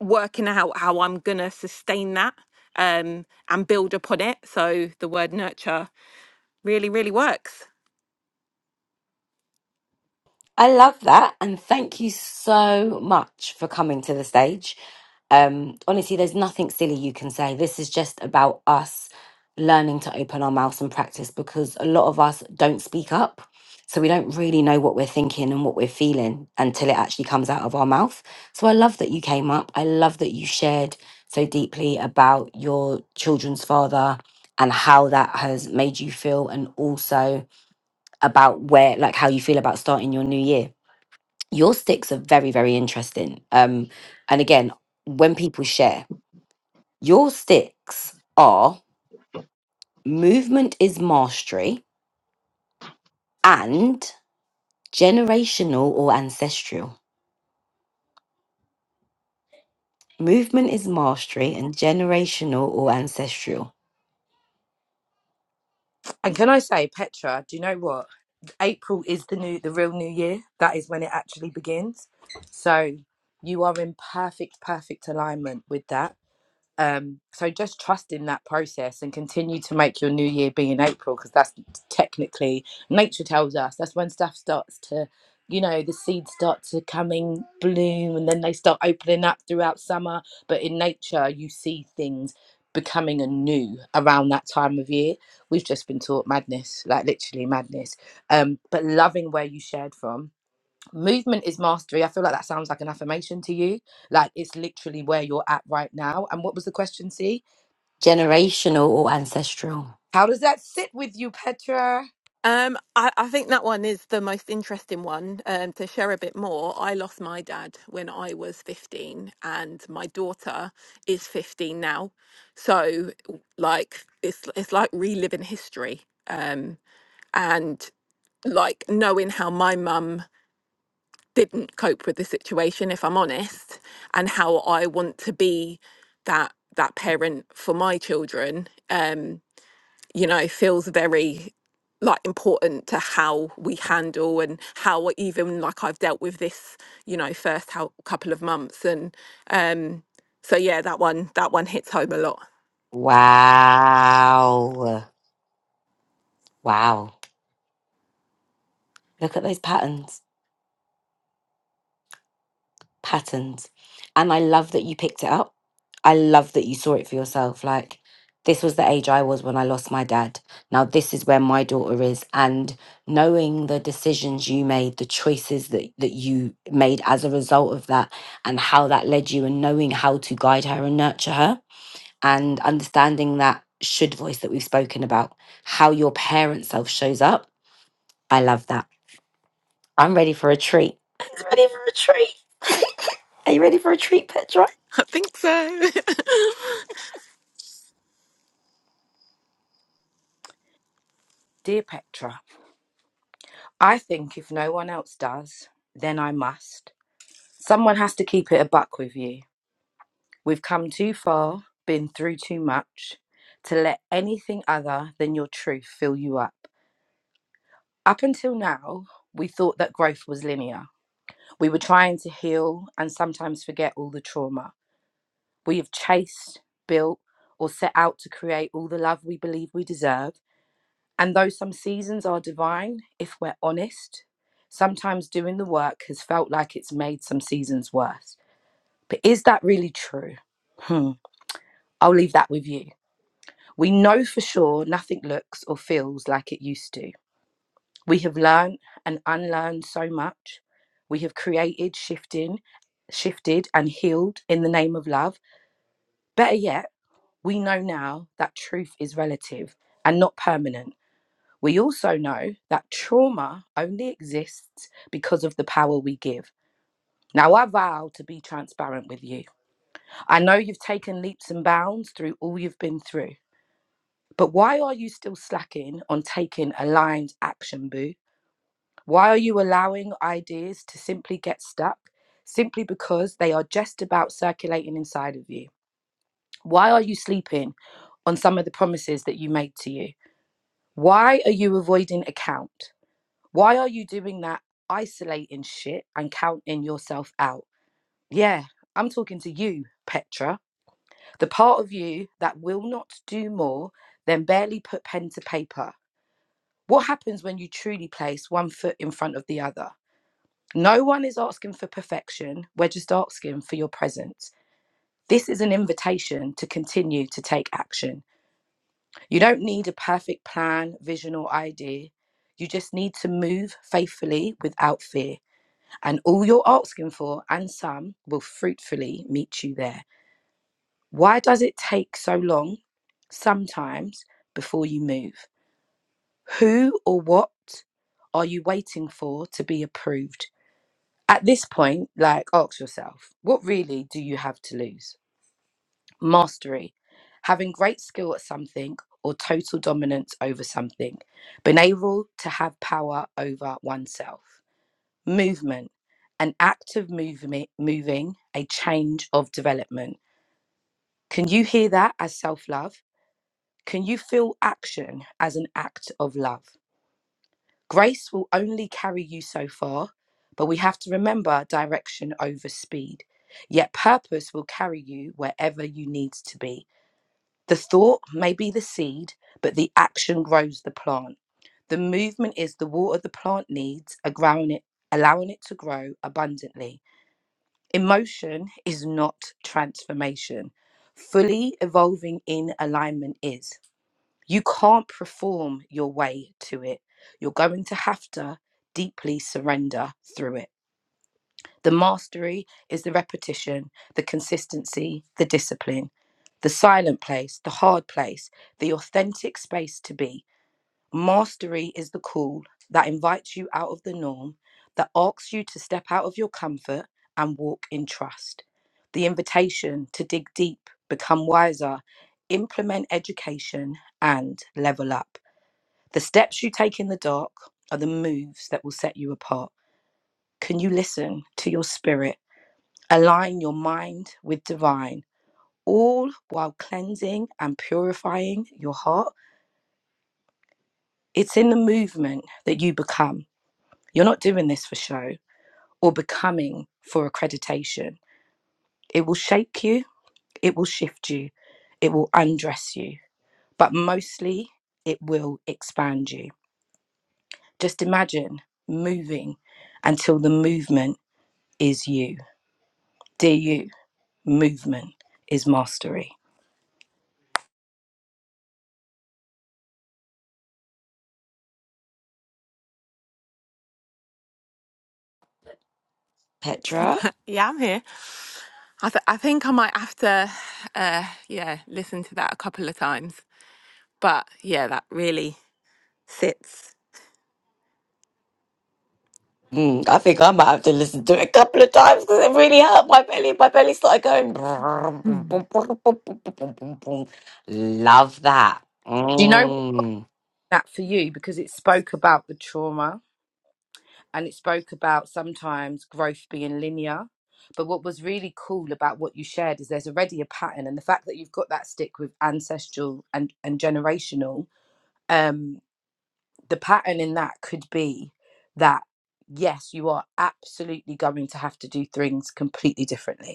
Speaker 7: working out how i'm going to sustain that um, and build upon it so the word nurture really really works
Speaker 1: I love that. And thank you so much for coming to the stage. Um, honestly, there's nothing silly you can say. This is just about us learning to open our mouths and practice because a lot of us don't speak up. So we don't really know what we're thinking and what we're feeling until it actually comes out of our mouth. So I love that you came up. I love that you shared so deeply about your children's father and how that has made you feel, and also about where, like, how you feel about starting your new year. Your sticks are very, very interesting. Um, and again, when people share, your sticks are movement is mastery and generational or ancestral. Movement is mastery and generational or ancestral.
Speaker 2: And can I say, Petra, do you know what? April is the new, the real new year. That is when it actually begins. So you are in perfect, perfect alignment with that. Um, so just trust in that process and continue to make your new year be in April because that's technically nature tells us that's when stuff starts to, you know, the seeds start to coming bloom and then they start opening up throughout summer. But in nature, you see things becoming anew around that time of year. We've just been taught madness, like literally madness. Um, but loving where you shared from movement is mastery. I feel like that sounds like an affirmation to you. Like it's literally where you're at right now. And what was the question, C?
Speaker 1: Generational or ancestral.
Speaker 2: How does that sit with you, Petra?
Speaker 7: Um, I, I think that one is the most interesting one. Um, to share a bit more, I lost my dad when I was 15, and my daughter is 15 now. So, like, it's it's like reliving history. Um, and like knowing how my mum didn't cope with the situation, if I'm honest, and how I want to be that that parent for my children. Um, you know, feels very like important to how we handle and how even like I've dealt with this, you know, first how, couple of months. And um, so yeah, that one that one hits home a lot.
Speaker 1: Wow. Wow. Look at those patterns. Patterns. And I love that you picked it up I love that you saw it for yourself. Like, this was the age I was when I lost my dad. Now, this is where my daughter is. And knowing the decisions you made, the choices that, that you made as a result of that, and how that led you, and knowing how to guide her and nurture her, and understanding that should voice that we've spoken about, how your parent self shows up. I love that. I'm ready for a treat. Ready for a treat. Are you ready, Petra?
Speaker 7: I think so.
Speaker 2: Dear Petra, I think if no one else does, then I must. Someone has to keep it a buck with you. We've come too far, been through too much to let anything other than your truth fill you up. Up until now, we thought that growth was linear. We were trying to heal and sometimes forget all the trauma. We have chased, built, or set out to create all the love we believe we deserve. And though some seasons are divine, if we're honest, sometimes doing the work has felt like it's made some seasons worse. But is that really true? Hmm. I'll leave that with you. We know for sure nothing looks or feels like it used to. We have learned and unlearned so much. We have created, shifting, shifted and healed in the name of love. Better yet, We know now that truth is relative and not permanent. We also know that trauma only exists because of the power we give. Now, I vow to be transparent with you. I know you've taken leaps and bounds through all you've been through, but why are you still slacking on taking aligned action, boo? Why are you allowing ideas to simply get stuck simply because they are just about circulating inside of you? Why are you sleeping on some of the promises that you made to you? Why are you avoiding a count? Why are you doing that isolating shit and counting yourself out? Yeah, I'm talking to you, Petra, the part of you that will not do more than barely put pen to paper. What happens when you truly place one foot in front of the other? No one is asking for perfection, we're just asking for your presence. This is an invitation to continue to take action. You don't need a perfect plan, vision, or idea. You just need to move faithfully without fear, and all you're asking for and some will fruitfully meet you there. Why does it take so long sometimes before you move? Who or what are you waiting for to be approved? At this point, like, ask yourself, what really do you have to lose? Mastery, having great skill at something or total dominance over something, being able to have power over oneself. Movement, an act of movement, moving, a change of development. Can you hear that as self love? Can you feel action as an act of love? Grace will only carry you so far, but we have to remember direction over speed. Yet purpose will carry you wherever you need to be. The thought may be the seed, but the action grows the plant. The movement is the water the plant needs, allowing it, allowing it to grow abundantly. Emotion is not transformation. Fully evolving in alignment is. You can't perform your way to it. You're going to have to deeply surrender through it. The mastery is the repetition, the consistency, the discipline, the silent place, the hard place, the authentic space to be. Mastery is the call that invites you out of the norm, that asks you to step out of your comfort and walk in trust. The invitation to dig deep, become wiser, implement education, and level up. The steps you take in the dark are the moves that will set you apart. Can you listen to your spirit? Align your mind with divine, all while cleansing and purifying your heart. It's in the movement that you become. You're not doing this for show or becoming for accreditation. It will shake you, it will shift you, it will undress you, but mostly it will expand you. Just imagine moving until the movement is you. Dear you, movement is mastery.
Speaker 1: Petra?
Speaker 7: Yeah, I'm here. I, th- I think I might have to, uh, yeah, listen to that a couple of times. But yeah, that really sits.
Speaker 1: Mm, I think I might have to listen to it a couple of times because it really hurt my belly. My belly started going. Love that.
Speaker 2: Do you know?
Speaker 1: Mm.
Speaker 2: that for you because it spoke about the trauma and it spoke about sometimes growth being linear. But what was really cool about what you shared is there's already a pattern, and the fact that you've got that stick with ancestral and, and generational, um, the pattern in that could be that yes, you are absolutely going to have to do things completely differently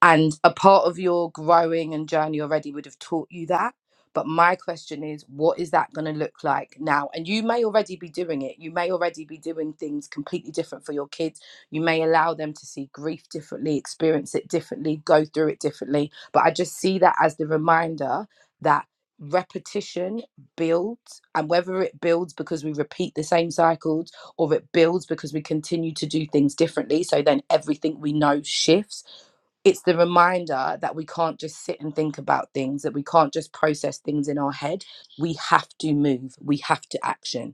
Speaker 2: and a part of your growing and journey already would have taught you that. But my question is, what is that going to look like now? And you may already be doing it. You may already be doing things completely different for your kids. You may allow them to see grief differently, experience it differently, go through it differently. But I just see that as the reminder that repetition builds. And whether it builds because we repeat the same cycles or it builds because we continue to do things differently. So then everything we know shifts it's the reminder that we can't just sit and think about things, that we can't just process things in our head. We have to move, we have to action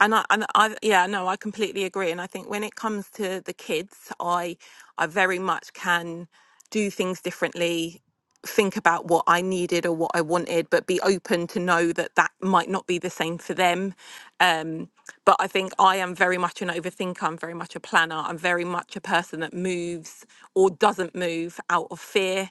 Speaker 7: And I, and I, yeah, no, I completely agree. And I think when it comes to the kids, I, I very much can do things differently, think about what I needed or what I wanted, but be open to know that that might not be the same for them. Um, but I think I am very much an overthinker. I'm very much a planner. I'm very much a person that moves or doesn't move out of fear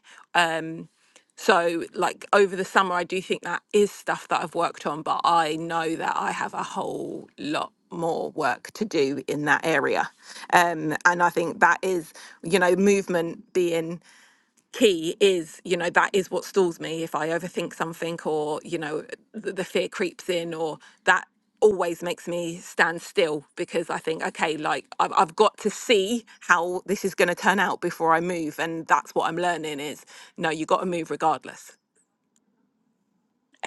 Speaker 7: so, like over the summer, I do think that is stuff that I've worked on, but I know that I have a whole lot more work to do in that area. Um, and I think that is, you know, movement being key is, you know, that is what stalls me. If I overthink something or, you know, the, the fear creeps in or that always makes me stand still because I think, okay, like I've, I've got to see how this is going to turn out before I move. And that's what I'm learning is no, you got to move regardless.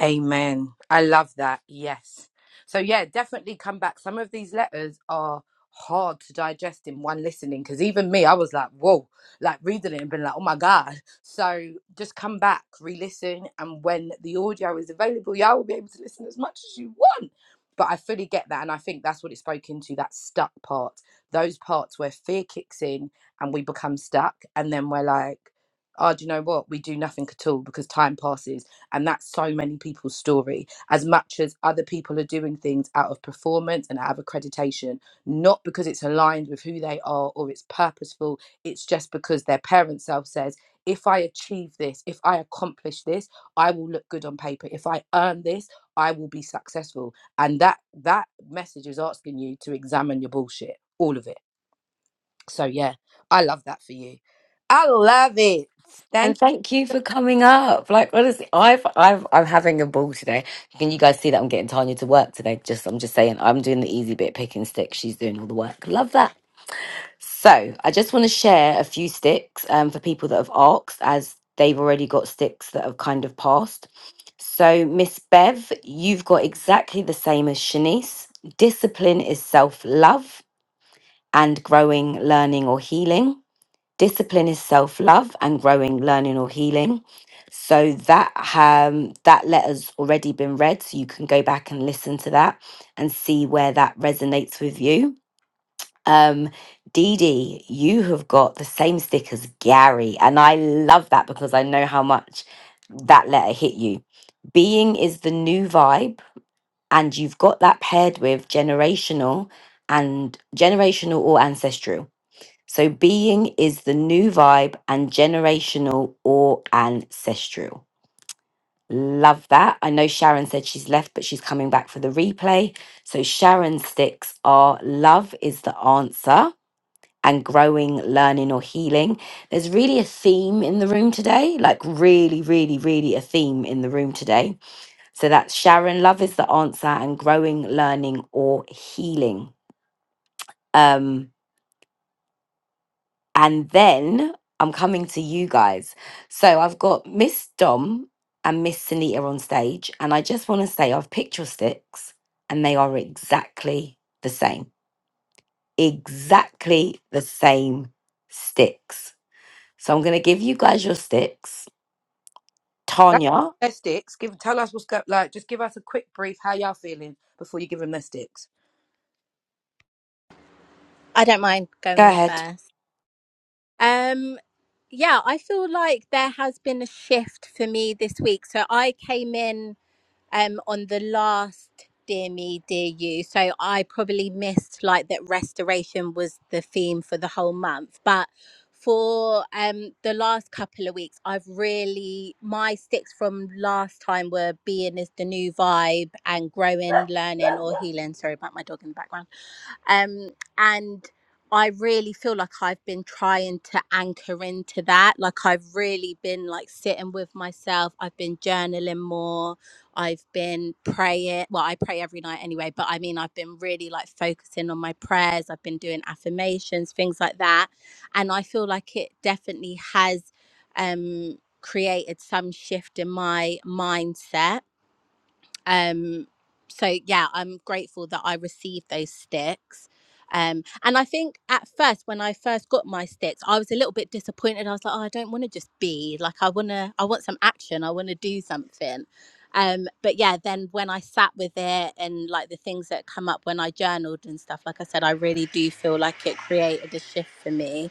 Speaker 2: Amen. I love that. Yes. So, yeah, definitely come back. Some of these letters are hard to digest in one listening because even me, I was like, whoa, like reading it and being like, oh my God. So, just come back, re listen. And when the audio is available, y'all will be able to listen as much as you want. But I fully get that. And I think that's what it spoke into that stuck part, those parts where fear kicks in and we become stuck. And then we're like, oh, do you know what? We do nothing at all because time passes and that's so many people's story. As much as other people are doing things out of performance and out of accreditation, not because it's aligned with who they are or it's purposeful, it's just because their parent self says, if I achieve this, if I accomplish this, I will look good on paper. If I earn this, I will be successful. And that that message is asking you to examine your bullshit, all of it. So yeah, I love that for you. I love it.
Speaker 1: And
Speaker 2: Thank
Speaker 1: thank you for coming up. Like honestly, I've I've I'm having a ball today. Can you guys see that I'm getting Tanya to work today? Just I'm just saying I'm doing the easy bit, picking sticks. She's doing all the work. Love that. So I just want to share a few sticks um, for people that have asked, as they've already got sticks that have kind of passed. So, Miss Bev, you've got exactly the same as Shanice. Discipline is self love and growing, learning, or healing. Discipline is self love and growing, learning, or healing. So that um, that letter's already been read, so you can go back and listen to that and see where that resonates with you. Um, Dee Dee, you have got the same stick as Gary, and I love that because I know how much that letter hit you. Being is the new vibe and you've got that paired with generational and generational or ancestral. So being is the new vibe and generational or ancestral. Love that. I know Sharon said she's left, but she's coming back for the replay. So Sharon's sticks are love is the answer and growing, learning, or healing. There's really a theme in the room today, like really, really, really a theme in the room today so that's Sharon. Love is the answer, and growing, learning, or healing. Um, and then I'm coming to you guys. So I've got Miss Dom and Miss Sunita on stage, and I just want to say I've picked your sticks, and they are exactly the same. Exactly the same sticks. So I'm going to give you guys your sticks.
Speaker 2: Don't give
Speaker 1: Tanya,
Speaker 2: 'em their sticks. Give tell us what's go like. Just give us a quick brief how y'all feeling before you give them their sticks.
Speaker 8: I don't mind
Speaker 1: go
Speaker 8: going
Speaker 1: ahead.
Speaker 8: first. Um, yeah, I feel like there has been a shift for me this week. So I came in um on the last Dear Me, Dear You. So I probably missed like that restoration was the theme for the whole month. But for um the last couple of weeks, I've really my sticks from last time were being is the new vibe and growing, learning or healing. Sorry about my dog in the background um and i really feel like i've been trying to anchor into that like i've really been like sitting with myself i've been journaling more i've been praying well i pray every night anyway but i mean i've been really like focusing on my prayers i've been doing affirmations things like that and i feel like it definitely has um created some shift in my mindset um so yeah i'm grateful that i received those sticks um and i think at first when i first got my sticks i was a little bit disappointed i was like oh, i don't want to just be like i want to i want some action i want to do something um but yeah then when i sat with it and like the things that come up when i journaled and stuff like i said i really do feel like it created a shift for me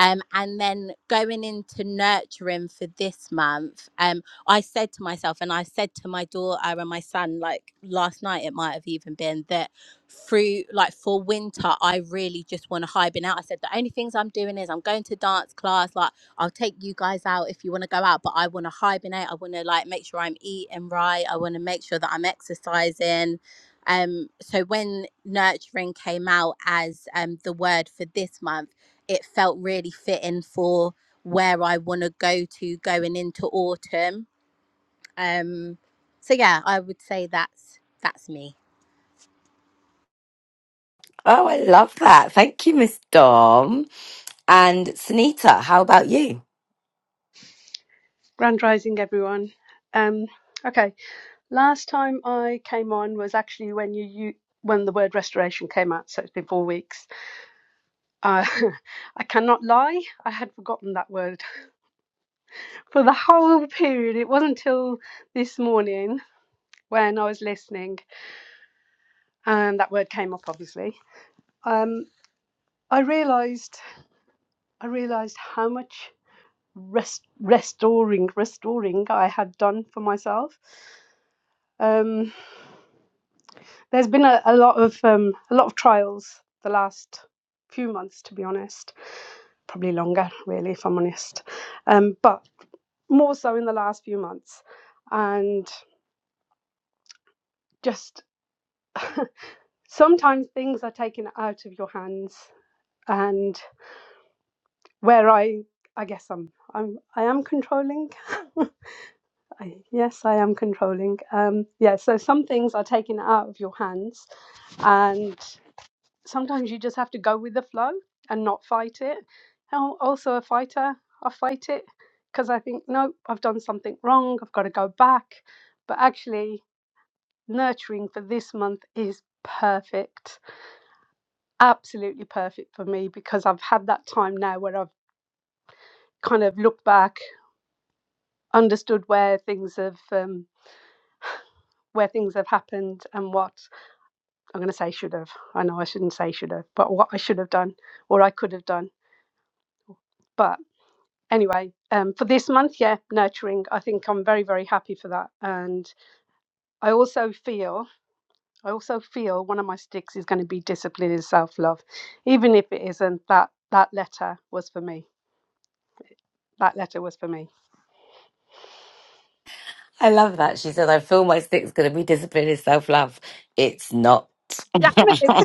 Speaker 8: um, and then going into nurturing for this month, um. I said to myself, and I said to my daughter and my son, like last night, it might have even been that through, like for winter, I really just want to hibernate out. I said, the only things I'm doing is I'm going to dance class. Like, I'll take you guys out if you want to go out, but I want to hibernate. I want to, like, make sure I'm eating right. I want to make sure that I'm exercising. Um, so when nurturing came out as um, the word for this month, it felt really fitting for where I want to go to going into autumn. Um, so yeah, I would say that's that's me.
Speaker 1: Oh, I love that. Thank you, Miss Dom. And Sunita, how about you?
Speaker 9: Grand Rising, everyone. Um, okay, last time I came on was actually when you, you when the word restoration came out, so it's been four weeks. Uh, I cannot lie, I had forgotten that word for the whole period. It wasn't till this morning when I was listening and that word came up, obviously. Um, I realised I realised how much rest, restoring restoring I had done for myself. Um, There's been a, a lot of um, a lot of trials the last few months, to be honest. Probably longer, really, if I'm honest. Um, but more so in the last few months, and just sometimes things are taken out of your hands, and where I I guess I'm I'm I am controlling. I, yes, I am controlling. Um, yeah, so some things are taken out of your hands, and sometimes you just have to go with the flow and not fight it. I'm also a fighter. I fight it because I think, no, I've done something wrong. I've got to go back. But actually, nurturing for this month is perfect, absolutely perfect for me because I've had that time now where I've kind of looked back, understood where things have. Um, where things have happened and what I'm going to say should have. I know I shouldn't say should have, but what I should have done or I could have done. but. anyway, um, for this month, yeah, nurturing. I think I'm very, very happy for that. And I also feel, I also feel one of my sticks is going to be discipline and self love, even if it isn't. That that letter was for me. That letter was for me.
Speaker 1: I love that. She said, I feel my stick's going to be discipline is self love. It's not.
Speaker 9: Damn it!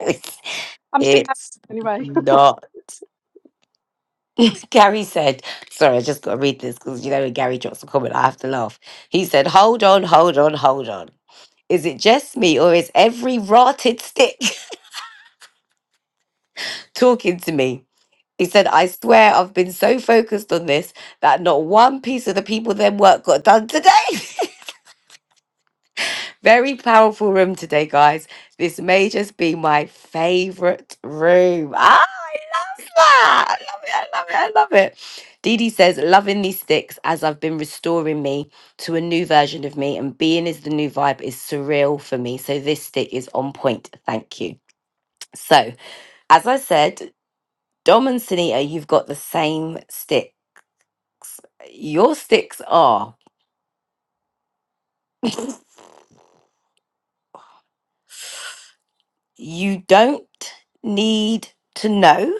Speaker 1: it's,
Speaker 9: I'm still happy
Speaker 1: it's
Speaker 9: anyway.
Speaker 1: not. Gary said, sorry, I just got to read this because you know when Gary drops a comment, I have to laugh. He said, hold on, hold on, hold on. Is it just me or is every rotted stick talking to me? He said, I swear I've been so focused on this that not one piece of the people then work got done today. Very powerful room today, guys. This may just be my favorite room. Ah, it's that. I love it. I love it. I love it. Dee Dee says, loving these sticks as I've been restoring me to a new version of me, and being is the new vibe is surreal for me. So this stick is on point. Thank you. So, as I said, Dom and Sunita, you've got the same stick. Your sticks are you don't need to know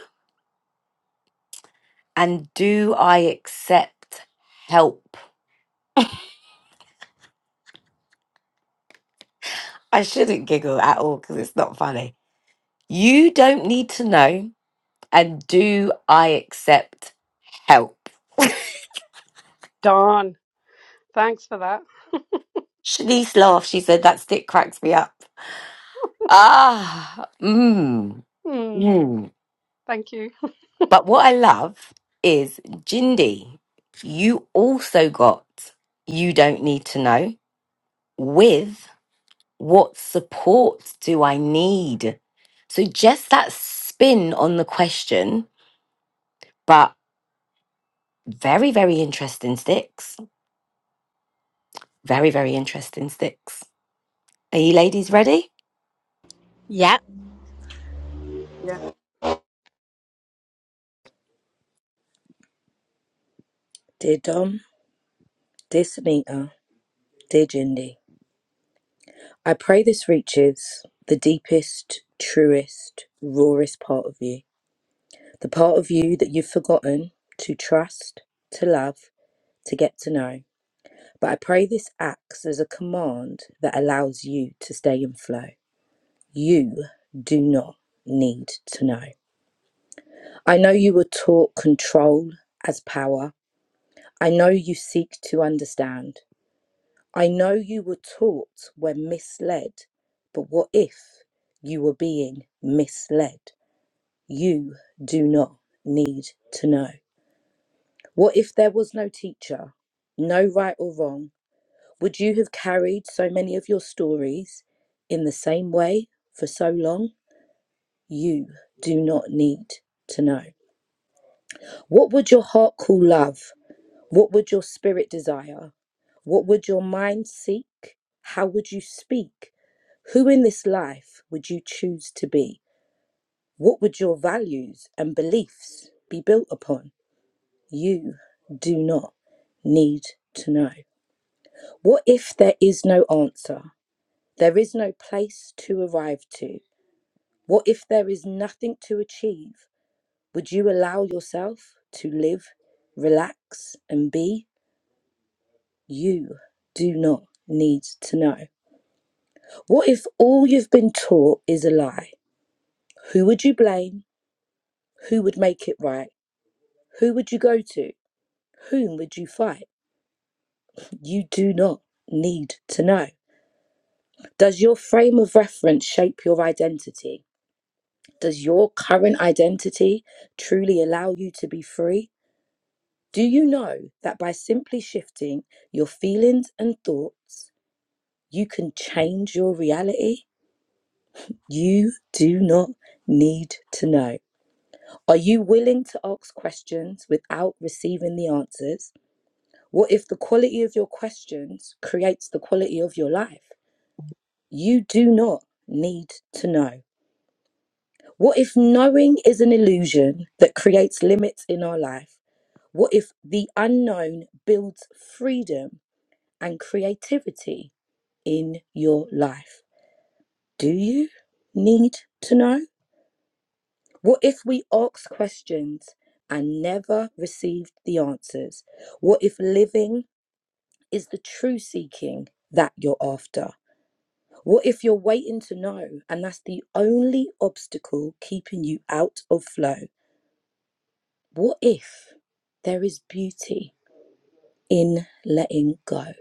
Speaker 1: And do I accept help? I shouldn't giggle at all because it's not funny. You don't need to know. And do I accept help?
Speaker 9: Darn. Thanks for that.
Speaker 1: Shanice laughed. She said, That stick cracks me up. Ah, mmm,
Speaker 9: Hmm,
Speaker 1: mmm.
Speaker 9: thank you.
Speaker 1: But what I love is Jindy, you also got You Don't Need to Know with What support do I need? So, just that spin on the question, but very, very interesting sticks. Very, very interesting sticks. Are you ladies ready?
Speaker 8: Yeah.
Speaker 9: Yeah.
Speaker 2: Dear Dom, dear Sunita, dear Jindy, I pray this reaches the deepest, truest, rawest part of you. The part of you that you've forgotten to trust, to love, to get to know. But I pray this acts as a command that allows you to stay in flow. You do not need to know. I know you were taught control as power I know you seek to understand. I know you were taught when misled, but what if you were being misled? You do not need to know. What if there was no teacher, no right or wrong? Would you have carried so many of your stories in the same way for so long? You do not need to know. What would your heart call love? What would your spirit desire? What would your mind seek? How would you speak? Who in this life would you choose to be? What would your values and beliefs be built upon? You do not need to know. What if there is no answer? There is no place to arrive to. What if there is nothing to achieve? Would you allow yourself to live, relax, and be? You do not need to know. What if all you've been taught is a lie? Who would you blame? Who would make it right? Who would you go to? Whom would you fight? You do not need to know. Does your frame of reference shape your identity? Does your current identity truly allow you to be free? Do you know that by simply shifting your feelings and thoughts, you can change your reality? You do not need to know. Are you willing to ask questions without receiving the answers? What if the quality of your questions creates the quality of your life? You do not need to know. What if knowing is an illusion that creates limits in our life? What if the unknown builds freedom and creativity in your life? Do you need to know? What if we asked questions and never received the answers? What if living is the true seeking that you're after? What if you're waiting to know and that's the only obstacle keeping you out of flow? What if there is beauty in letting go?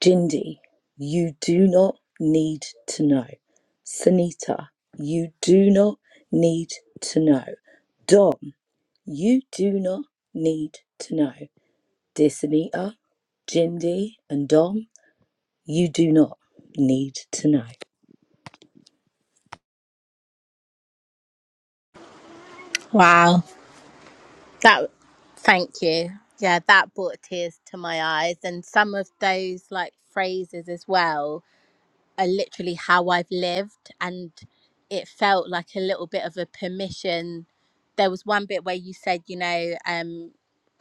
Speaker 2: Jindy, you do not need to know. Sunita, you do not need to know. Dom, You do not need to know. Dear Sunita, Jindy, and Dom, you do not need to know.
Speaker 8: Wow. That. Thank you. Yeah, that brought tears to my eyes, and some of those like phrases as well. are literally how I've lived and it felt like a little bit of a permission. There was one bit where you said, you know, um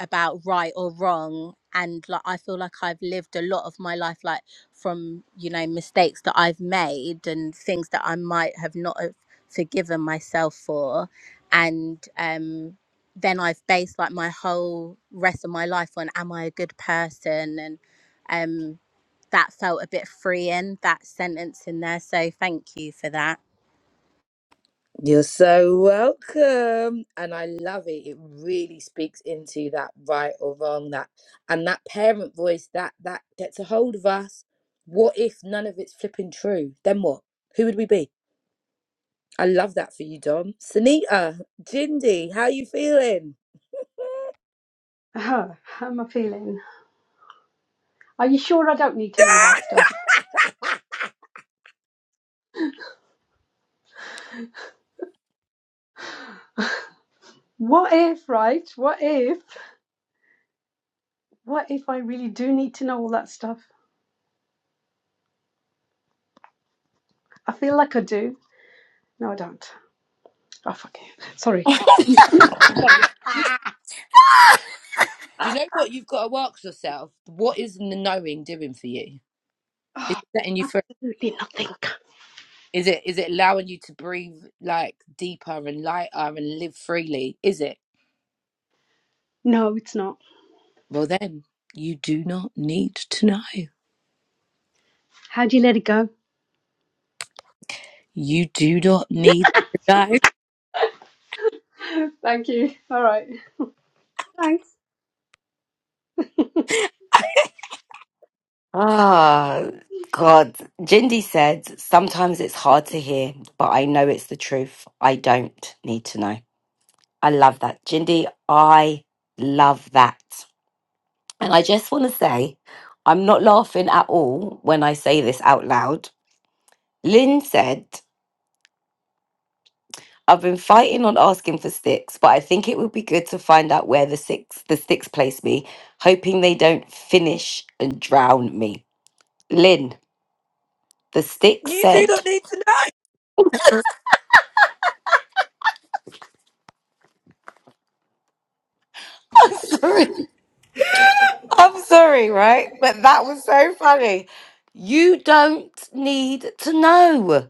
Speaker 8: about right or wrong and like I feel like I've lived a lot of my life like from, you know, mistakes that I've made and things that I might have not have forgiven myself for and um then I've based like my whole rest of my life on am I a good person and um, that felt a bit freeing, that sentence in there. So thank you for that.
Speaker 2: You're so welcome. And I love it. It really speaks into that right or wrong, that and that parent voice that that gets a hold of us. What if none of it's flipping true? Then what? Who would we be? I love that for you, Dom. Sunita, Jindy, how you feeling?
Speaker 9: Huh, how am I feeling? Are you sure I don't need to know that stuff? what if, right? What if? What if I really do need to know all that stuff? I feel like I do. No, I don't. Oh, fuck it. Sorry. Oh,
Speaker 2: Do you know what you've got to ask yourself? What is the knowing doing for you? Is it letting you free?
Speaker 9: absolutely nothing.
Speaker 2: Is it is it allowing you to breathe like deeper and lighter and live freely? Is it?
Speaker 9: No, it's not.
Speaker 2: Well then, you do not need to know.
Speaker 9: How do you let it go?
Speaker 2: You do not need to know.
Speaker 9: Thank you. All right. Thanks.
Speaker 1: Ah, God. Jindy said, sometimes it's hard to hear, but I know it's the truth. I don't need to know. I love that. Jindy, I love that. And I just want to say, I'm not laughing at all when I say this out loud. Lynn said I've been fighting on asking for sticks, but I think it would be good to find out where the six the sticks place me, hoping they don't finish and drown me. Lynn, the sticks
Speaker 2: You do
Speaker 1: said
Speaker 2: not need to know.
Speaker 1: I'm sorry. I'm sorry, right? But that was so funny. You don't need to know.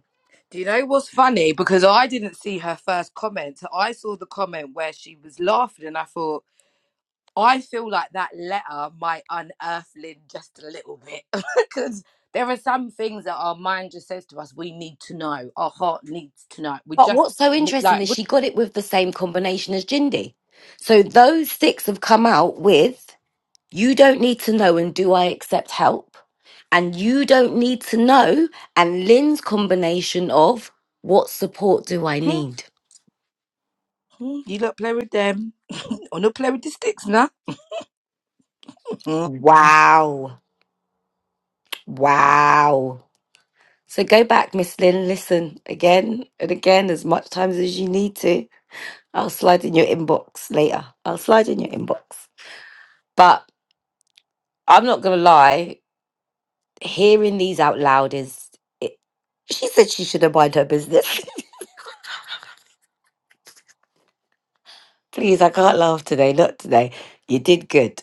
Speaker 2: Do you know what's funny? Because I didn't see her first comment. So, I saw the comment where she was laughing and I thought, I feel like that letter might unearth Lynn just a little bit because there are some things that our mind just says to us we need to know, our heart needs to know. We
Speaker 1: But
Speaker 2: just
Speaker 1: what's so
Speaker 2: need,
Speaker 1: interesting
Speaker 2: like,
Speaker 1: is
Speaker 2: we,
Speaker 1: she got it with the same combination as Jindy. So those sticks have come out with You don't need to know, and do I accept help? And you don't need to know, and Lynn's combination of what support do I
Speaker 2: Mhm,
Speaker 1: need?
Speaker 2: mhm, you look play with them, or not play with the sticks now. Mhm.
Speaker 1: Wow. Wow. So go back, Miss Lynn, listen again and again as much times as you need to. I'll slide in your inbox later. I'll slide in your inbox. But I'm not going to lie, hearing these out loud is. It, she said she should have mind her business. Please, I can't laugh today. Not today. You did good.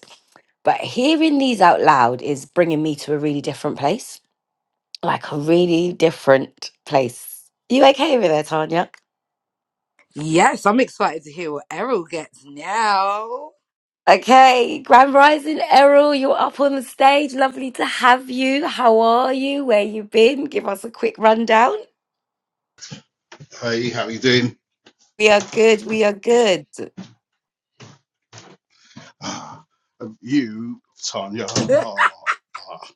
Speaker 1: But hearing these out loud is bringing me to a really different place, like a really different place. You okay over there, Tanya?
Speaker 2: yes, I'm excited to hear what Errol gets now.
Speaker 1: Okay, Grand Rising Errol, you're up on the stage. Lovely to have you. How are you? Where you been? Give us a quick rundown.
Speaker 10: Hey, how you doing?
Speaker 1: We are good. We are good.
Speaker 10: Ah, you, Tanya, ah, ah.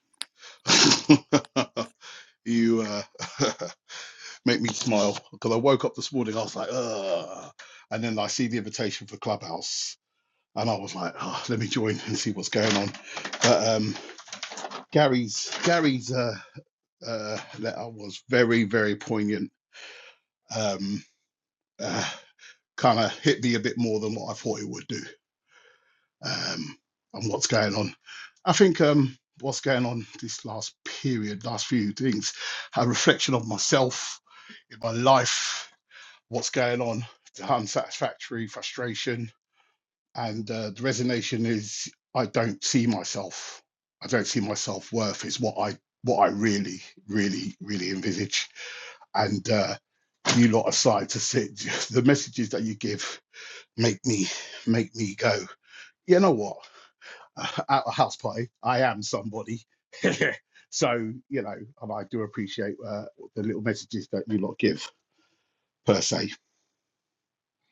Speaker 10: you uh, make me smile because I woke up this morning. I was like, Ugh. and then I see the invitation for Clubhouse, and I was like, oh, let me join and see what's going on. But um, Gary's Gary's uh, uh, letter was very, very poignant. Um, uh, kind of hit me a bit more than what I thought it would do. Um, and what's going on? I think um, what's going on this last period, last few things, a reflection of myself in my life, what's going on, the unsatisfactory, frustration, and uh, the resignation is I don't see myself. I don't see myself worth. Is what I what I really, really, really envisage. And uh, you lot aside to sit, the messages that you give make me make me go. You know what? uh, at a house party. I am somebody. so, you know, and I do appreciate uh, the little messages that you lot give, per se.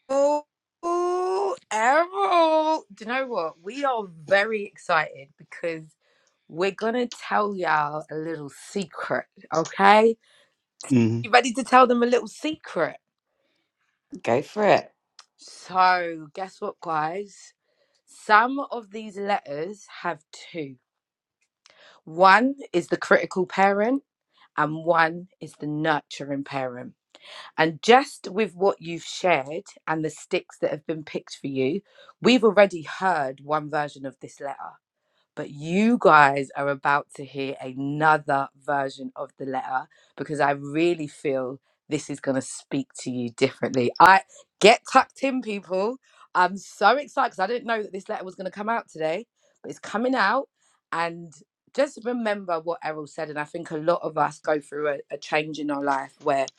Speaker 2: oh, oh, Errol, do you know what? We are very excited because we're gonna tell y'all a little secret, okay?
Speaker 10: Mm,
Speaker 2: You ready to tell them a little secret?
Speaker 1: Go for it.
Speaker 2: So, guess what, guys? Some of these letters have two. One is the critical parent, and one is the nurturing parent. And just with what you've shared and the sticks that have been picked for you, we've already heard one version of this letter. But you guys are about to hear another version of the letter because I really feel this is going to speak to you differently. I get tucked in, people. I'm so excited because I didn't know that this letter was going to come out today, but it's coming out. And just remember what Errol said. And I think a lot of us go through a, a change in our life where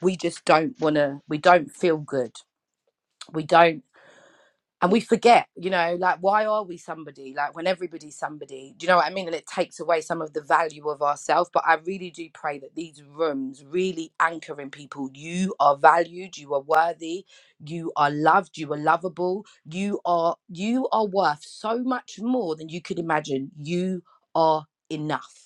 Speaker 2: we just don't want to, we don't feel good. We don't and we forget you know like why are we somebody like when everybody's somebody do you know what i mean and it takes away some of the value of ourselves but i really do pray that these rooms really anchor in people you are valued you are worthy you are loved you are lovable you are you are worth so much more than you could imagine you are enough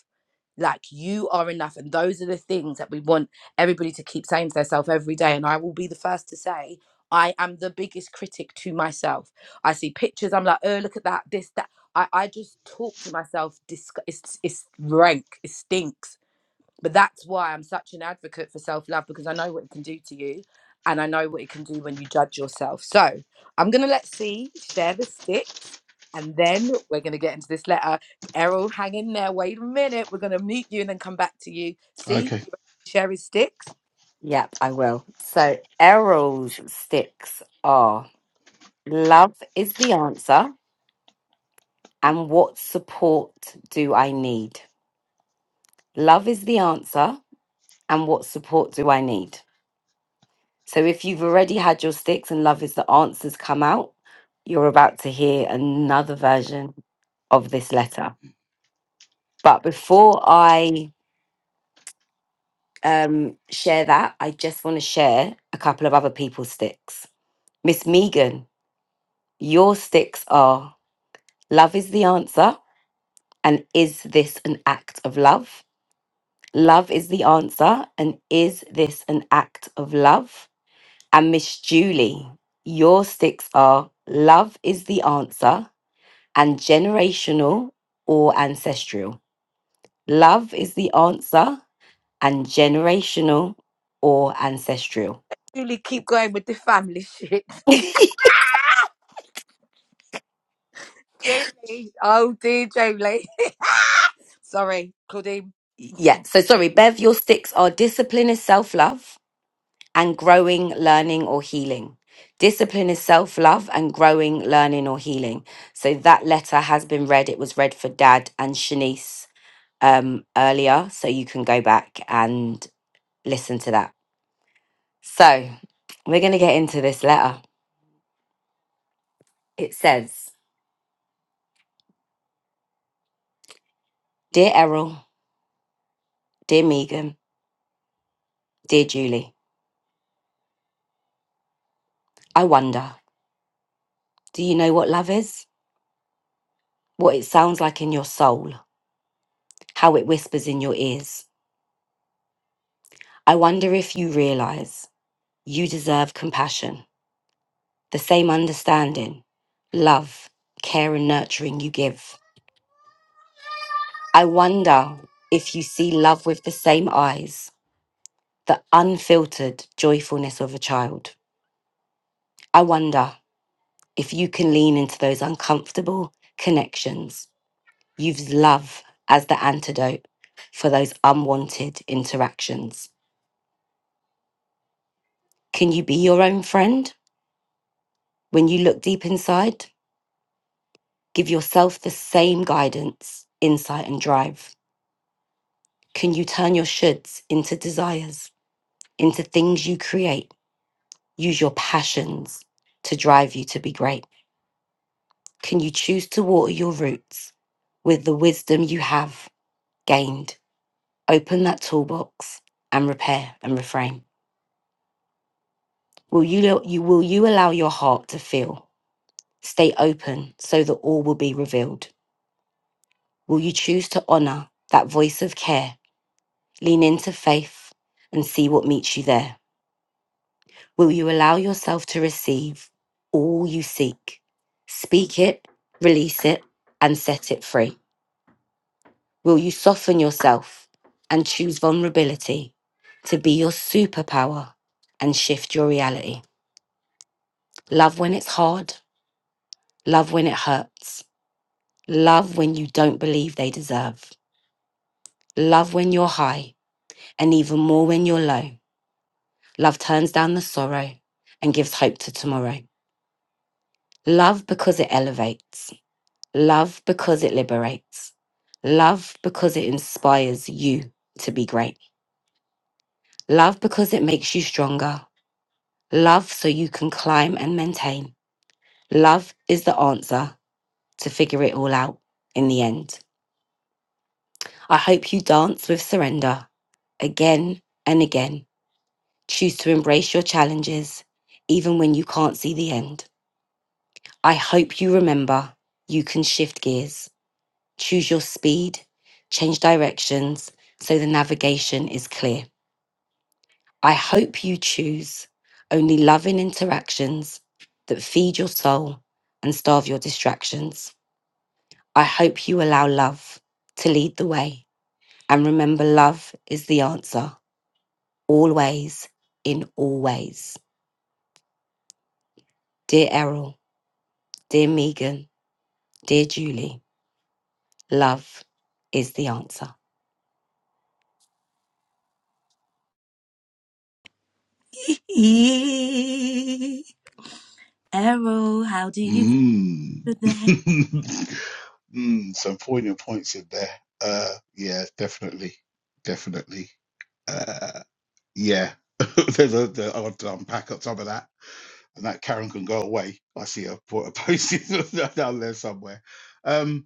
Speaker 2: like you are enough. And those are the things that we want everybody to keep saying to themselves every day. And I will be the first to say, I am the biggest critic to myself. I see pictures, I'm like, oh, look at that, this, that. I, I just talk to myself. Disg- it's, it's rank, it stinks but that's why I'm such an advocate for self love because I know what it can do to you and I know what it can do when you judge yourself. So I'm going to let C share the sticks and then we're going to get into this letter. Errol, hang in there. Wait a minute. We're going to mute you and then come back to you. See,
Speaker 10: okay.
Speaker 2: share his sticks.
Speaker 1: Yep, I will. So, Errol's sticks are love is the answer. and what support do I need? Love is the answer, and what support do I need? So, if you've already had your sticks and love is the answers come out, you're about to hear another version of this letter. But before I um, share that, I just want to share a couple of other people's sticks. Miss Megan, your sticks are love is the answer, and is this an act of love? Love is the answer. And is this an act of love? And Miss Julie, your sticks are love is the answer and generational or ancestral. Love is the answer and generational or ancestral.
Speaker 2: Julie, keep going with the family shit. Julie. Oh, dear, Julie. Sorry, Claudine.
Speaker 1: Yeah. So sorry, Bev, your sticks are discipline is self love and growing, learning, or healing. Discipline is self love and growing, learning, or healing. So that letter has been read. It was read for Dad and Shanice. earlier, so you can go back and listen to that. So, we're going to get into this letter. It says Dear Errol, Dear Megan, Dear Julie, I wonder, do you know what love is? What it sounds like in your soul, how it whispers in your ears. I wonder if you realize you deserve compassion, the same understanding, love, care, and nurturing you give. I wonder if you see love with the same eyes the unfiltered joyfulness of a child. I wonder if you can lean into those uncomfortable connections, use love as the antidote for those unwanted interactions. Can you be your own friend when you look deep inside? Give yourself the same guidance, insight, and drive. Can you turn your shoulds into desires, into things you create? Use your passions to drive you to be great. Can you choose to water your roots with the wisdom you have gained? Open that toolbox and repair and reframe. Will you, you will you allow your heart to feel? Stay open so that all will be revealed. Will you choose to honor that voice of care? Lean into faith and see what meets you there. Will you allow yourself to receive all you seek? Speak it, release it, and set it free. Will you soften yourself and choose vulnerability to be your superpower and shift your reality? Love when it's hard, love when it hurts, love when you don't believe they deserve, love when you're high, and even more when you're low. Love turns down the sorrow and gives hope to tomorrow. Love because it elevates, love because it liberates, love because it inspires you to be great, love because it makes you stronger. Love so you can climb and maintain. Love is the answer to figure it all out in the end. I hope you dance with surrender again and again. Choose to embrace your challenges, even when you can't see the end. I hope you remember you can shift gears, choose your speed, change directions so the navigation is clear. I hope you choose only loving interactions that feed your soul and starve your distractions. I hope you allow love to lead the way. And remember, love is the answer, always, in all ways. Dear Errol, dear Megan, dear Julie, love is the answer.
Speaker 10: Mm. mm, some poignant points in there. Uh, yeah, definitely. Definitely. Uh, yeah. There's a, there, I'll have to unpack up some of that. And that Karen can go away. I see a, a post down there somewhere. Um,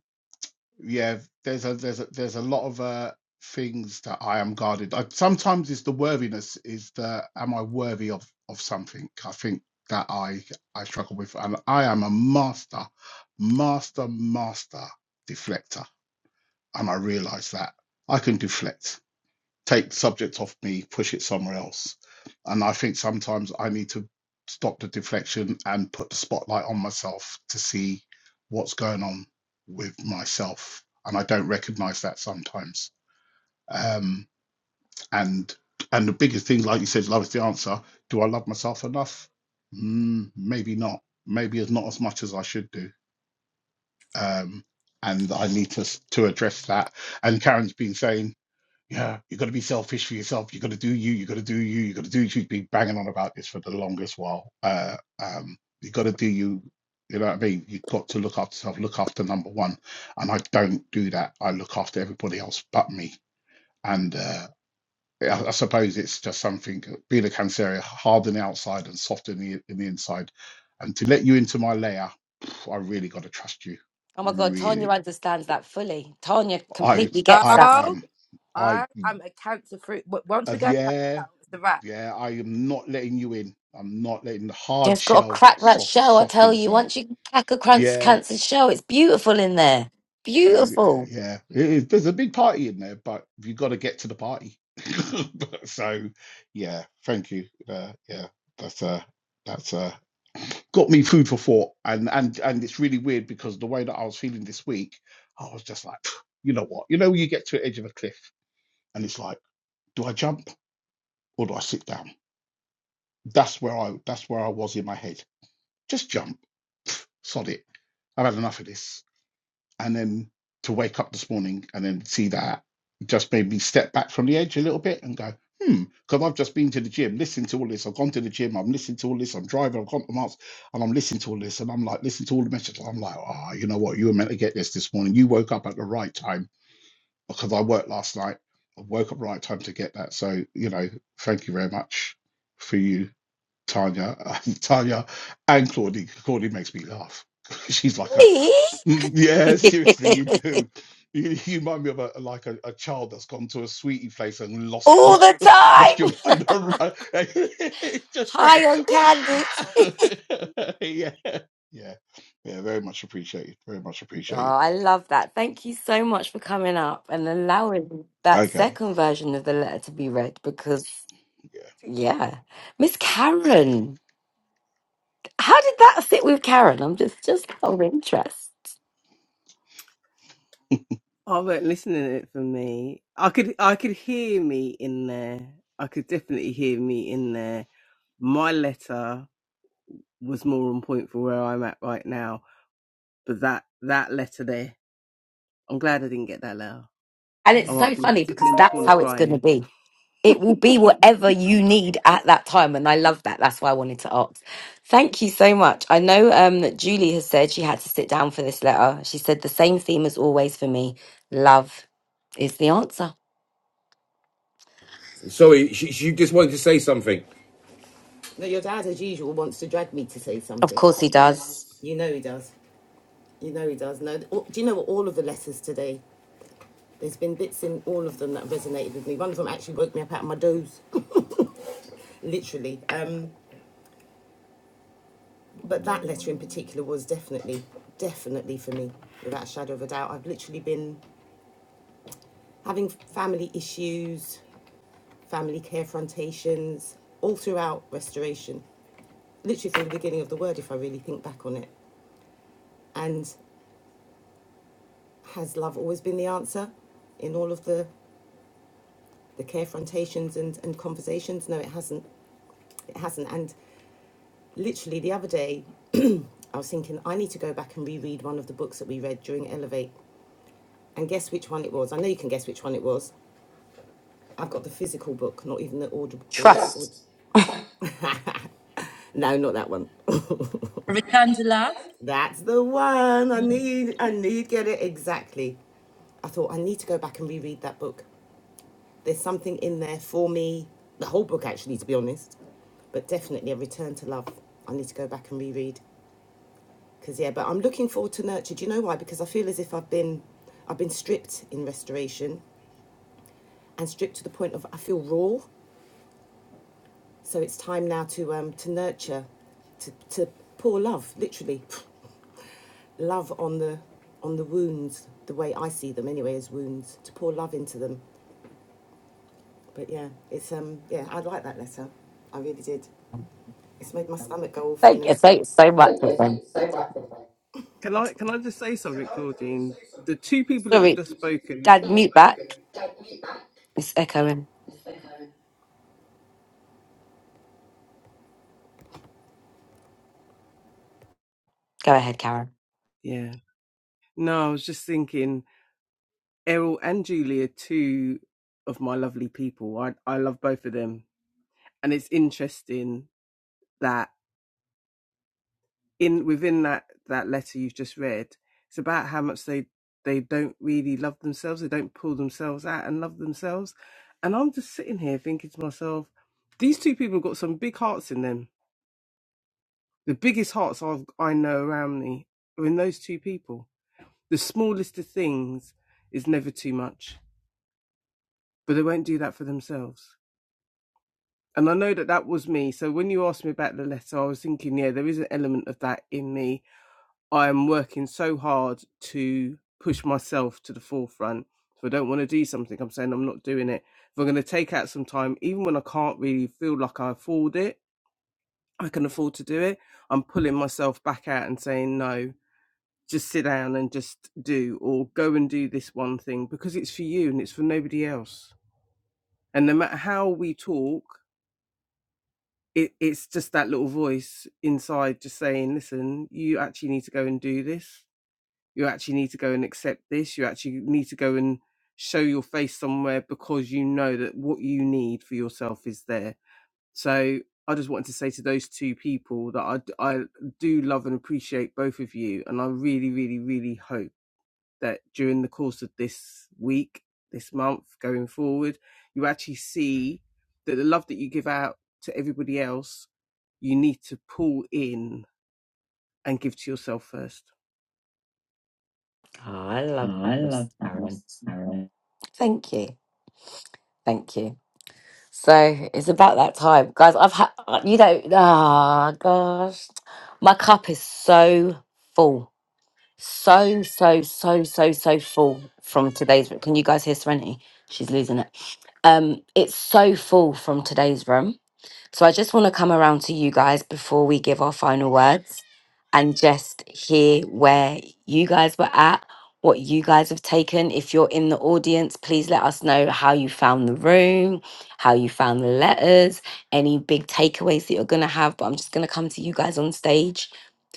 Speaker 10: yeah there's a there's a there's a lot of uh things that i am guarded I, sometimes it's the worthiness is the am i worthy of of something i think that i i struggle with and i am a master master master deflector and i realize that i can deflect take the subject off me, push it somewhere else. And I think sometimes I need to stop the deflection and put the spotlight on myself to see what's going on with myself. And I don't recognize that sometimes. Um, and and the biggest thing, like you said, love is the answer. Do I love myself enough? Mm, maybe not. Maybe as not as much as I should do. Um, and I need to to address that. And Karen's been saying yeah, you have got to be selfish for yourself. You have got to do you. You have got to do you. You have got to do you. She's been banging on about this for the longest while. Uh, um, you got to do you. You know what I mean? You have got to look after yourself. Look after number one. And I don't do that. I look after everybody else but me. And uh, I, I suppose it's just something being a cancer hard on the outside and soft in the in the inside. And to let you into my layer, I really got to trust you.
Speaker 1: Oh my God, Tanya
Speaker 10: Really,
Speaker 1: understands that fully. Tanya
Speaker 10: I
Speaker 1: completely
Speaker 2: No,
Speaker 1: gets
Speaker 10: I
Speaker 1: that.
Speaker 10: am. I
Speaker 2: I am a cancer fruit. Once
Speaker 10: uh,
Speaker 2: we go, back,
Speaker 10: yeah.
Speaker 2: it's a wrap.
Speaker 10: Yeah, I am not letting you in. I'm not letting the hard
Speaker 1: Just got to
Speaker 10: shell
Speaker 1: crack that
Speaker 10: soft
Speaker 1: shell, I
Speaker 10: soft
Speaker 1: tell you.
Speaker 10: inside.
Speaker 1: Once you crack a crunch
Speaker 10: Yeah,
Speaker 1: cancer shell, it's beautiful in there.
Speaker 10: yeah,
Speaker 1: Beautiful.
Speaker 10: yeah. It is- there's a big party in there, but you got to get to the party. so, yeah, thank you. Uh, yeah, that's uh, that's uh, got me food for thought. And and and it's really weird because the way that I was feeling this week, I was just like, "Phew, you know what? You know, when you get to the edge of a cliff, and it's like, do I jump or do I sit down? That's where I that's where I was in my head. Just jump sod it, I've had enough of this. And then to wake up this morning and then see that just made me step back from the edge a little bit and go, hmm, because I've just been to the gym, listened to all this. I've gone to the gym, I'm listening to all this. I'm driving, I've gone to Marks, and I'm listening to all this. And I'm like, listening to all the messages. I'm like, ah, you know what? You were meant to get this this morning. You woke up at the right time because I worked last night. I woke up right time to get that. So, you know, thank you very much for you, Tanya. Tanya and Claudie. Claudie makes me laugh. She's like, a,
Speaker 1: Me?
Speaker 10: Mm, Yeah, seriously, you do. You, you remind me of a like a, a child that's gone to a sweetie place and lost
Speaker 1: All
Speaker 10: lost
Speaker 1: the
Speaker 10: lost your
Speaker 1: time.
Speaker 10: mind on run. It's just like
Speaker 1: High on candy.
Speaker 10: yeah, yeah, yeah. Very much appreciated. Very much
Speaker 1: Oh,
Speaker 10: appreciated.
Speaker 1: I love that. Thank you so much for coming up and allowing that
Speaker 10: Okay,
Speaker 1: second version of the letter to be read because,
Speaker 10: yeah, yeah.
Speaker 1: yeah. Miss Karen, how did that sit with Karen? I'm just, just out of interest.
Speaker 5: I weren't listening to it for me. I could I could hear me in there. I could definitely hear me in there. My letter was more on point for where I'm at right now. But that that letter there, I'm glad I didn't get that letter.
Speaker 1: And
Speaker 5: Mm. I
Speaker 1: it's
Speaker 5: might
Speaker 1: so
Speaker 5: be
Speaker 1: funny
Speaker 5: sitting
Speaker 1: because
Speaker 5: in the
Speaker 1: that's
Speaker 5: corner
Speaker 1: how it's going to
Speaker 5: crying.
Speaker 1: be. It will be whatever you need at that time. And I love that. That's why I wanted to ask. Thank you so much. I know um, that Julie has said she had to sit down for this letter. She said the same theme as always for me love is the answer.
Speaker 3: Sorry, she, she just wanted to say something. No, your dad, as usual, wants to drag me to say
Speaker 1: Of
Speaker 3: something.
Speaker 1: course, he does.
Speaker 3: You know he does. You know he does. No, all- do you know what? All of the letters today, there's been bits in all of them that resonated with me. One of them actually woke me up out of my doze, literally. Um, but that letter in particular was definitely, definitely for me, without a shadow of a doubt. I've literally been having family issues, family care confrontations, all throughout restoration, literally from the beginning of the word, if I really think back on it. And has love always been the answer in all of the, the care confrontations and, and conversations? No, it hasn't. It hasn't. And literally the other day, I was thinking, I need to go back and reread one of the books that we read during Elevate. And guess which one it was? I know you can guess which one it was. I've got the physical book, not even the audio. The,
Speaker 1: Trust
Speaker 3: Trust. no, not that one.
Speaker 2: Return to love.
Speaker 3: That's the one. I need I need get it exactly. I thought I need to go back and reread that book. There's something in there for me. The whole book actually to be honest. But definitely a return to love. I need to go back and reread. Cause yeah, but I'm looking forward to nurture. Do you know why? Because I feel as if I've been I've been stripped in restoration and stripped to the point of I feel raw. So it's time now to um, to nurture, to, to pour love, literally, love on the on the wounds. The way I see them, anyway, as wounds, to pour love into them. But yeah, it's um yeah, I like that letter. I really did. It's made my stomach go all
Speaker 1: Thank you.
Speaker 3: funny.
Speaker 1: Thanks so much of them.
Speaker 5: Can I can I just say something, Claudine? The two people that have
Speaker 1: Sorry,
Speaker 5: just spoken.
Speaker 1: Dad, mute back. It's echoing. Go ahead, Karen.
Speaker 5: Yeah. No, I was just thinking Errol and Julia, two of my lovely people. I I love both of them. And it's interesting that in within that that letter you've just read it's about how much they they don't really love themselves they don't pull themselves out and love themselves and i'm just sitting here thinking to myself these two people have got some big hearts in them the biggest hearts I've, i know around me are in those two people the smallest of things is never too much but they won't do that for themselves and i know that that was me so when you asked me about the letter i was thinking yeah there is an element of that in me I'm working so hard to push myself to the forefront. If I don't want to do something, I'm saying I'm not doing it. If I'm going to take out some time, even when I can't really feel like I afford it, I can afford to do it, I'm pulling myself back out and saying, no, just sit down and just do, or go and do this one thing because it's for you and it's for nobody else. And no matter how we talk, it, it's just that little voice inside just saying, listen, you actually need to go and do this you actually need to go and accept this you actually need to go and show your face somewhere because you know that what you need for yourself is there so i just wanted to say to those two people that I I do love and appreciate both of you and i really really really hope that during the course of this week this month going forward you actually see that the love that you give out to everybody else you need to pull in and give to yourself first
Speaker 1: Oh, I love
Speaker 5: Oh,
Speaker 1: that,
Speaker 5: I
Speaker 1: Miss
Speaker 5: love that,
Speaker 1: Karen.
Speaker 5: Miss Carol.
Speaker 1: Thank you. Thank you. So it's about that time, guys. I've had, you know, ah, gosh, my cup is so full, so so so so so full from today's. room. Can you guys hear Serenity? She's losing it. Um, it's so full from today's room. So I just want to come around to you guys before we give our final words and just hear where you guys were at, what you guys have taken. If you're in the audience, please let us know how you found the room, how you found the letters, any big takeaways that you're going to have. But I'm just going to come to you guys on stage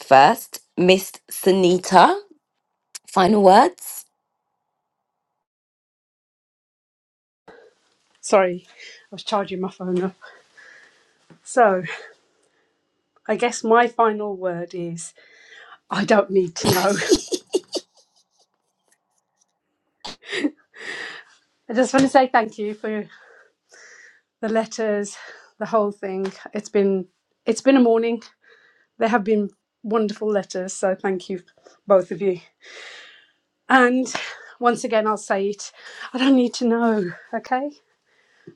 Speaker 1: first. Miss Sunita, final words.
Speaker 9: Sorry, I was charging my phone up. So, I guess my final word is I don't need to know. I just want to say thank you for the letters, the whole thing. It's been it's been a morning. There have been wonderful letters, so thank you both of you. And once again, I'll say it I don't need to know, okay?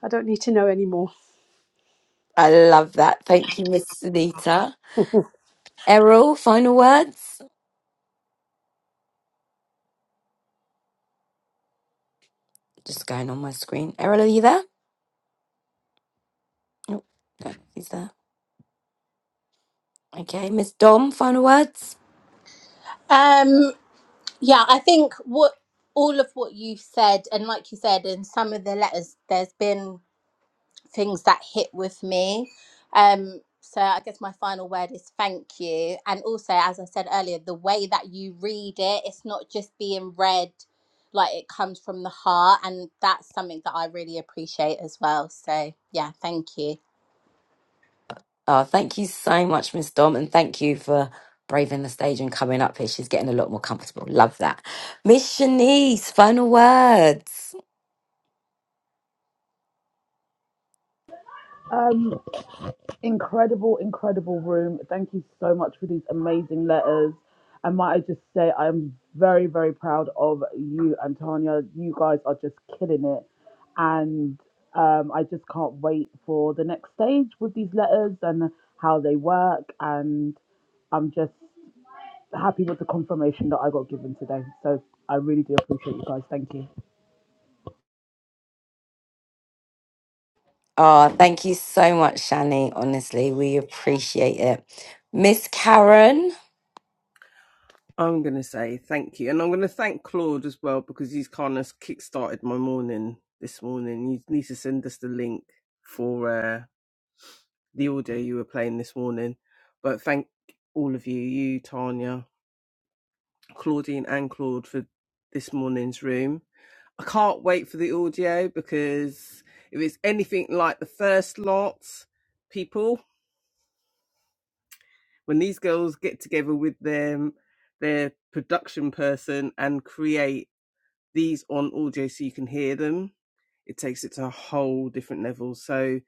Speaker 9: I don't need to know anymore.
Speaker 1: I love that. Thank you, Miss Sunita. Errol, final words. Just going on my screen. Errol, are you there? Nope, no, he's there. Okay, Miss Dom, final words.
Speaker 8: Um, yeah, I think what all of what you said, and like you said, in some of the letters, there's been things that hit with me. Um, so I guess my final word is thank you. And also, as I said earlier, the way that you read it, it's not just being read like it comes from the heart, and that's something that I really appreciate as well. So yeah, thank you.
Speaker 1: Oh, thank you so much, Miss Dom, and thank you for braving the stage and coming up here. She's getting a lot more comfortable. Love that. Miss Shanice, final words.
Speaker 6: Um, Incredible, incredible room. Thank you so much for these amazing letters. And might I just say, I'm very, very proud of you and Tanya. You guys are just killing it. And um, I just can't wait for the next stage with these letters and how they work. And I'm just happy with the confirmation that I got given today. So I really do appreciate you guys. Thank you.
Speaker 1: Oh, thank you so much, Shani. Honestly, we appreciate it. Miss Karen.
Speaker 5: I'm going to say thank you. And I'm going to thank Claude as well because he's kind of kickstarted my morning this morning. He needs to send us the link for uh, the audio you were playing this morning. But thank all of you, you, Tanya, Claudine, and Claude for this morning's room. I can't wait for the audio because if it's anything like the first lot, people, when these girls get together with them, their production person and create. these on audio so you can hear them, it takes it to a whole different level. So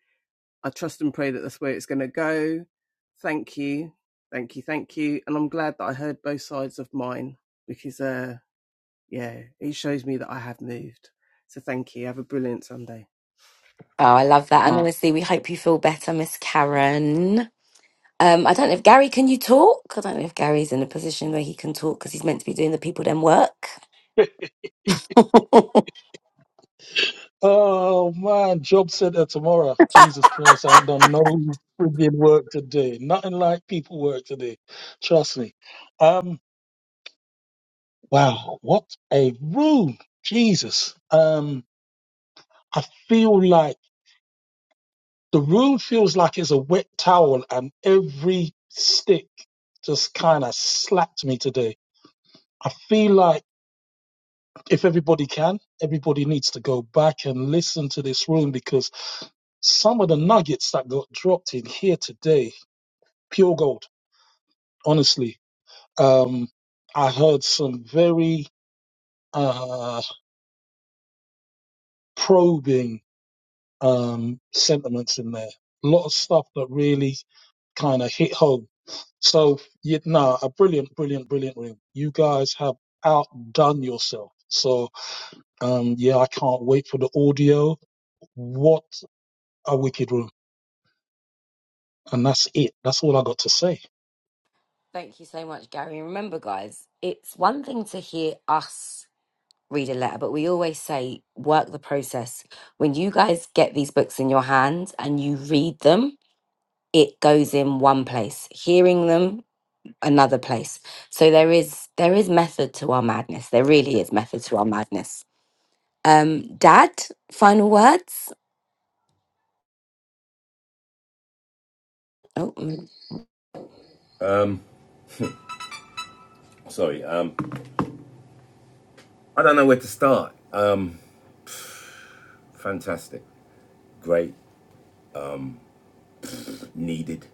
Speaker 5: I trust and pray that that's where it's going to go. Thank you. Thank you. Thank you. And I'm glad that I heard both sides of mine because, uh, yeah, it shows me that I have moved. So thank you. Have a brilliant Sunday.
Speaker 1: Oh, I love that. And honestly, we hope you feel better, Miss Karen. Um, I don't know if Gary, can you talk? I don't know if Gary's in a position where he can talk because he's meant to be doing the people then work.
Speaker 4: Oh man, job center tomorrow. Jesus Christ, I ain't done no friggin' work today. Nothing like people work today. Trust me. Um, wow, what a room. Jesus. Um, I feel like the room feels like it's a wet towel and every stick just kind of slapped me today. I feel like if everybody can, everybody needs to go back and listen to this room because some of the nuggets that got dropped in here today pure gold. Honestly, um, I heard some very uh, probing um, sentiments in there. A lot of stuff that really kind of hit home. So, you know, a brilliant, brilliant, brilliant room. You guys have outdone yourself. So, um, yeah, I can't wait for the audio. What a wicked room. And that's it. That's all I got to say.
Speaker 1: Thank you so much, Gary. And remember, guys, it's one thing to hear us read a letter, but we always say work the process. When you guys get these books in your hands and you read them, it goes in one place. Hearing them, another place. So there is there is method to our madness. There really is method to our madness. Um, Dad, final words. Oh, mm.
Speaker 3: Sorry, um, I don't know where to start. Um, fantastic, great, needed.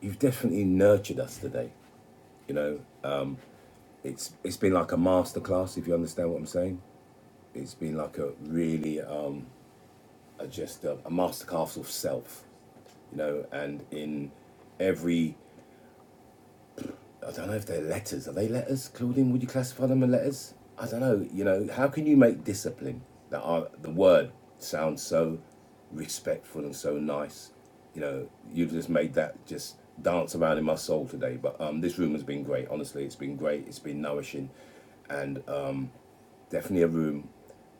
Speaker 3: You've definitely nurtured us today. You know, um, it's it's been like a masterclass, if you understand what I'm saying. It's been like a really um. uh, just a, a masterclass of self, you know, and in every, I don't know if they're letters. Are they letters, Claudine? Would you classify them as letters? I don't know. You know, how can you make discipline that are, the word sounds so respectful and so nice? You know, you've just made that just dance around in my soul today. But um, this room has been great. Honestly, it's been great. It's been nourishing, and um, definitely a room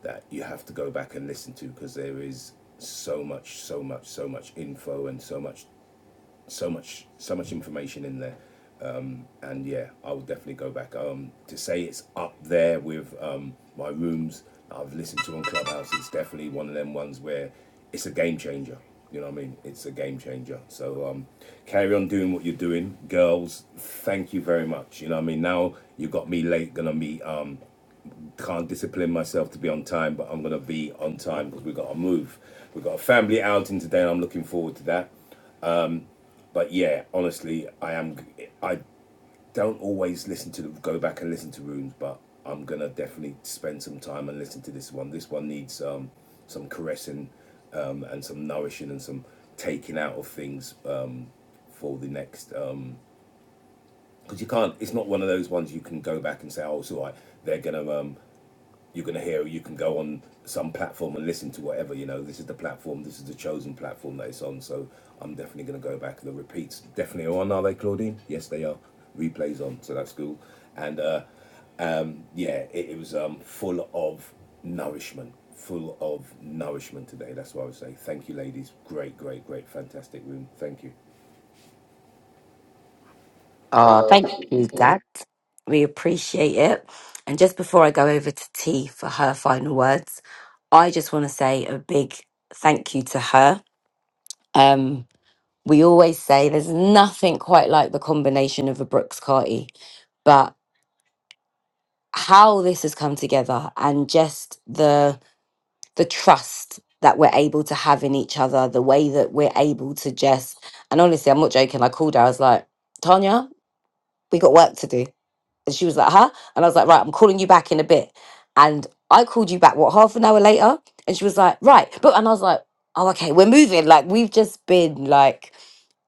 Speaker 3: that you have to go back and listen to because there is so much, so much, so much info and so much, so much, so much information in there. Um, and yeah, I will definitely go back. Um, to say it's up there with um, my rooms that I've listened to on Clubhouse, it's definitely one of them ones where it's a game changer. You know what I mean? It's a game changer. So um, carry on doing what you're doing, girls. Thank you very much. You know what I mean? Now you got me late. Gonna meet um, can't discipline myself to be on time, but I'm gonna be on time because we gotta move. We got a family outing today, and I'm looking forward to that. But yeah, honestly, I am. I don't always listen to the, go back and listen to rooms, but I'm gonna definitely spend some time and listen to this one. This one needs um, some caressing um, and some nourishing and some taking out of things um, for the next. Um, because you can't. It's not one of those ones you can go back and say, "Oh, it's all right." They're gonna um, you're going to hear you can go on some platform and listen to whatever you know this is the platform this is the chosen platform that it's on so i'm definitely going to go back the repeats definitely are on are they claudine yes they are replays on so that's cool and uh um yeah it, it was um full of nourishment full of nourishment today that's what i would say thank you ladies great great great fantastic room thank you
Speaker 1: oh thank you, Dad. We appreciate it. And just before I go over to T for her final words, I just want to say a big thank you to her. Um, we always say there's nothing quite like the combination of a Brooks Carty, but how this has come together and just the the trust that we're able to have in each other, the way that we're able to just and honestly, I'm not joking. I called her. I was like, Tanya, we got work to do, and she was like, huh? And I was like, right, I'm calling you back in a bit. And I called you back what half an hour later, and she was like, right, but and I was like, oh, okay, we're moving. Like we've just been like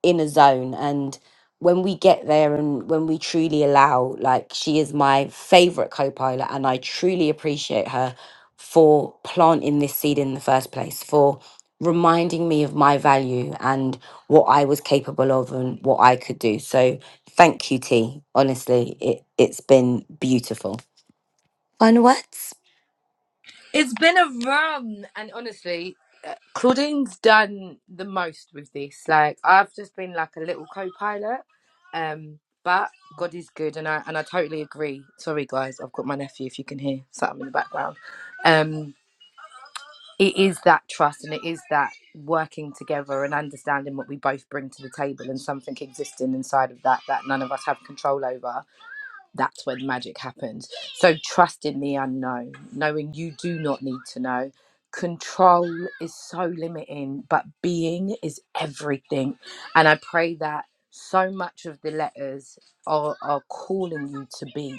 Speaker 1: in a zone and when we get there and when we truly allow like she is my favorite co-pilot and i truly appreciate her for planting this seed in the first place for reminding me of my value and what i was capable of and what i could do so thank you t honestly it, it's been beautiful final words
Speaker 2: It's been a run, and honestly, uh, Claudine's done the most with this. Like I've just been like a little co-pilot, um, but God is good, and I and I totally agree. Sorry, guys, I've got my nephew. If you can hear something in the background, um, it is that trust, and it is that working together and understanding what we both bring to the table, and something existing inside of that that none of us have control over that's when magic happens. So trust in the unknown, knowing you do not need to know. Control is so limiting, but being is everything. And I pray that so much of the letters are, are calling you to be.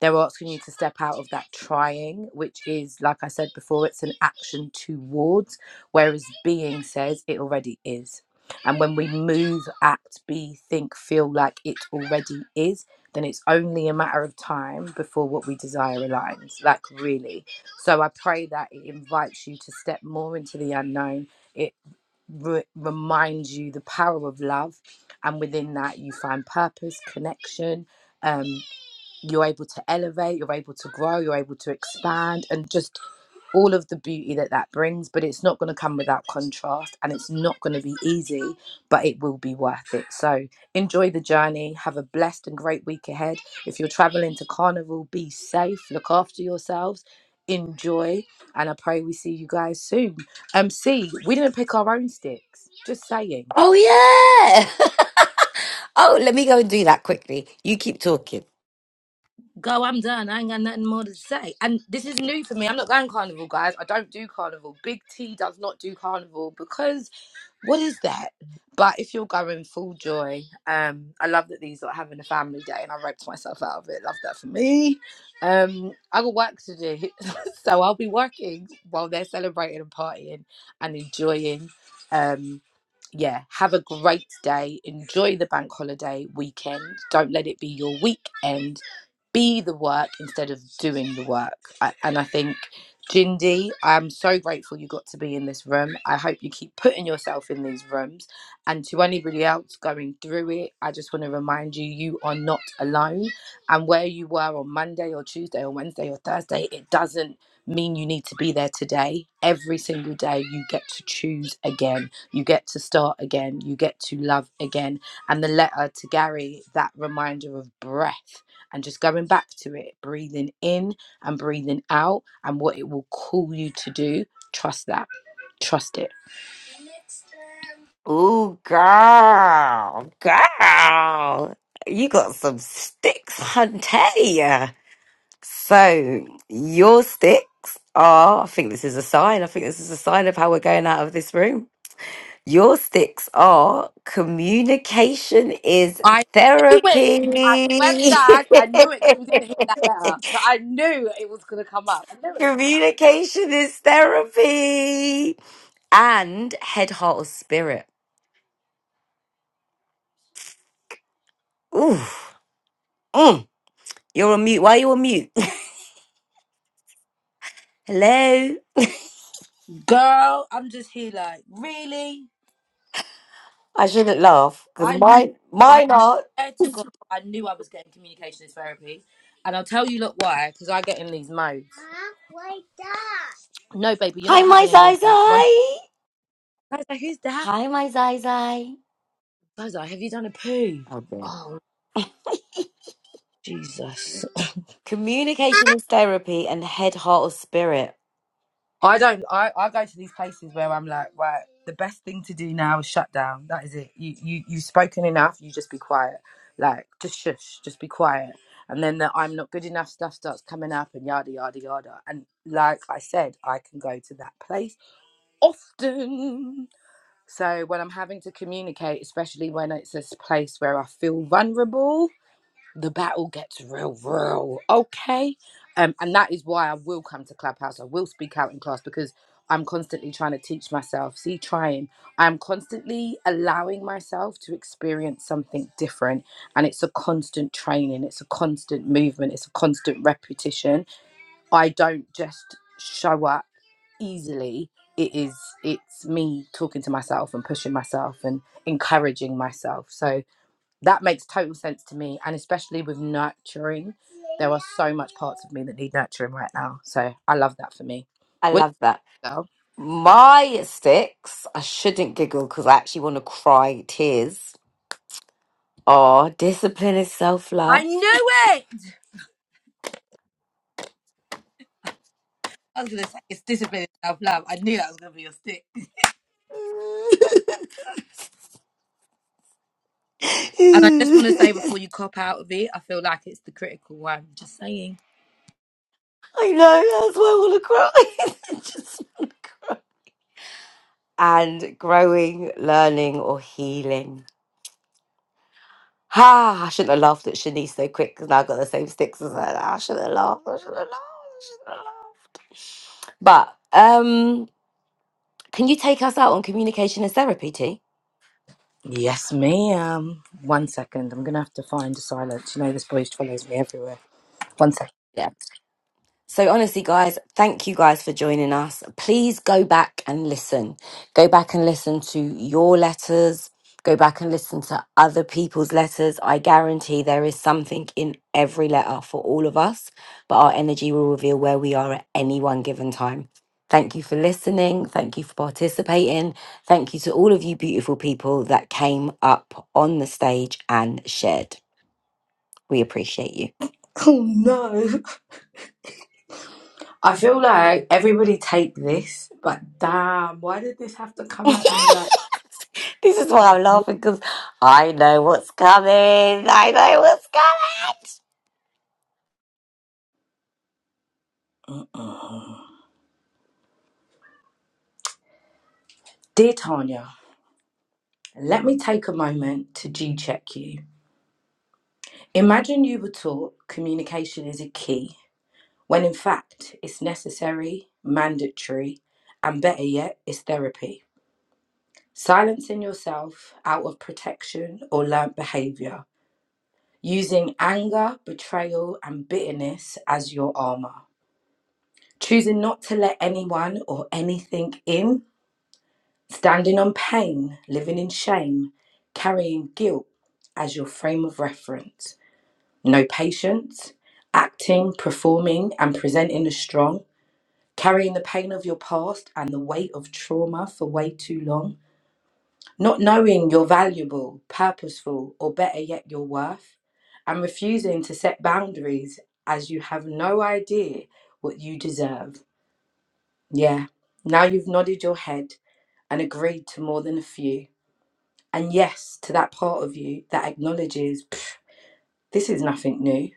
Speaker 2: They're asking you to step out of that trying, which is, like I said before, it's an action towards, whereas being says it already is. And when we move, act, be, think, feel like it already is, then it's only a matter of time before what we desire aligns. Like, really. So I pray that it invites you to step more into the unknown. It re- reminds you the power of love. And within that, you find purpose, connection. um you're able to elevate, you're able to grow, you're able to expand, and just all of the beauty that that brings. But it's not going to come without contrast and it's not going to be easy, but it will be worth it. So enjoy the journey. Have a blessed and great week ahead. If you're traveling to Carnival, be safe, look after yourselves. Enjoy, and I pray we see you guys soon. Um, see, we didn't pick our own sticks. Just saying.
Speaker 1: oh yeah oh let me go and do that quickly you keep talking
Speaker 2: Go, I'm done. I ain't got nothing more to say. And this is new for me. I'm not going carnival, guys. I don't do carnival. Big T does not do carnival because what is that? But if you're going full joy, um, I love that these are having a family day, and I roped myself out of it. Love that for me. Um, I got work to do, so I'll be working while they're celebrating and partying and enjoying. Um, yeah, have a great day. Enjoy the bank holiday weekend. Don't let it be your weekend. Be the work instead of doing the work. I, and I think Jindy, I'm so grateful you got to be in this room. I hope you keep putting yourself in these rooms. And to anybody else going through it, I just want to remind you you are not alone. And where you were on Monday or Tuesday or Wednesday or Thursday, it doesn't mean you need to be there today. Every single day, you get to choose again. You get to start again. You get to love again. And the letter to Gary, that reminder of breath and just going back to it, breathing in and breathing out and what it will call you to do. Trust that. Trust it.
Speaker 1: Ooh, girl, girl, you got some sticks, hunty. So your sticks are. I think this is a sign. I think this is a sign of how we're going out of this room. Your sticks are communication is
Speaker 2: I knew it. I swear to
Speaker 1: therapy.
Speaker 2: God, I knew it because we didn't hear that letter. So I knew it was going to come up. I knew it.
Speaker 1: communication is therapy, and head, heart, or spirit. Ooh, mm, you're on mute. Why are you on mute? Hello.
Speaker 2: Girl, I'm just here like, really?
Speaker 1: I shouldn't laugh because
Speaker 2: I,
Speaker 1: my
Speaker 2: I
Speaker 1: mine are
Speaker 2: swear to God, I knew I was getting communication therapy. And I'll tell you, look, why. Because I get in these modes. No, baby, you're
Speaker 1: hi
Speaker 2: not
Speaker 1: my
Speaker 2: having any
Speaker 1: zai
Speaker 2: of that. One.
Speaker 1: zai
Speaker 2: I was like, who's that?
Speaker 1: hi my zai zai.
Speaker 2: I was like, have you done a poo?
Speaker 1: Yeah.
Speaker 2: Oh, Jesus.
Speaker 1: Communication is therapy and head, heart, or spirit.
Speaker 2: I don't. I, I go to these places where I'm like, right, the best thing to do now is shut down. That is it. You you you've spoken enough. You just be quiet. Like just shush. Just be quiet. And then the I'm not good enough stuff starts coming up and yada yada yada. And like I said, I can go to that place often. So when I'm having to communicate, especially when it's a place where I feel vulnerable, the battle gets real, real. Okay. Um, and that is why I will come to Clubhouse. I will speak out in class because I'm constantly trying to teach myself. See, trying. I'm constantly allowing myself to experience something different. And it's a constant training, it's a constant movement, it's a constant repetition. I don't just show up easily. It is, it's me talking to myself and pushing myself and encouraging myself. So, that makes total sense to me and especially with nurturing there are so much parts of me that need nurturing right now so i love that for me
Speaker 1: I
Speaker 2: what
Speaker 1: love that.
Speaker 2: do you girl
Speaker 1: My sticks, I shouldn't giggle because I actually want to cry tears. Oh, discipline is self
Speaker 2: I
Speaker 1: love.
Speaker 2: knew it. I was gonna say it's discipline and self love. I knew that was gonna be your stick. And I just want to
Speaker 1: I
Speaker 2: say before you cop out of it, I feel like it's the critical one. Just saying.
Speaker 1: know, that's why I want to cry. I just want to cry. And growing, learning, or healing. Ha! I shouldn't have laughed at Shanice so quick because now I've got the same sticks as her. I shouldn't have laughed. I shouldn't have laughed. I shouldn't have laughed. But um, can you take us out on communication and therapy, T?
Speaker 2: yes ma'am one second i'm gonna have to find a silence you know this boy follows me everywhere one second
Speaker 1: So, honestly, guys, thank you guys for joining us. Please go back and listen. Go back and listen to your letters. Go back and listen to other people's letters. I guarantee there is something in every letter for all of us, but our energy will reveal where we are at any one given time. Thank you for listening. Thank you for participating. Thank you to all of you beautiful people that came up on the stage and shared. We appreciate you.
Speaker 2: oh no I feel like everybody take this, but damn, why did this have to come at me like?
Speaker 1: This is why I'm laughing because I know what's coming. I know what's coming.
Speaker 2: Dear Tanya, let me take a moment to G check you. Imagine you were taught communication is a key, when in fact it's necessary, mandatory, and better yet, it's therapy. Silencing yourself out of protection or learnt behaviour, using anger, betrayal, and bitterness as your armour. choosing not to let anyone or anything in, standing on pain, living in shame, carrying guilt as your frame of reference, no patience, acting, performing, and presenting as strong, carrying the pain of your past and the weight of trauma for way too long, not knowing you're valuable, purposeful, or better yet, your worth, and refusing to set boundaries as you have no idea what you deserve. Yeah. Now you've nodded your head and agreed to more than a few. And yes, to that part of you that acknowledges "Pff, this is nothing new.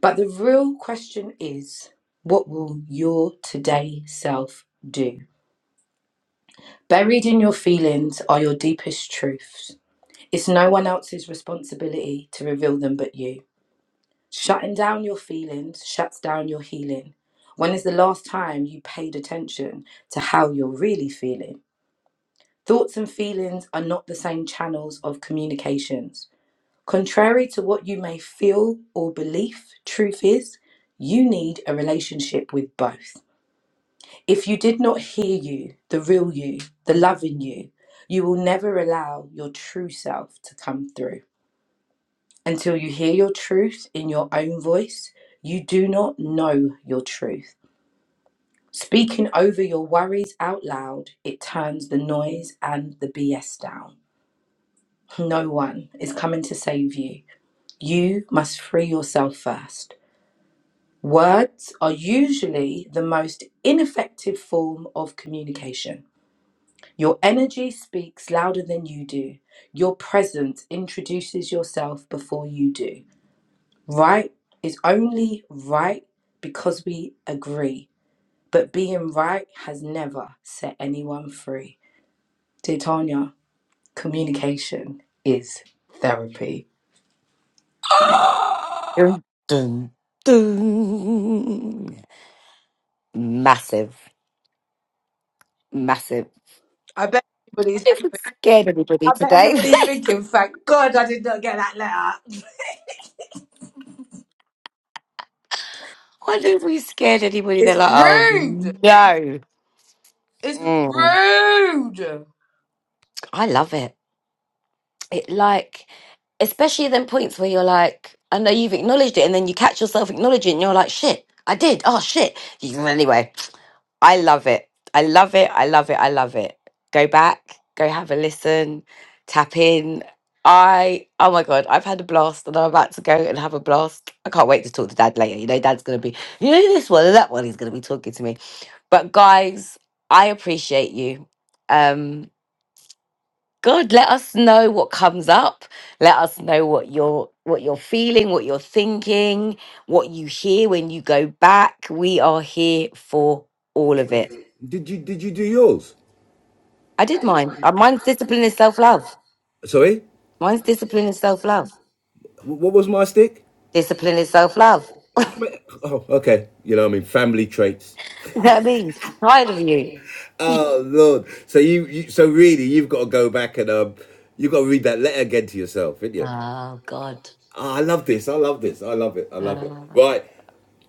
Speaker 2: But the real question is what will your today self do? Buried in your feelings are your deepest truths. It's no one else's responsibility to reveal them but you. Shutting down your feelings shuts down your healing. When is the last time you paid attention to how you're really feeling? Thoughts and feelings are not the same channels of communications. Contrary to what you may feel or believe, truth is, you need a relationship with both. If you did not hear you, the real you, the loving you, you will never allow your true self to come through. Until you hear your truth in your own voice, you do not know your truth. Speaking over your worries out loud, it turns the noise and the BS down. No one is coming to save you. You must free yourself first. Words are usually the most ineffective form of communication. Your energy speaks louder than you do. Your presence introduces yourself before you do. Right is only right because we agree, but being right has never set anyone free. Dear Tanya, communication is therapy.
Speaker 1: Dun, dun, dun. Massive, massive.
Speaker 2: I bet everybody's
Speaker 1: Wonder if we scared anybody
Speaker 2: I bet
Speaker 1: today.
Speaker 2: everybody's thinking, thank God I did not get that letter.
Speaker 1: Wonder if we scared anybody. They're
Speaker 2: It's
Speaker 1: like, oh
Speaker 2: rude.
Speaker 1: no.
Speaker 2: It's
Speaker 1: Mm.
Speaker 2: rude.
Speaker 1: I love it. It like especially them points where you're like, I know you've acknowledged it, and then you catch yourself acknowledging, it, and you're like, shit, I did. Oh shit. You- Anyway, I love it. I love it. I love it. I love it. Go back. Go have a listen. Tap in. I oh my god, I've had a blast, and I'm about to go and have a blast. I can't wait to talk to Dad later. You know, Dad's gonna be, you know, this one and that one. He's gonna be talking to me. But guys, I appreciate you. Um, God, let us know what comes up. Let us know what you're what you're feeling, what you're thinking, what you hear when you go back. We are here for all of it.
Speaker 3: did you did you do yours
Speaker 1: I did mine. Uh, Mine's discipline is self love.
Speaker 3: sorry
Speaker 1: Mine's discipline is self love.
Speaker 3: what was my stick
Speaker 1: Discipline is self love.
Speaker 3: oh okay you know i mean family traits
Speaker 1: You know what I mean? Tired of you.
Speaker 3: Oh Lord! So you, you, so really, you've got to go back and um, you've got to read that letter again to yourself, didn't you?
Speaker 1: Oh God.
Speaker 3: Oh, I love this. I love this. I love it. I love it.
Speaker 1: Uh,
Speaker 3: Right,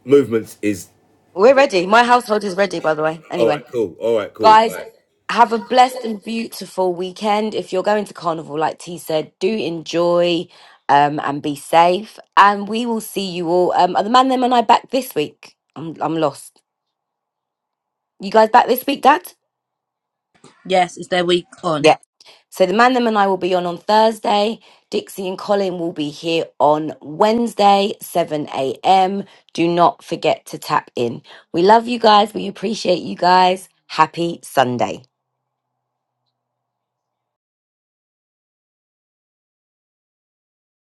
Speaker 3: movements is
Speaker 1: we're ready. My household is ready, by the way.
Speaker 3: all right.
Speaker 1: Anyway,
Speaker 3: Cool. All right. Cool.
Speaker 1: guys,
Speaker 3: Bye.
Speaker 1: have a blessed and beautiful weekend. If you're going to Carnival, like T said, do enjoy um, and be safe. And we will see you all. Um, are the man, them, and I back this week? I'm, I'm lost. You guys back this week, Dad?
Speaker 2: Yes, it's their week on.
Speaker 1: Yeah. So the man, them, and I will be on on Thursday. Dixie and Colin will be here on Wednesday, 7 a.m. Do not forget to tap in. We love you guys. We appreciate you guys. Happy Sunday.